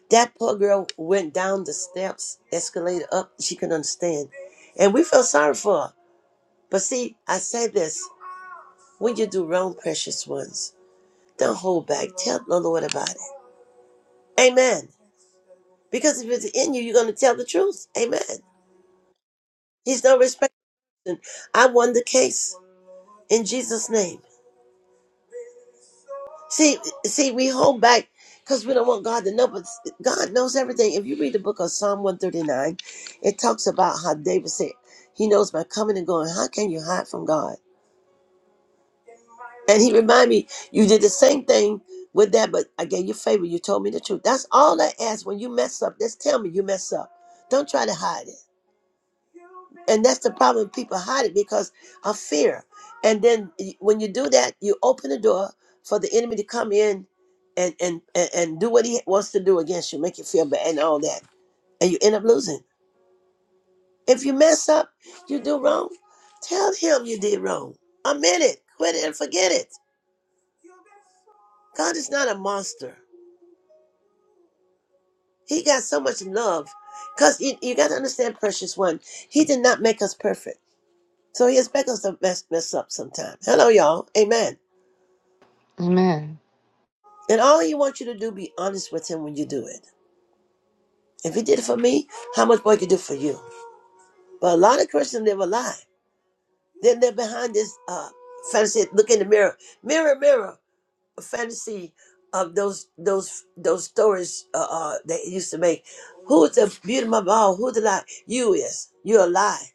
[SPEAKER 2] That poor girl went down the steps, escalator up. She couldn't understand. And we felt sorry for her. But see, I say this when you do wrong, precious ones, don't hold back. Tell the Lord about it. Amen. Because if it's in you, you're going to tell the truth. Amen. He's no respecter. I won the case in Jesus' name. See, see, we hold back because we don't want God to know, but God knows everything. If you read the book of Psalm 139, it talks about how David said, He knows my coming and going. How can you hide from God? And he reminded me, you did the same thing with that, but I gave you favor. You told me the truth. That's all I ask. When you mess up, just tell me you mess up. Don't try to hide it. And that's the problem. People hide it because of fear. And then y- when you do that, you open the door for the enemy to come in and and and, and do what he wants to do against you, make you feel bad and all that. And you end up losing. If you mess up, you do wrong, tell him you did wrong. Admit it. Quit it and forget it. God is not a monster. He got so much love. Because you, you got to understand, precious one, he did not make us perfect. So he expects us to mess, mess up sometime. Hello, y'all. Amen.
[SPEAKER 7] Amen.
[SPEAKER 2] And all he wants you to do be honest with him when you do it. If he did it for me, how much more he can do for you? But a lot of Christians live a lie. Then they're behind this uh, fantasy. Look in the mirror, mirror, mirror. A fantasy of those those those stories uh, uh, they used to make. Who's the beauty of my ball? Who the lie? You is. You're a lie.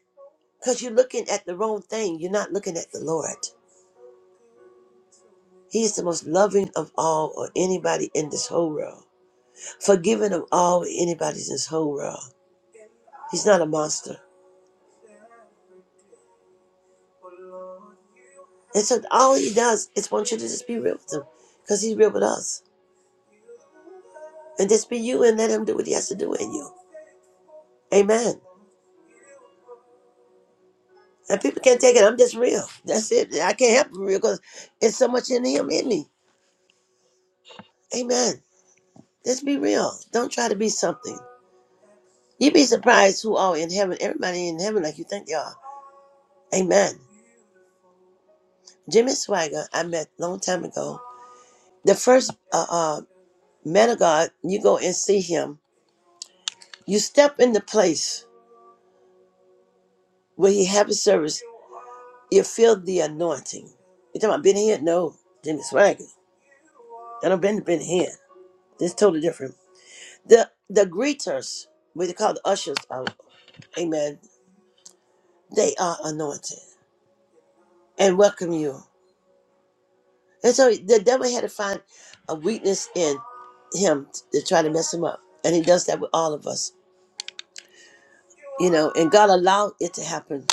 [SPEAKER 2] Because you're looking at the wrong thing. You're not looking at the Lord. He's the most loving of all or anybody in this whole world. Forgiving of all anybody's in this whole world He's not a monster. And so all he does is want you to just be real with him because he's real with us. And just be you and let him do what he has to do in you. Amen. And people can't take it. I'm just real. That's it. I can't help it real because it's so much in him in me. Amen. Just be real. Don't try to be something. You'd be surprised who are in heaven. Everybody in heaven like you think they are. Amen. Jimmy Swagger, I met a long time ago. The first uh, uh, man of God, you go and see him. You step in the place where he have his service You feel the anointing. You talking about Ben here? No, Jimmy Swagger. I don't been to Ben here. This is totally different. The the greeters, what they call the ushers, uh, amen. They are anointed and welcome you. And so the devil had to find a weakness in him to try to mess him up, and he does that with all of us, you know. And God allowed it to happen.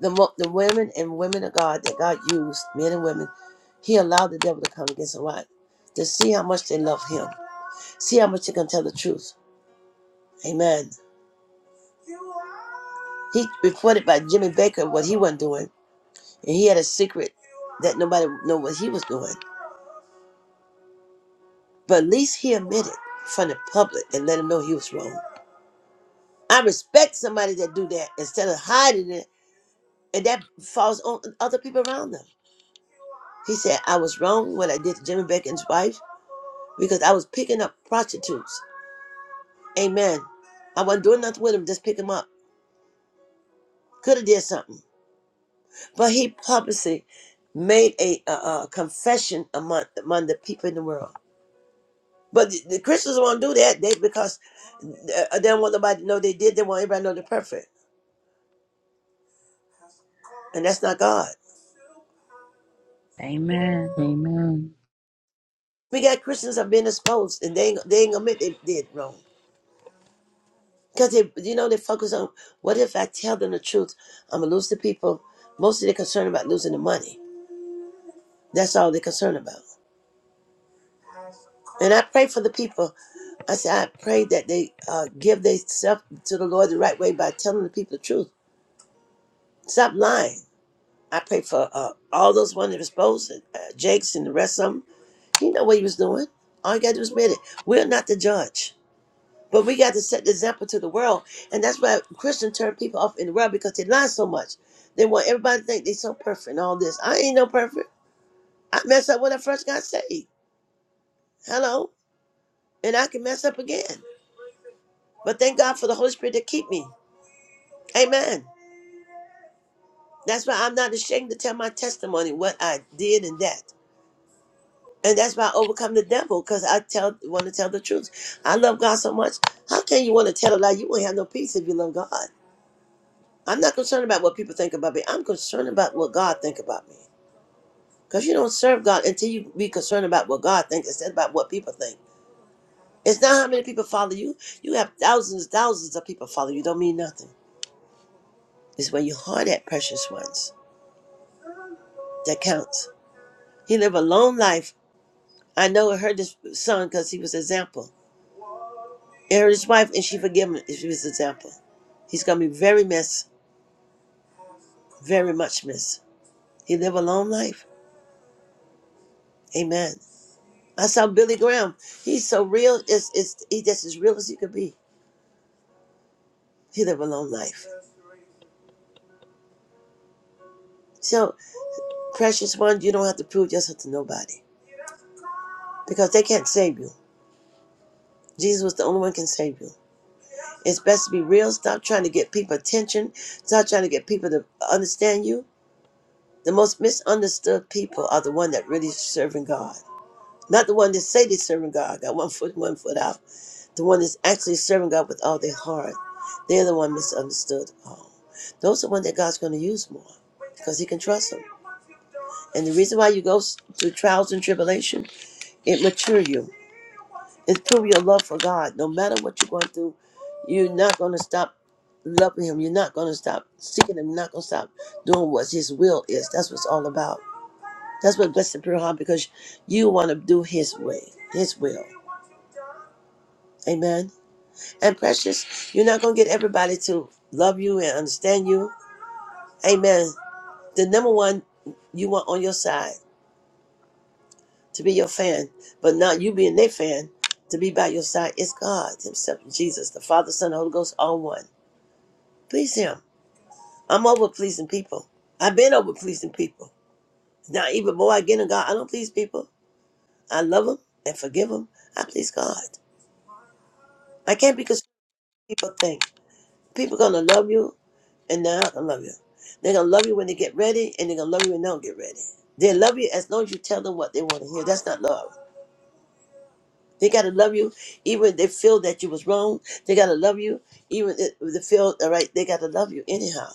[SPEAKER 2] The mo- the women and women of God that God used, men and women, He allowed the devil to come against them. Why? To see how much they love Him See how much you can tell the truth. Amen. He reported by Jimmy Baker what he wasn't doing, and he had a secret that nobody would know what he was doing. But at least he admitted from the public and let him know he was wrong. I respect somebody that do that instead of hiding it, and that falls on other people around them. He said, I was wrong what I did to Jimmy Baker and his wife because I was picking up prostitutes. Amen. I wasn't doing nothing with him, just pick him up. Could have did something. But he publicly made a, uh uh confession among among the people in the world. But the, the Christians won't do that they because uh, they don't want nobody to know they did. They want everybody to know they're perfect, and that's not God.
[SPEAKER 4] Amen. Amen.
[SPEAKER 2] We got Christians that are being exposed, and they ain't, they ain't admit they did wrong because they you know they focus on what if I tell them the truth, I'm gonna lose the people. Mostly they're concerned about losing the money. That's all they're concerned about. And I pray for the people I said, I pray that they uh, give themselves to the Lord the right way by telling the people the truth. Stop lying. I pray for uh, all those ones that was supposed, uh, Jakes and the rest of them. You know what he was doing. All you got to do is admit it. We're not the judge, but we got to set the example to the world. And that's why Christians turn people off in the world because they lie so much. They want everybody to think they so perfect and all this. I ain't no perfect. I messed up when I first got saved. Hello. And I can mess up again. But thank God for the Holy Spirit that keep me. Amen. That's why I'm not ashamed to tell my testimony, what I did and that. And that's why I overcome the devil, because I tell want to tell the truth. I love God so much. How can you want to tell a lie? You won't have no peace if you love God. I'm not concerned about what people think about me. I'm concerned about what God think about me. Because you don't serve God until you be concerned about what God thinks instead about what people think. It's not how many people follow you. You have thousands, thousands of people follow you. Don't mean nothing. It's where you heart at precious ones that counts. He lived a long life I know it hurt his son because he was example. It hurt his wife, and she forgave him if she was example. He's gonna be very missed, very much missed. He lived a long life. Amen. I saw Billy Graham. He's so real. It's it's he just as real as he could be. He lived a long life. So, precious one, you don't have to prove yourself to nobody because they can't save you. Jesus was the only one can save you. It's best to be real. Stop trying to get people attention. Stop trying to get people to understand you The most misunderstood people are the one that really serving God. Not the one that say they're serving God, got one foot, in, one foot out. The one that's actually serving God with all their heart. They're the one misunderstood. Oh, those are the one that God's going to use more because he can trust them. And the reason why you go s- through trials and tribulation, it mature you. It prove your love for God. No matter what you're going through, you're not going to stop loving him. You're not going to stop seeking him. You're not going to stop doing what his will is. That's what it's all about That's what blessed Pearl Harbor because you want to do His way, His will. Amen. And precious, you're not going to get everybody to love you and understand you. Amen. The number one you want on your side to be your fan, but not you being their fan to be by your side is God Himself, Jesus, the Father, Son, and Holy Ghost, all one. Please Him. I'm over pleasing people. I've been over pleasing people. Now, even more I get in God, I don't please people. I love them and forgive them. I please God. I can't be concerned with what people think. People gonna love you and they're not gonna love you. They're gonna love you when they get ready and they're gonna love you when they don't get ready. They love you as long as you tell them what they want to hear. That's not love. They gotta love you even if they feel that you was wrong. They gotta love you even if they feel all right. They gotta love you anyhow.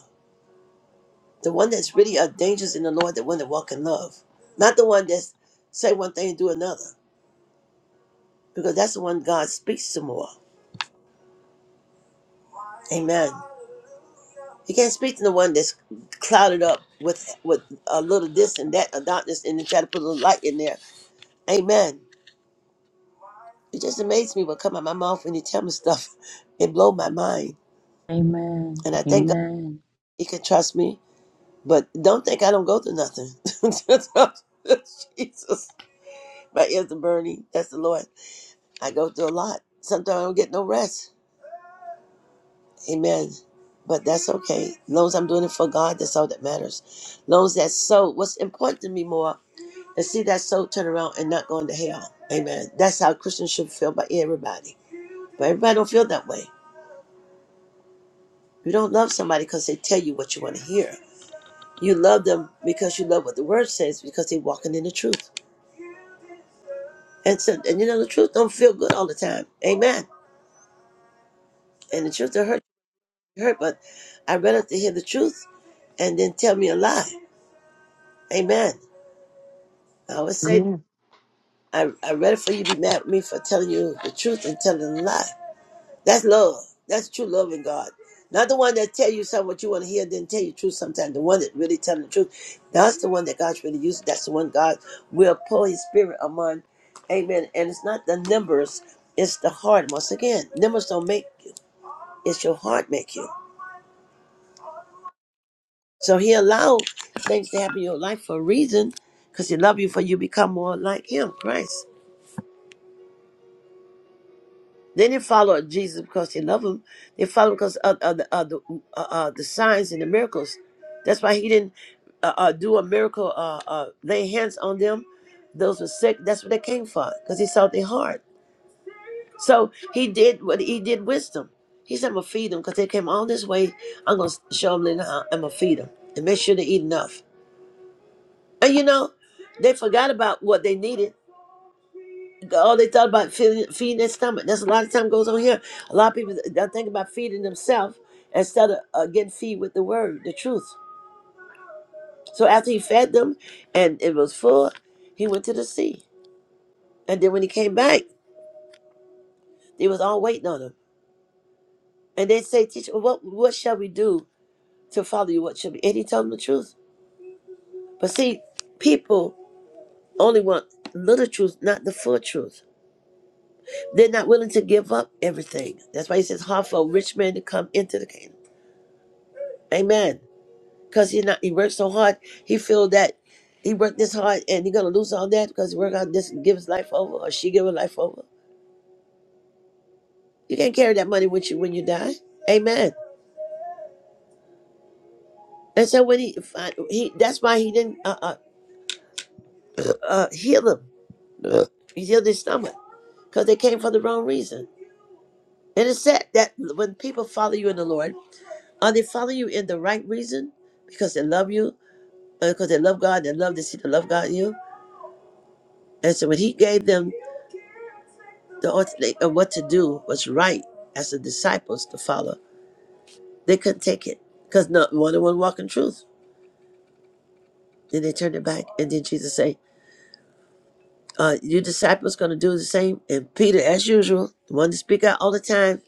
[SPEAKER 2] The one that's really a dangerous in the Lord, the one that walk in love, not the one that's say one thing and do another, because that's the one God speaks to more. Amen. You can't speak to the one that's clouded up with with a little this and that, a darkness, and then try to put a little light in there. Amen. It just amazes me what come out my mouth when you tell me stuff. (laughs) It blow my mind,
[SPEAKER 4] Amen.
[SPEAKER 2] and I thank God
[SPEAKER 4] Amen.
[SPEAKER 2] He can trust me. But don't think I don't go through nothing. (laughs) Jesus, my ears are burning. That's the Lord. I go through a lot. Sometimes I don't get no rest. Amen. But that's okay. As long as I'm doing it for God, that's all that matters. As long as that's so, what's important to me more and see that soul turn around and not going to hell. Amen. That's how Christians should feel by everybody. But everybody don't feel that way. You don't love somebody because they tell you what you want to hear. You love them because you love what the word says because they're walking in the truth. And so, and you know the truth don't feel good all the time. Amen. And the truth will hurt hurt, but I rather to hear the truth and then tell me a lie. Amen. I always say
[SPEAKER 7] Amen.
[SPEAKER 2] I I rather for you to be mad at me for telling you the truth and telling a lie That's love. That's true love in God. Not the one that tell you something what you want to hear, then tell you the truth sometimes. The one that really tell the truth. That's the one that God's really using. That's the one God will pour his spirit among. Amen. And it's not the numbers, it's the heart. Once again, numbers don't make you. It's your heart make you. So he allowed things to happen in your life for a reason, because he love you for you become more like him, Christ. They didn't follow Jesus because they love him. They followed because of, of the of the, uh, uh, the signs and the miracles. That's why he didn't uh, uh, do a miracle, uh, uh, lay hands on them. Those were sick. That's what they came for, because he saw their heart. So he did what he did wisdom. He said, I'm going to feed them because they came all this way. I'm going to show them how I'm going to feed them and make sure they eat enough. And you know, they forgot about what they needed All they thought about feeding, feeding their stomach. That's a lot of time goes on here. A lot of people don't think about feeding themselves instead of uh, getting feed with the word, the truth. So after he fed them, and it was full, he went to the sea. And then when he came back, they was all waiting on him. And they say, "Teacher, what what shall we do to follow you? What shall we?" And he told them the truth. But see, people only want little truth, not the full truth. They're not willing to give up everything. That's why he says, "Hard for a rich man to come into the kingdom." Amen. because he not he worked so hard. He feel that he worked this hard and he gonna lose all that because he worked on this and give his life over or she give her life over. You can't carry that money with you when you die. Amen. And so when he fi- he that's why he didn't uh, uh, (clears throat) uh, heal him. (clears throat) He healed his stomach because they came for the wrong reason. And it's sad that when people follow you in the Lord, are they follow you in the right reason because they love you, uh, because they love God, they love to see the love God in you. And so when he gave them the authority of what to do was right as the disciples to follow. They couldn't take it because not one of them walking truth. Then they turned it back, and then Jesus say, uh, "You disciples going to do the same." And Peter, as usual, the one to speak out all the time,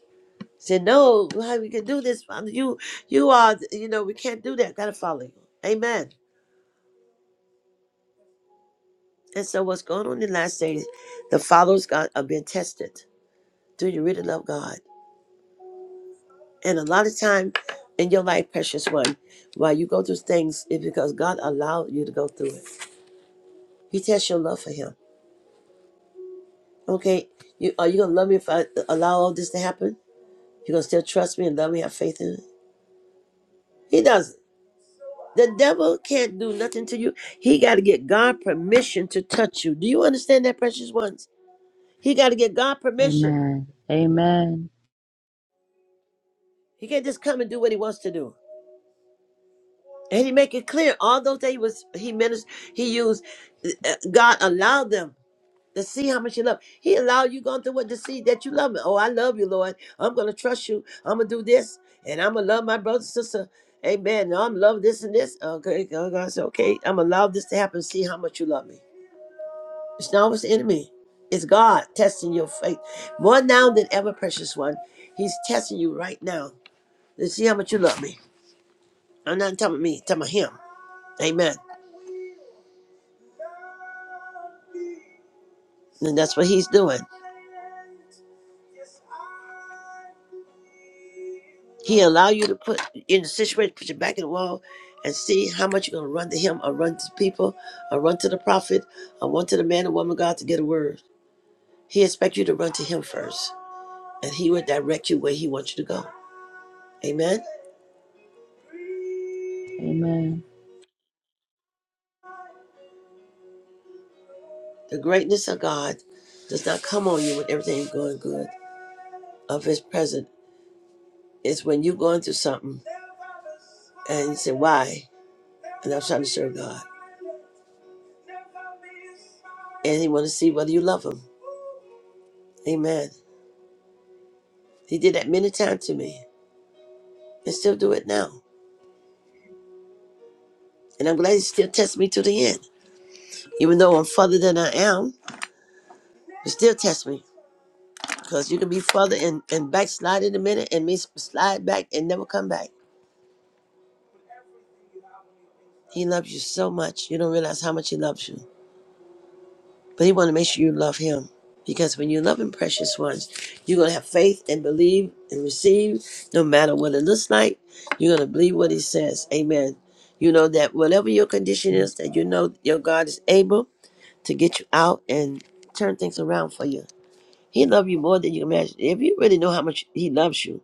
[SPEAKER 2] said, "No, how we can do this? Father, you, you are, you know, we can't do that. Got to follow you." Amen. And so, what's going on in the last days? The followers God are being tested. Do you really love God? And a lot of time in your life, precious one, while you go through things, it's because God allowed you to go through it. He tests your love for Him. Okay, you are you gonna love me if I allow all this to happen? You gonna still trust me and love me, have faith in it? He doesn't. The devil can't do nothing to you. He got to get God permission to touch you. Do you understand that, precious ones? He got to get God permission.
[SPEAKER 4] Amen. Amen.
[SPEAKER 2] He can't just come and do what he wants to do. And he make it clear all those that he was he ministered, he used. uh, God allowed them to see how much you love. He allowed you going through what to see that you love him. Oh, I love you, Lord. I'm gonna trust you. I'm gonna do this, and I'm gonna love my brother, sister. Amen. Now I'm love this and this. Okay, God God said, okay, I'm gonna allow this to happen. See how much you love me. It's not always the enemy. It's God testing your faith more now than ever, precious one. He's testing you right now to see how much you love me. I'm not talking about me. I'm talking about him. Amen. And that's what he's doing. He allow you to put in a situation, put your back in the wall, and see how much you're gonna run to him or run to people or run to the prophet or run to the man or woman of God to get a word. He expects you to run to him first, and he will direct you where he wants you to go. Amen.
[SPEAKER 4] Amen.
[SPEAKER 2] The greatness of God does not come on you when everything is going good of his present. It's when you're going through something and you say, Why? And I'm trying to serve God. And he wanna see whether you love him. Amen. He did that many times to me and still do it now. And I'm glad he still tests me to the end. Even though I'm further than I am, he still tests me. Because you can be further and, and backslide in a minute and me slide back and never come back. He loves you so much. You don't realize how much he loves you. But he want to make sure you love him. Because when you love him, precious ones, you're going to have faith and believe and receive no matter what it looks like. You're going to believe what he says. Amen. You know that whatever your condition is, that you know your God is able to get you out and turn things around for you. He loves you more than you imagine. If you really know how much he loves you,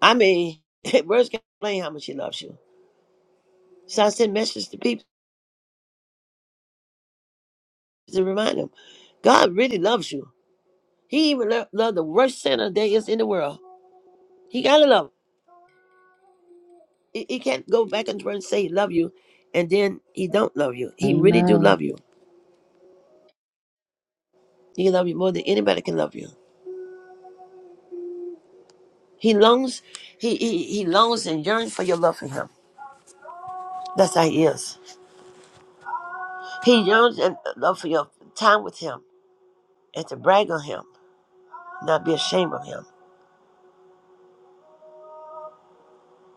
[SPEAKER 2] I mean, (laughs) words can't explain how much he loves you. So I send messages to people to remind them, God really loves you. He even lo- loved the worst sinner there is in the world. He gotta love. Him. He, he can't go back and try and say he love you, and then he don't love you. He really do love
[SPEAKER 4] Amen.
[SPEAKER 2] you. He love you more than anybody can love you. He longs, he he, he longs and yearns for your love for him. That's how he is. He yearns and love for your time with him and to brag on him. not be ashamed of him.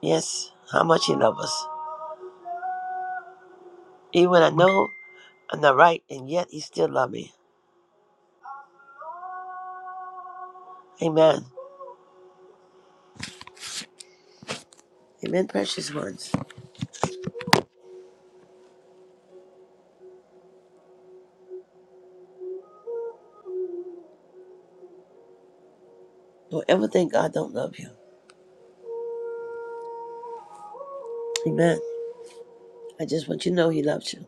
[SPEAKER 2] Yes, how much he loves us. Even when I know I'm not right, and yet he still loves me. Amen. Amen, precious ones. Don't ever think God don't love you. Amen. I just want you to know he loves you.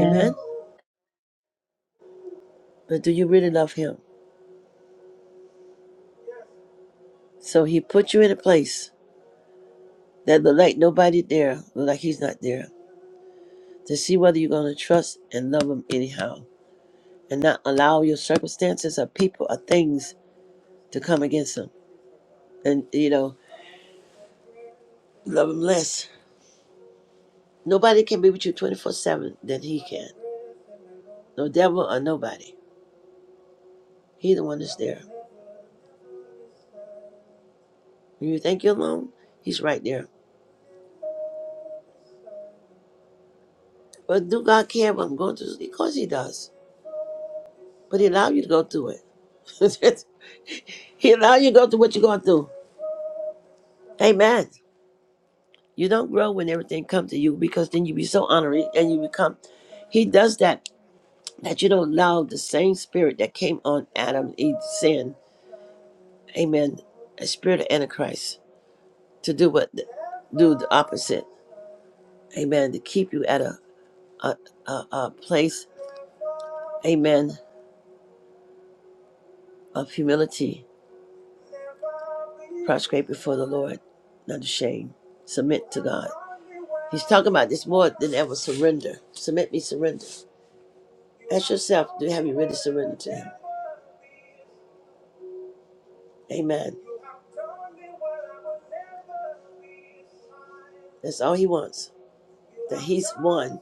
[SPEAKER 2] Amen. But do you really love him? So he put you in a place that look like nobody there, look like he's not there, to see whether you're going to trust and love him anyhow, and not allow your circumstances or people or things to come against him, and you know love him less. Nobody can be with you 24 7 than he can. No devil or nobody. He the one that's there. When you think you're alone, he's right there. But do God care what I'm going through? Of course he does. But he allow you to go through it. (laughs) he allow you to go through what you're going through. Amen. You don't grow when everything comes to you because then you be so honored and you become he does that that you don't allow the same spirit that came on Adam Eve sin. Amen. A spirit of Antichrist to do what do the opposite. amen, to keep you at a, a, a, a place, amen, of humility, prostrate before the Lord, not ashamed, submit to God. He's talking about this more than ever surrender. Submit me, surrender. Ask yourself, do have you really surrendered to Him? Amen. That's all He wants. That He's one,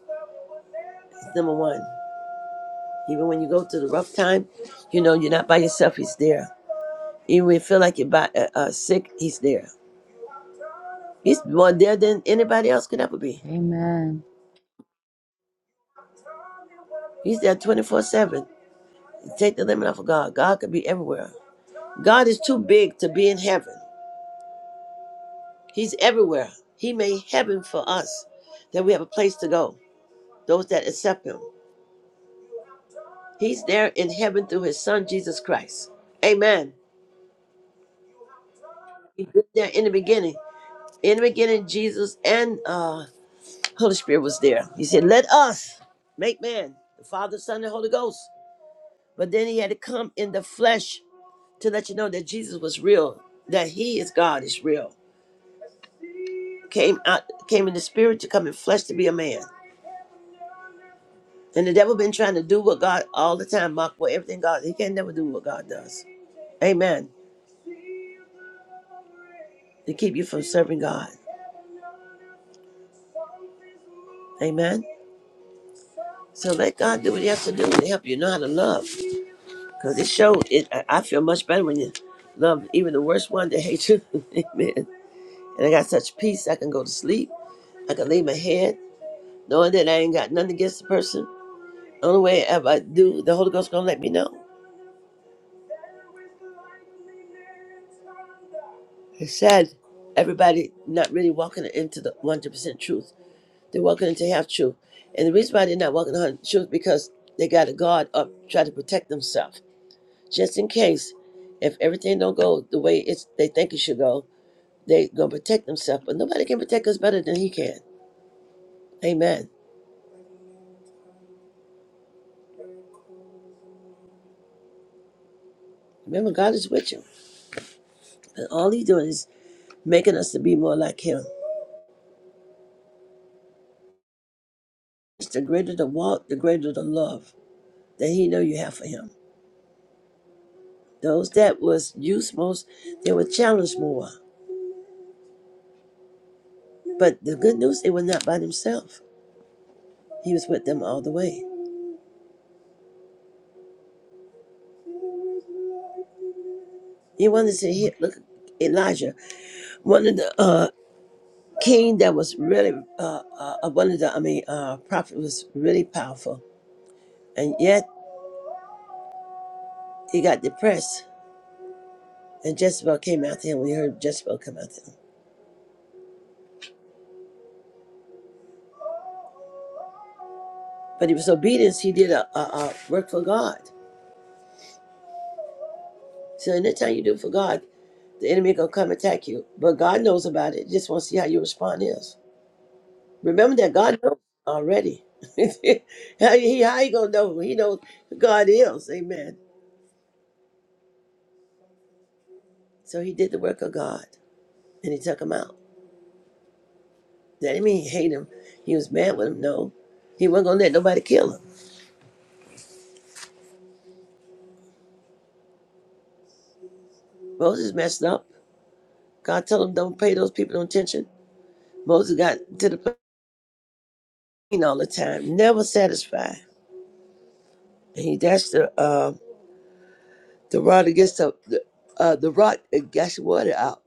[SPEAKER 2] He's number one. Even when you go through the rough time, you know you're not by yourself. He's there. Even when you feel like you're by, uh, uh, sick, He's there. He's more there than anybody else could ever be.
[SPEAKER 4] Amen.
[SPEAKER 2] He's there 24 7. Take the limit off of God. God could be everywhere. God is too big to be in heaven. He's everywhere. He made heaven for us, that we have a place to go, those that accept Him. He's there in heaven through His Son, Jesus Christ. Amen. He was there in the beginning. In the beginning, Jesus and uh, Holy Spirit was there. He said, Let us make man, the Father, Son, and Holy Ghost. But then He had to come in the flesh to let you know that Jesus was real, that He is God, is real. came out came in the spirit to come in flesh to be a man. And the devil been trying to do what God all the time, mock for everything God. He can never do what God does. Amen. To keep you from serving God. Amen. So let God do what He has to do to help you know how to love. Because it showed it. I I feel much better when you love even the worst one that hates you. (laughs) Amen. And I got such peace I can go to sleep. I can lay my head knowing that I ain't got nothing against the person. Only way ever I do, the Holy Ghost gonna let me know. He said everybody not really walking into the 100% truth. They're walking into half truth. And the reason why they're not walking on truth because they got a guard up try to protect themselves. Just in case, if everything don't go the way it's they think it should go, they going to protect themselves. But nobody can protect us better than he can. Amen. Remember, God is with you. And all he's doing is making us to be more like him. It's the greater the walk, the greater the love that he know you have for him. Those that was used most, they were challenged more. But the good news, it was not by himself. He was with them all the way. He wanted to hear, look, Elijah, one of the uh, king that was really, uh, uh, uh, one of the, I mean, uh, prophet was really powerful. And yet he got depressed and Jezebel came after him. We heard Jezebel come after him. But he was obedience. He did a, a, a work for God. So anytime you do for God, the enemy gonna come attack you. But God knows about it. Just want to see how your response is. Remember that God knows already. (laughs) how he how he gonna know? He knows who God is. Amen. So he did the work of God, and he took him out. That didn't mean he hated him. He was mad with him. No, he wasn't gonna let nobody kill him. Moses messed up. God told him don't pay those people no attention. Moses got to the plane all the time, never satisfied. And he dashed the uh, the rod against the the, uh, the rock and gashed water out,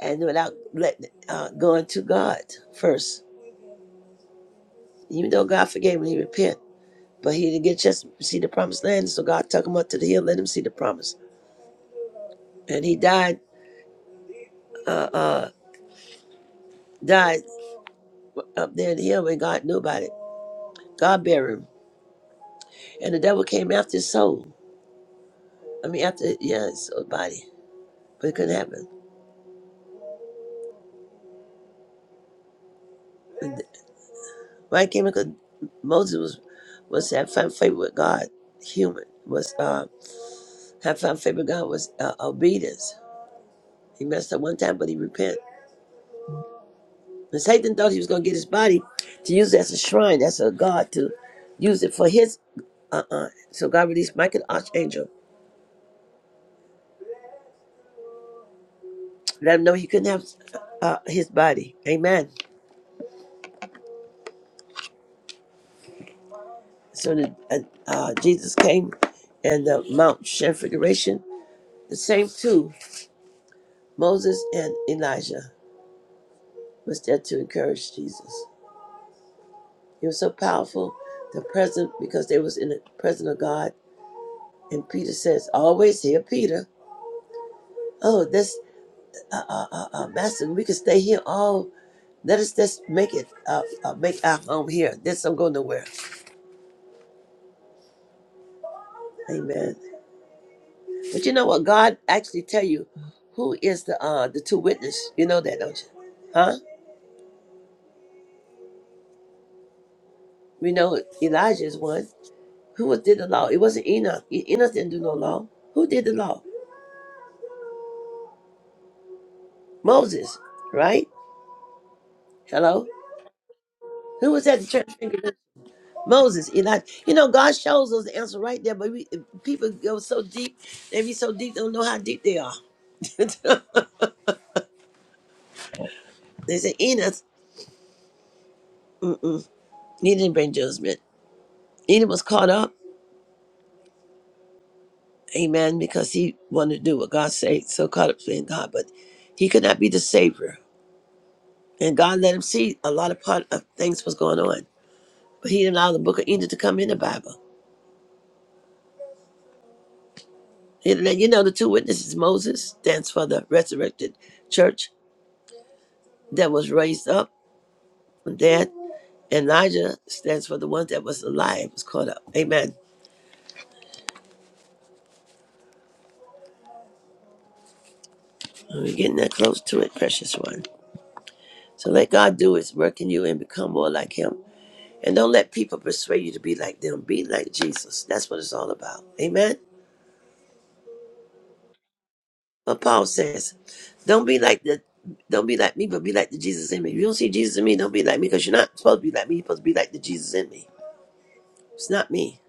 [SPEAKER 2] and without letting uh, going to God first. Even though God forgave him, he repented. But he didn't get a chance to see the promised land, so God took him up to the hill, let him see the promise. And he died, uh, uh, died up there in the hill, and God knew about it. God buried him, and the devil came after his soul. I mean, after yeah, his soul body, but it couldn't happen. And Why it came because Moses was was had found favor with God, human was uh, had found favor with God was uh, obedience. He messed up one time, but he repented. And Satan thought he was going to get his body to use it as a shrine, as a god, to use it for his. Uh uh So God released Michael the archangel, let him know he couldn't have uh, his body. Amen. So the, uh, uh, Jesus came and the Mount Transfiguration, the same two, Moses and Elijah, was there to encourage Jesus. It was so powerful, the present, because they was in the presence of God. And Peter says, always hear Peter. Oh, this uh, uh, uh, uh, Master, we could stay here all. Let us just make it, uh, uh, make our home here. This don't go nowhere. Amen. But you know what? God actually tell you who is the uh the two witness. You know that, don't you? Huh? We know Elijah is one. Who was did the law? It wasn't Enoch. E- Enoch didn't do no law. Who did the law? Moses, right? Hello. Who was at the church? Moses, Elijah. You know, God shows us the answer right there, but we people go so deep, they be so deep, they don't know how deep they are. (laughs) They said Enoch, mm-mm, he didn't bring judgment. Enoch was caught up, amen, because he wanted to do what God said, so caught up in God, but he could not be the savior. And God let him see a lot of part of things was going on. But he didn't allow the book of Enoch to come in the Bible. He didn't let- You know, the two witnesses, Moses stands for the resurrected church that was raised up from dead, and Elijah stands for the one that was alive, was caught up. Amen. We're getting that close to it, precious one. So let God do His work in you and become more like Him. And don't let people persuade you to be like them. Be like Jesus. That's what it's all about. Amen. But Paul says, "Don't be like the, don't be like me, but be like the Jesus in me. If you don't see Jesus in me, don't be like me, because you're not supposed to be like me. You're supposed to be like the Jesus in me. It's not me.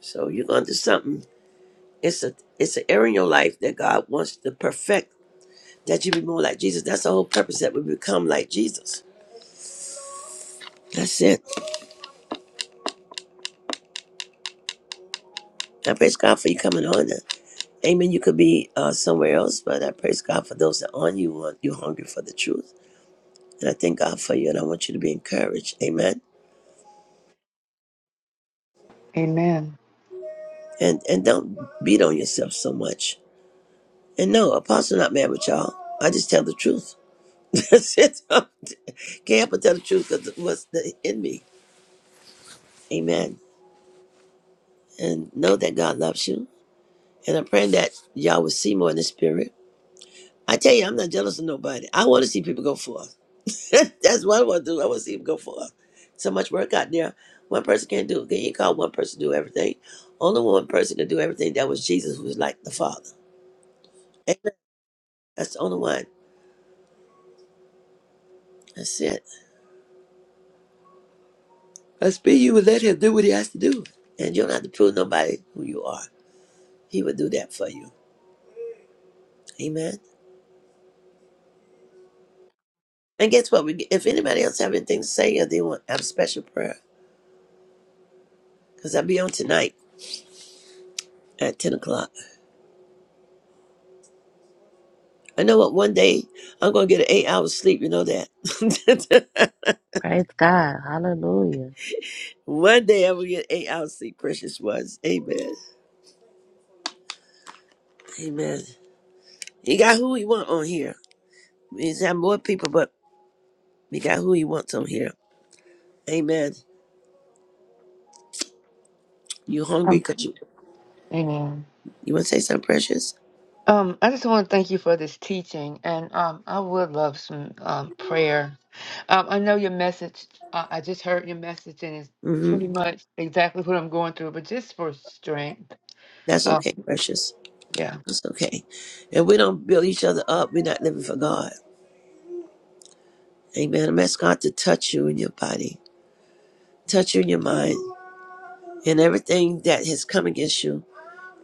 [SPEAKER 2] So you're going to do something. It's a it's an area in your life that God wants to perfect. That you be more like Jesus. That's the whole purpose. That we become like Jesus. That's it. I praise God for you coming on. Amen. You could be uh, somewhere else, but I praise God for those that are on you. want You're hungry for the truth. And I thank God for you, and I want you to be encouraged. Amen. And and don't beat on yourself so much. And no, Apostle not mad with y'all. I just tell the truth. (laughs) That's it. Can't help but tell the truth because what's the, in me. Amen. And know that God loves you. And I'm praying that y'all will see more in the spirit. I tell you, I'm not jealous of nobody. I want to see people go forth. (laughs) That's what I want to do. I want to see him go for far. So much work out there. One person can't do. it. Can you call one person to do everything? Only one person can do everything. That was Jesus, who was like the Father. Amen. That's the only one. That's it. Let's be you and let him do what he has to do. And you don't have to prove nobody who you are. He will do that for you. Amen. And guess what? We, if anybody else have anything to say or they want to have a special prayer, because I'll be on tonight at 10 o'clock. I know what one day I'm going to get an eight hours sleep. You know that. (laughs)
[SPEAKER 4] Praise God. Hallelujah.
[SPEAKER 2] One day I will get eight hours sleep, precious ones. Amen. Amen. He got who he want on here. We just have more people, but we got who he wants on here. Amen. You hungry because you,
[SPEAKER 7] Amen.
[SPEAKER 2] you want to say something precious?
[SPEAKER 7] Um, I just want to thank you for this teaching, and um, I would love some um, prayer. Um, I know your message. I, I just heard your message, and it's
[SPEAKER 2] Mm-hmm.
[SPEAKER 7] pretty much exactly what I'm going through. But just for strength.
[SPEAKER 2] That's
[SPEAKER 7] Um,
[SPEAKER 2] okay, precious.
[SPEAKER 7] yeah.
[SPEAKER 2] That's okay. If we don't build each other up, we're not living for God. Amen. I'm asking God to touch you in your body, touch you in your mind, and everything that has come against you,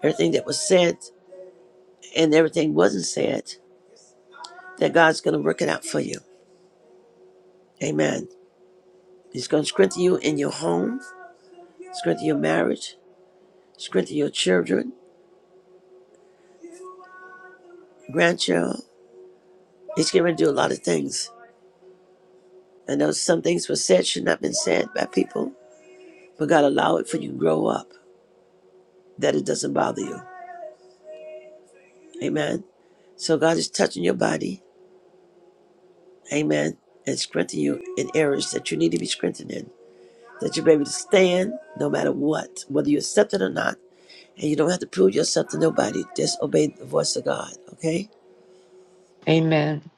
[SPEAKER 2] everything that was said and everything wasn't said, that God's going to work it out for you. Amen. He's going to strengthen you in your home, strengthen your marriage, strengthen your children, grandchild. He's going to do a lot of things. I know some things were said should not have been said by people, but God allow it for you to grow up, that it doesn't bother you. Amen. So God is touching your body. Amen. And strengthening you in areas that you need to be strengthened in. That you're able to stand no matter what, whether you accept it or not. And you don't have to prove yourself to nobody. Just obey the voice of God. Okay?
[SPEAKER 7] Amen.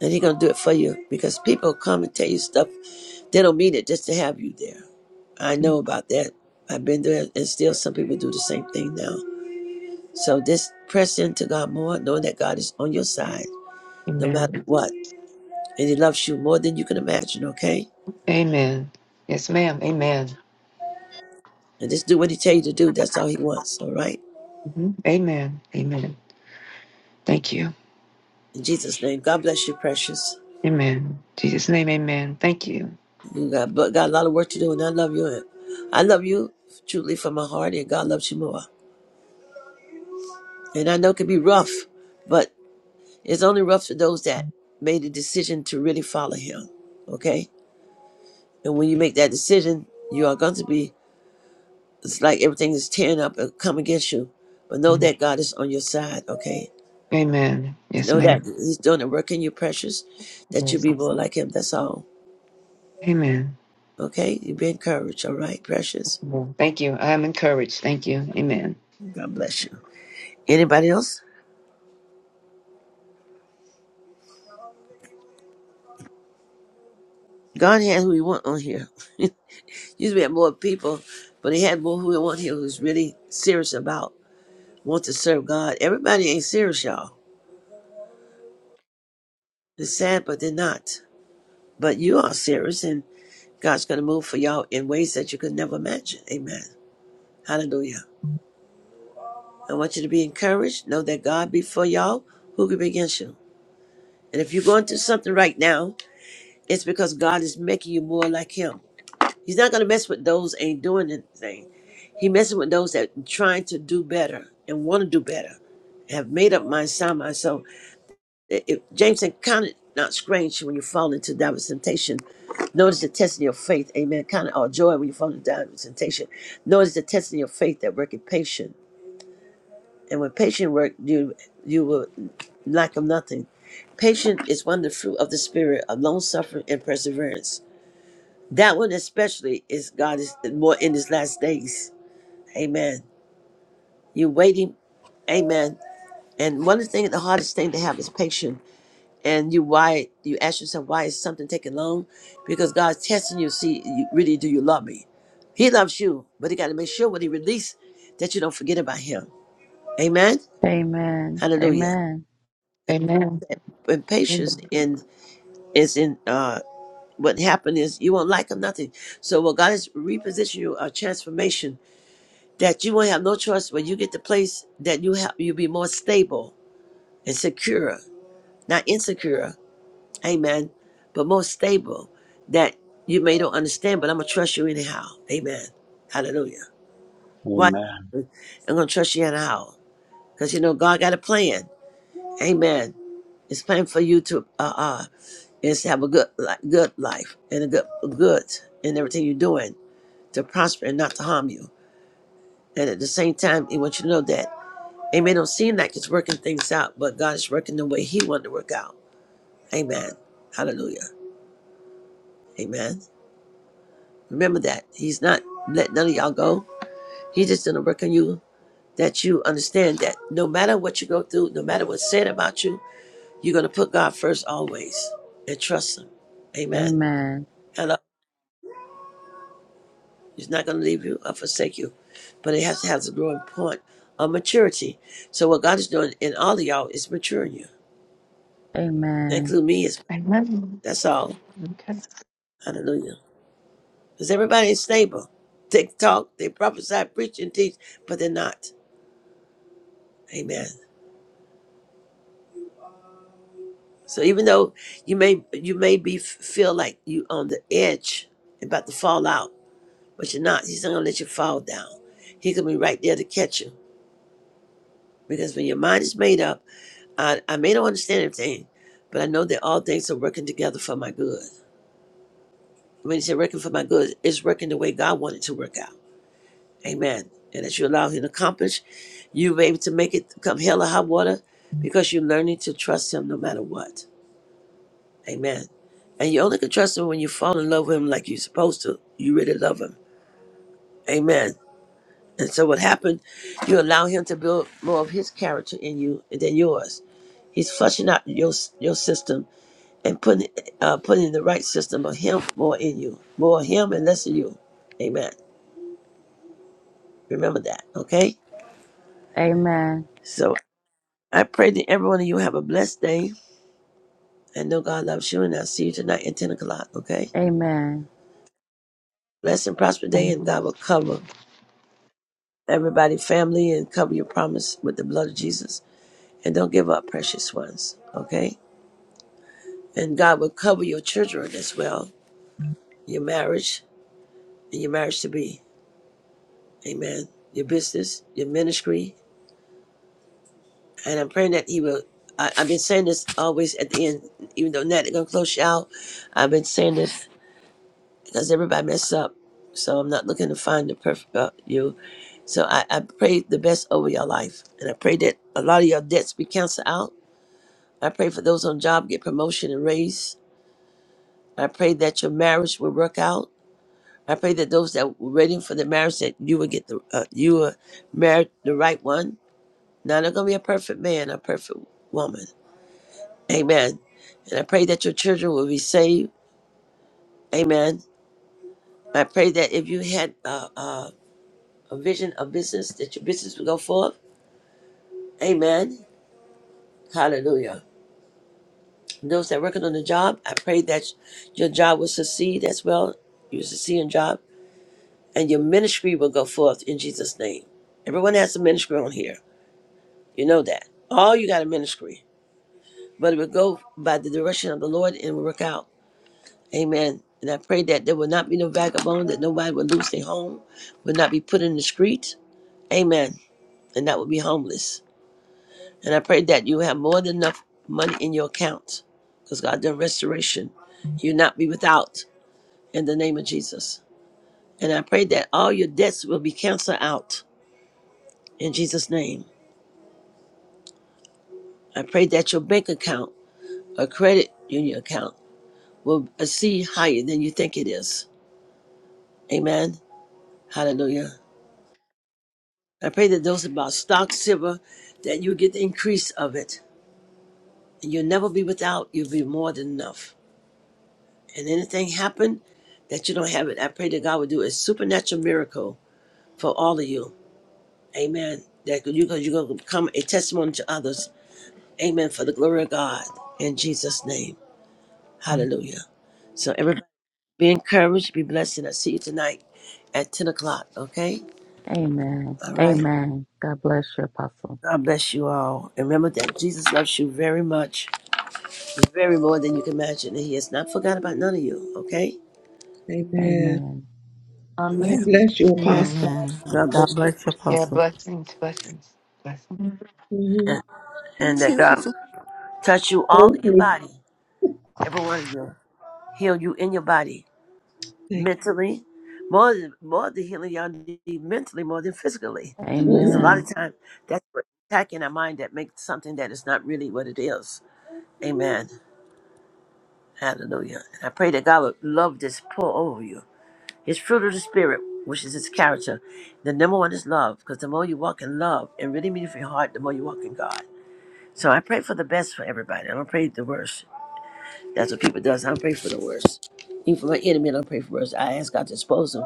[SPEAKER 2] And he gonna do it for you because people come and tell you stuff they don't mean it just to have you there. I know about that. I've been there and still some people do the same thing now. So just press into God more, knowing that God is on your side no matter
[SPEAKER 7] Amen.
[SPEAKER 2] what. And he loves you more than you can imagine, okay?
[SPEAKER 7] Amen. Yes, ma'am. Amen.
[SPEAKER 2] And just do what he tell you to do. That's all he wants, all right?
[SPEAKER 7] Mhm. Amen. Amen. Thank you.
[SPEAKER 2] In Jesus' name, God bless you, precious.
[SPEAKER 7] Amen. Jesus' name, amen. Thank you.
[SPEAKER 2] You got but got a lot of work to do and I love you. And I love you truly from my heart and God loves you more. And I know it can be rough, but It's only rough for those that made a decision to really follow him. Okay? And when you make that decision, you are going to be, it's like everything is tearing up and come against you. But know
[SPEAKER 7] Mhm.
[SPEAKER 2] that God is on your side, okay?
[SPEAKER 7] Amen.
[SPEAKER 2] And
[SPEAKER 7] Yes,
[SPEAKER 2] know that
[SPEAKER 7] ma'am.
[SPEAKER 2] He's doing the work in you, precious, that you
[SPEAKER 7] Yes.
[SPEAKER 2] be more like Him. That's all.
[SPEAKER 7] Amen.
[SPEAKER 2] Okay? You be encouraged, all right, precious?
[SPEAKER 7] Amen. Thank you. I am encouraged. Thank you. Amen.
[SPEAKER 2] God bless you. Anybody else? God had who He want on here. (laughs) Used to have more people, but He had more who He want here who's really serious about want to serve God. Everybody ain't serious, y'all. They're sad, but they're not. But you are serious, and God's going to move for y'all in ways that you could never imagine. Amen. Hallelujah. I want you to be encouraged. Know that God be for y'all. Who could be against you? And if you're going through something right now, it's because God is making you more like Him. He's not going to mess with those ain't doing anything. He messes with those that trying to do better and want to do better, have made up my mind, sound myself. It- it- James said, Count it not strange when you fall into diverse temptation. Notice the test in your faith. Amen. Count it all joy when you fall into diverse temptation. Notice the test in your faith that worketh patience. And when patient work, you you will lack of nothing. Patience is one of the fruit of the spirit of long suffering and perseverance. That one especially is God is more in his last days. Amen. You're waiting. Amen. And one of the things, the hardest thing to have is patience and you why you ask yourself why is something taking long because god's testing you see you, really do you love me he loves you but he got to make sure when he release that you don't forget about him amen
[SPEAKER 4] Amen.
[SPEAKER 2] hallelujah
[SPEAKER 4] Amen.
[SPEAKER 2] That-
[SPEAKER 7] Amen.
[SPEAKER 2] that- in is in uh what happened is you won't like him nothing so what god is repositioning you a transformation that you won't have no choice when you get the place that you have you'll be more stable and secure not insecure Amen. But more stable that you may don't understand, but I'm gonna trust you anyhow. Amen. Hallelujah. Why?
[SPEAKER 8] Amen.
[SPEAKER 2] I'm gonna trust you anyhow because you know God got a plan. Amen. It's plan for you to uh uh is to have a good li- good life and a good good in everything you're doing to prosper and not to harm you. And at the same time, He wants you to know that. It may don't seem like it's working things out, but God is working the way He wanted to work out. Amen. Hallelujah. Amen. Remember that. He's not letting none of y'all go. He's just gonna work on you that you understand that no matter what you go through, no matter what's said about you, you're gonna put God first always and trust him. Amen.
[SPEAKER 4] Amen.
[SPEAKER 2] Hello. He's not gonna leave you or forsake you. But it has to have the growing point of maturity. So what God is doing in all of y'all is maturing you. That
[SPEAKER 4] Amen.
[SPEAKER 2] include me as well.
[SPEAKER 7] Amen.
[SPEAKER 2] That's all.
[SPEAKER 7] Okay.
[SPEAKER 2] Hallelujah. Because everybody is stable. They talk, they prophesy, preach and teach, but they're not. Amen. So even though you may you may be feel like you on the edge and about to fall out, but you're not. He's not gonna let you fall down. He could be right there to catch you. Because when your mind is made up, I, I may not understand everything, but I know that all things are working together for my good. When he said working for my good, it's working the way God wanted to work out. Amen. And as you allow him to accomplish, you'll able to make it come hell or high water because you're learning to trust him no matter what. Amen. And you only can trust him when you fall in love with him like you're supposed to. You really love him. Amen. And so what happened, you allow him to build more of his character in you than yours. He's flushing out your your system and putting uh, putting in the right system of him more in you. More of him and less of you. Amen. Remember that, okay?
[SPEAKER 4] Amen.
[SPEAKER 2] So I pray that every one of you have a blessed day. I know God loves you, and I'll see you tonight at 10 o'clock, okay?
[SPEAKER 4] Amen.
[SPEAKER 2] Bless and prosper day, and
[SPEAKER 7] Um,
[SPEAKER 2] God will cover everybody, family, and cover your promise with the blood of Jesus. And don't give up, precious ones. Okay? And God will cover your children as well, your marriage, and your marriage to be. Amen. Your business, your ministry. And I'm praying that He will. I, I've been saying this always at the end, even though now they're going to close you out. I've been saying this because everybody mess up. So I'm not looking to find the perfect uh, you. So I, I pray the best over your life. And I pray that a lot of your debts be canceled out I pray for those on job get promotion and raise. I pray that your marriage will work out. I pray that those that were waiting for the marriage that you will get the uh, you will marry the right one. Now not gonna be a perfect man, a perfect woman. Amen. And I pray that your children will be saved. Amen. I pray that if you had uh, uh, a vision of business, that your business will go forth. Amen. Hallelujah. Those that are working on the job, I pray that your job will succeed as well. You succeed in job. and your ministry will go forth in Jesus' name. Everyone has a ministry on here. You know that. All you got a ministry, but it will go by the direction of the Lord and will work out. Amen. And I pray that there will not be no vagabond, that nobody will lose their home, will not be put in the street. Amen. And that will be homeless. And I pray that you have more than enough money in your account because God done restoration. You not be without in the name of Jesus. And I pray that all your debts will be canceled out in Jesus' name I pray that your bank account or credit union account will exceed higher than you think it is. Amen. Hallelujah. I pray that those about stock, silver, that you get the increase of it. And you'll never be without, you'll be more than enough. And anything happen that you don't have it, I pray that God will do a supernatural miracle for all of you. Amen. That you you're going to become a testimony to others. Amen. For the glory of God. In Jesus' name. Hallelujah. So everybody. Be encouraged, be blessed, and I'll see you tonight at 10 o'clock, okay?
[SPEAKER 4] Amen.
[SPEAKER 2] All right.
[SPEAKER 4] Amen. God bless you, Apostle.
[SPEAKER 2] God bless you all. And remember that Jesus loves you very much, very more than you can imagine. And He has not forgotten about none of you, okay?
[SPEAKER 6] Amen.
[SPEAKER 4] Amen.
[SPEAKER 2] Oh,
[SPEAKER 6] God
[SPEAKER 2] yeah.
[SPEAKER 7] Amen.
[SPEAKER 6] bless you,
[SPEAKER 7] Amen.
[SPEAKER 6] Apostle.
[SPEAKER 3] Amen.
[SPEAKER 2] God
[SPEAKER 3] God
[SPEAKER 2] bless you.
[SPEAKER 3] bless you,
[SPEAKER 7] Yeah,
[SPEAKER 3] Apostle.
[SPEAKER 7] blessings, blessings, blessings.
[SPEAKER 6] hmm
[SPEAKER 2] And, and
[SPEAKER 1] Let's see
[SPEAKER 2] that
[SPEAKER 1] if
[SPEAKER 2] God touch you all
[SPEAKER 6] Thank
[SPEAKER 2] in your
[SPEAKER 6] you.
[SPEAKER 2] body, every one of you. Heal you in your body,
[SPEAKER 6] Thank you.
[SPEAKER 2] mentally, more than, more than healing y'all need mentally, more than physically. Because a
[SPEAKER 6] Mhm.
[SPEAKER 2] lot
[SPEAKER 1] Amen.
[SPEAKER 4] Amen.
[SPEAKER 2] of time, that's what attacking our mind that makes something that is not really what it is. Amen. Hallelujah. And I pray that God would love this pour over you. His fruit of the Spirit, which is His character. The number one is love, because the more you walk in love and really mean it from your heart, the more you walk in God. So I pray for the best for everybody. I don't pray the worst. That's what people does. I don't pray for the worst. Even for my enemy, I don't pray for worst. I ask God to expose them,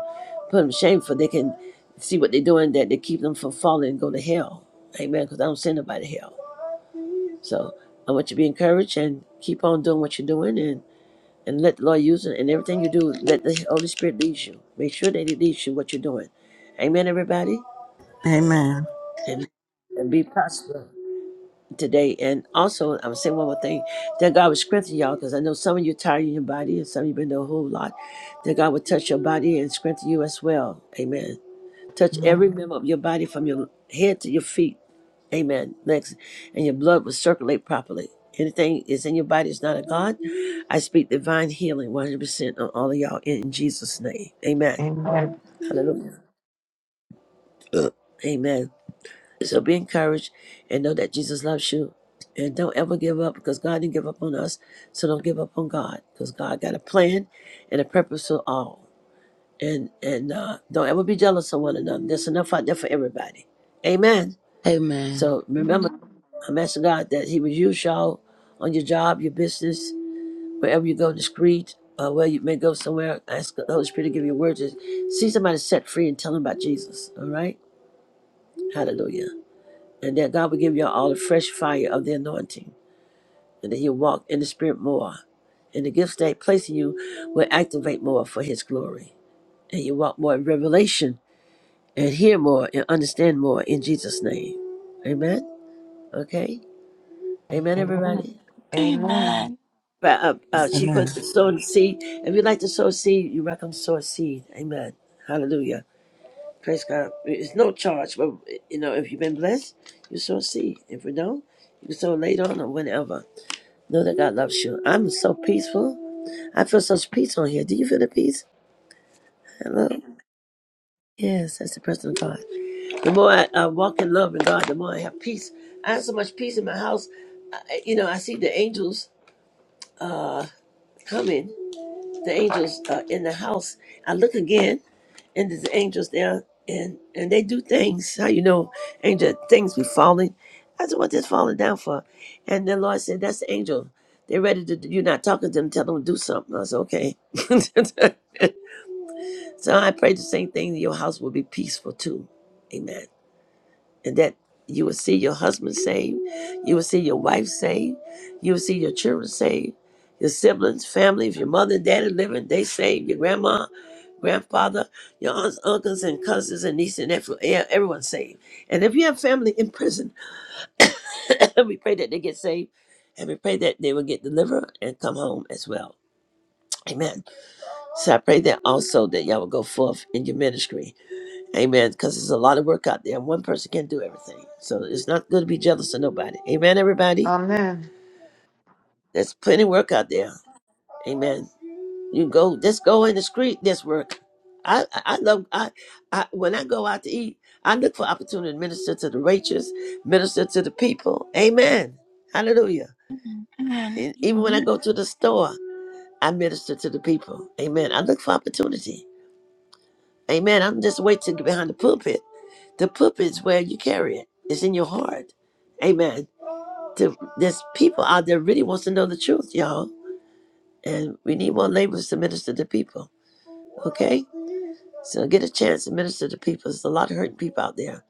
[SPEAKER 2] put them to shame, for they can see what they're doing, that they keep them from falling and go to hell. Amen. Because I don't send nobody to hell. So I want you to be encouraged and keep on doing what you're doing And and let the Lord use it. And everything you do, let the Holy Spirit lead you. Make sure that He leads you what you're doing. Amen, everybody.
[SPEAKER 3] Amen.
[SPEAKER 2] And, and be prosperous today. And also, I'm saying one more thing that God will strengthen y'all because I know some of you are tired in your body and some of you been doing a whole lot. That God will touch your body and strengthen you as well. Amen. Touch
[SPEAKER 7] Amen.
[SPEAKER 2] every member of your body from your head to your feet. Amen. Next. And your blood will circulate properly. Anything is in your body is not a God. I speak divine healing 100% on all of y'all in Jesus' name. Amen.
[SPEAKER 7] Amen.
[SPEAKER 2] Hallelujah. (clears throat) Uh, Amen. So be encouraged and know that Jesus loves you. And don't ever give up because God didn't give up on us. So don't give up on God because God got a plan and a purpose for all. And and uh, don't ever be jealous of one another. There's enough out there for everybody. Amen.
[SPEAKER 4] Amen.
[SPEAKER 2] So remember,
[SPEAKER 7] Amen.
[SPEAKER 2] I'm asking God that He would use y'all on your job, your business, wherever you go in the street, or where you may go somewhere. Ask the Holy Spirit to give you words. to See somebody set free and tell them about Jesus. All right? Hallelujah. And that God will give y'all all the fresh fire of the anointing, and that He'll walk in the Spirit more. And the gifts that He placed in you will activate more for His glory. And you walk more in revelation and hear more and understand more in Jesus' name. Amen? Okay? Amen,
[SPEAKER 7] Amen.
[SPEAKER 2] everybody?
[SPEAKER 1] Amen.
[SPEAKER 2] Uh, uh, she's
[SPEAKER 3] Amen.
[SPEAKER 2] going to sow the seed. If you like to sow seed, you welcome to sow a seed. Amen. Hallelujah. Praise God. It's no charge, but you know, if you've been blessed, you sow a seed. If you don't, you sow later on or whenever. Know that God loves you. I'm so peaceful. I feel such peace on here. Do you feel the peace? Hello? Yes, that's the presence of God. The more I uh, walk in love in God, the more I have peace. I have so much peace in my house. I, you know, I see the angels uh, coming. the angels uh, in the house. I look again, and there's angels there, and and they do things. How you know, angel things be falling. I said, what they're falling down for. And the Lord said, "That's the angel. They're ready to. You're not talking to them. Tell them to do something." I said, "Okay." (laughs) so I pray the same thing. Your house will be peaceful too. Amen and that you will see your husband saved, you will see your wife saved, you will see your children saved, your siblings, family, if your mother and daddy living, they saved, your grandma, grandfather, your aunts, uncles, and cousins, and nieces, and nephew, yeah, everyone saved. And if you have family in prison, (coughs) we pray that they get saved, and we pray that they will get delivered and come home as well. Amen. So I pray that also that y'all will go forth in your ministry Amen. Because there's a lot of work out there. One person can't do everything. So it's not good to be jealous of nobody. Amen, everybody.
[SPEAKER 7] Amen.
[SPEAKER 2] There's plenty of work out there. Amen. You go, just go in the street. There's work. I, I I love I, I when I go out to eat, I look for opportunity to minister to the righteous, minister to the people. Amen. Hallelujah.
[SPEAKER 1] Amen. Amen.
[SPEAKER 2] And even when I go to the store, I minister to the people. Amen. I look for opportunity. Amen. I'm just waiting behind the pulpit. The pulpit's where you carry it. It's in your heart. Amen. To, there's people out there really wants to know the truth, y'all. And we need more laborers to minister to people. Okay? So get a chance to minister to people. There's a lot of hurting people out there.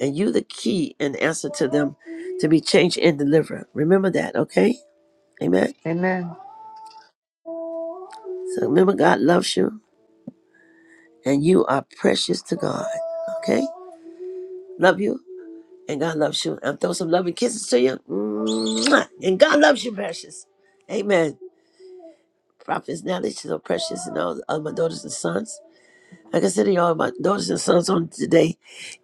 [SPEAKER 2] And you the key and answer to them to be changed and delivered. Remember that, okay? Amen.
[SPEAKER 7] Amen.
[SPEAKER 2] So remember God loves you and you are precious to God. Okay? Love you. And God loves you. I'm throwing some loving kisses to you. Mwah. And God loves you, precious. Amen. Prophets, Nelly, she's so precious, and all of my daughters and sons. I consider y'all my daughters and sons on today.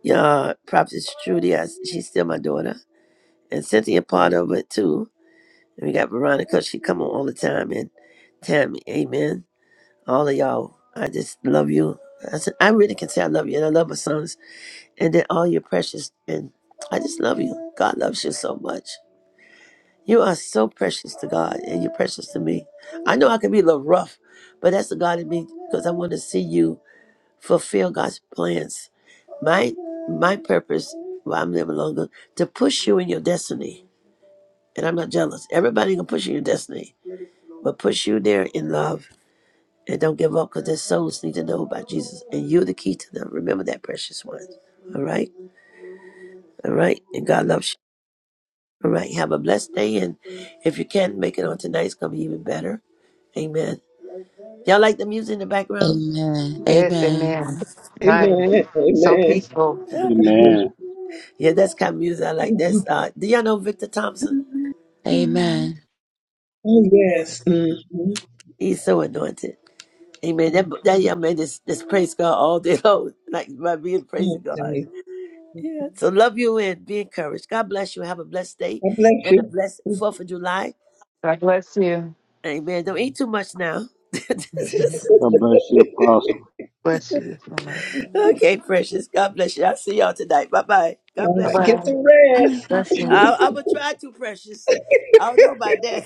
[SPEAKER 2] Yeah, Prophetess Trudy, I, she's still my daughter. And Cynthia part of it too. And we got Veronica, she come on all the time. And Tammy, amen. All of y'all, I just love you. I, said, I really can say I love you, and I love my sons. And then all your precious, and I just love you. God loves you so much. You are so precious to God, and you're precious to me. I know I can be a little rough, but that's the God in me because I want to see you fulfill God's plans. My my purpose while I'm living longer to push you in your destiny, and I'm not jealous. Everybody can push you in your destiny, but push you there in love and don't give up because their souls need to know about Jesus, and you're the key to them. Remember that, precious one. All right, all right, and God loves you. All right, have a blessed day, and if you can make it on tonight, it's gonna be even better. Amen. Y'all like the music in the background?
[SPEAKER 4] Amen.
[SPEAKER 7] Yes,
[SPEAKER 4] Amen.
[SPEAKER 7] amen. Nice.
[SPEAKER 6] Amen.
[SPEAKER 7] So
[SPEAKER 6] Amen.
[SPEAKER 7] peaceful.
[SPEAKER 6] (laughs)
[SPEAKER 8] Amen.
[SPEAKER 2] Yeah, that's kind of music I like. That's uh do y'all know Victor Thompson?
[SPEAKER 1] Amen. Amen.
[SPEAKER 4] Amen.
[SPEAKER 6] oh,
[SPEAKER 2] Yes.
[SPEAKER 6] yes. Mm-hmm.
[SPEAKER 2] He's so anointed. Amen. That that
[SPEAKER 6] Mm-hmm.
[SPEAKER 2] young man just, just praise God all day (laughs) long. Like by being praising God.
[SPEAKER 6] Okay.
[SPEAKER 2] Yeah. So love you and be encouraged. God bless you. Have a blessed day
[SPEAKER 6] God bless
[SPEAKER 2] and a
[SPEAKER 6] you.
[SPEAKER 2] blessed fourth of July.
[SPEAKER 7] God bless you.
[SPEAKER 2] Amen. Don't eat too much now. (laughs)
[SPEAKER 7] Mhm.
[SPEAKER 8] God bless you, Apostle.
[SPEAKER 7] Bless you so much.
[SPEAKER 2] okay, precious. God bless you. I'll see y'all tonight. Bye bye. God
[SPEAKER 6] All
[SPEAKER 7] Bye
[SPEAKER 2] bless
[SPEAKER 6] right. Get
[SPEAKER 2] y'all.
[SPEAKER 7] bye.
[SPEAKER 6] some
[SPEAKER 1] Amen.
[SPEAKER 6] rest.
[SPEAKER 1] Bless you.
[SPEAKER 7] Blessings.
[SPEAKER 2] I, I will try to, precious. I don't know about that.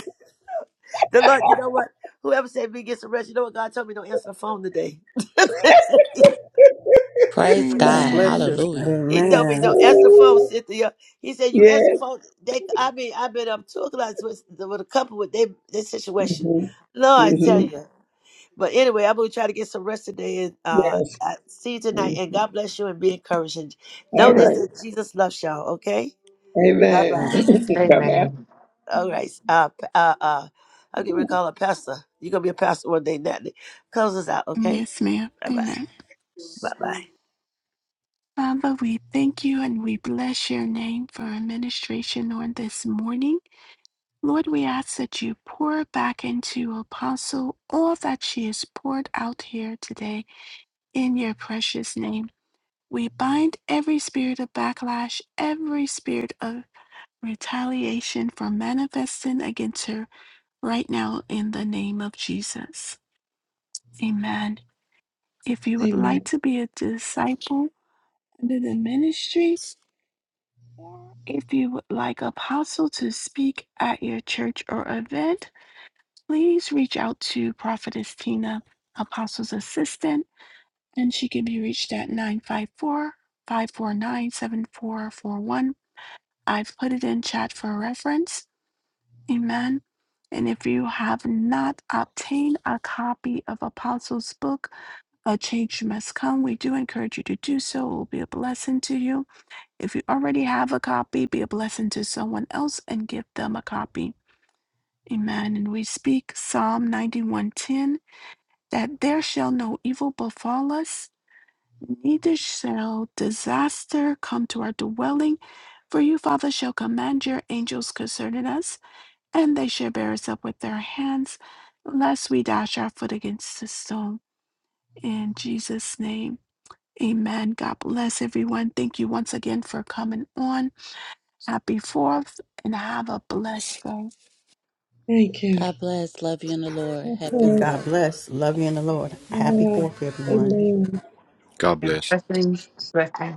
[SPEAKER 2] The Lord, you know what? Whoever said me get some rest, you know what God told me? Don't answer the phone today. (laughs)
[SPEAKER 4] Praise
[SPEAKER 3] God
[SPEAKER 4] God.
[SPEAKER 3] bless
[SPEAKER 1] Amen.
[SPEAKER 3] you.
[SPEAKER 4] Hallelujah.
[SPEAKER 2] he told me
[SPEAKER 3] Amen.
[SPEAKER 2] don't answer the phone,
[SPEAKER 6] Oh,
[SPEAKER 2] Cynthia. He said you answer the
[SPEAKER 6] yes.
[SPEAKER 2] phone. They, I mean, I've been up two o'clock with, with a couple with they their situation.
[SPEAKER 6] Mm-hmm.
[SPEAKER 2] Lord, I tell
[SPEAKER 6] Mm-hmm.
[SPEAKER 2] you. But anyway, I'm gonna try to get some rest today and uh,
[SPEAKER 6] Yes.
[SPEAKER 2] I see you tonight.
[SPEAKER 6] Mhm.
[SPEAKER 2] And God bless you and be encouraged. And
[SPEAKER 6] All
[SPEAKER 2] know this
[SPEAKER 6] right.
[SPEAKER 2] that Jesus loves y'all. Okay, bye
[SPEAKER 6] Amen. (laughs)
[SPEAKER 2] bye.
[SPEAKER 3] And
[SPEAKER 1] Amen.
[SPEAKER 6] Bye-bye.
[SPEAKER 7] Amen.
[SPEAKER 2] All right, uh, p- uh, uh, I'll get ready to call a pastor. You're gonna be a pastor one day, Natalie. Close us out, okay?
[SPEAKER 1] Yes, ma'am.
[SPEAKER 2] Bye bye.
[SPEAKER 1] Amen.
[SPEAKER 2] Bye bye.
[SPEAKER 1] Father, we thank you and we bless your name for our administration on this morning. Lord, we ask that you pour back into Apostle all that she has poured out here today. In your precious name, we bind every spirit of backlash, every spirit of retaliation from manifesting against her right now in the name of Jesus. Amen. If you would like
[SPEAKER 6] Amen.
[SPEAKER 1] to be a disciple under the ministry, or if you would like apostle to speak at your church or event, please reach out to Prophetess Tina, Apostle's assistant and she can be reached at nine five four five four nine, seven four four one. I've put it in chat for reference. Amen. And if you have not obtained a copy of Apostles' book, A Change Must Come, we do encourage you to do so. It will be a blessing to you. If you already have a copy, be a blessing to someone else and give them a copy. Amen. And we speak Psalm 91:10 that there shall no evil befall us Neither shall disaster come to our dwelling, for you, Father, shall command your angels concerning us, and they shall bear us up with their hands, lest we dash our foot against a stone. In Jesus' name, amen. God bless everyone. Thank you once again for coming on. Happy 4th, and have a blessed day.
[SPEAKER 6] Thank you.
[SPEAKER 4] God bless. Love you in the Lord. Happy
[SPEAKER 6] Yes.
[SPEAKER 4] fourth.
[SPEAKER 3] God bless. Love you in the Lord. Happy
[SPEAKER 6] Yeah.
[SPEAKER 3] fourth, everyone.
[SPEAKER 6] Amen.
[SPEAKER 5] God
[SPEAKER 7] Yeah.
[SPEAKER 5] bless.
[SPEAKER 7] Blessings. Blessings.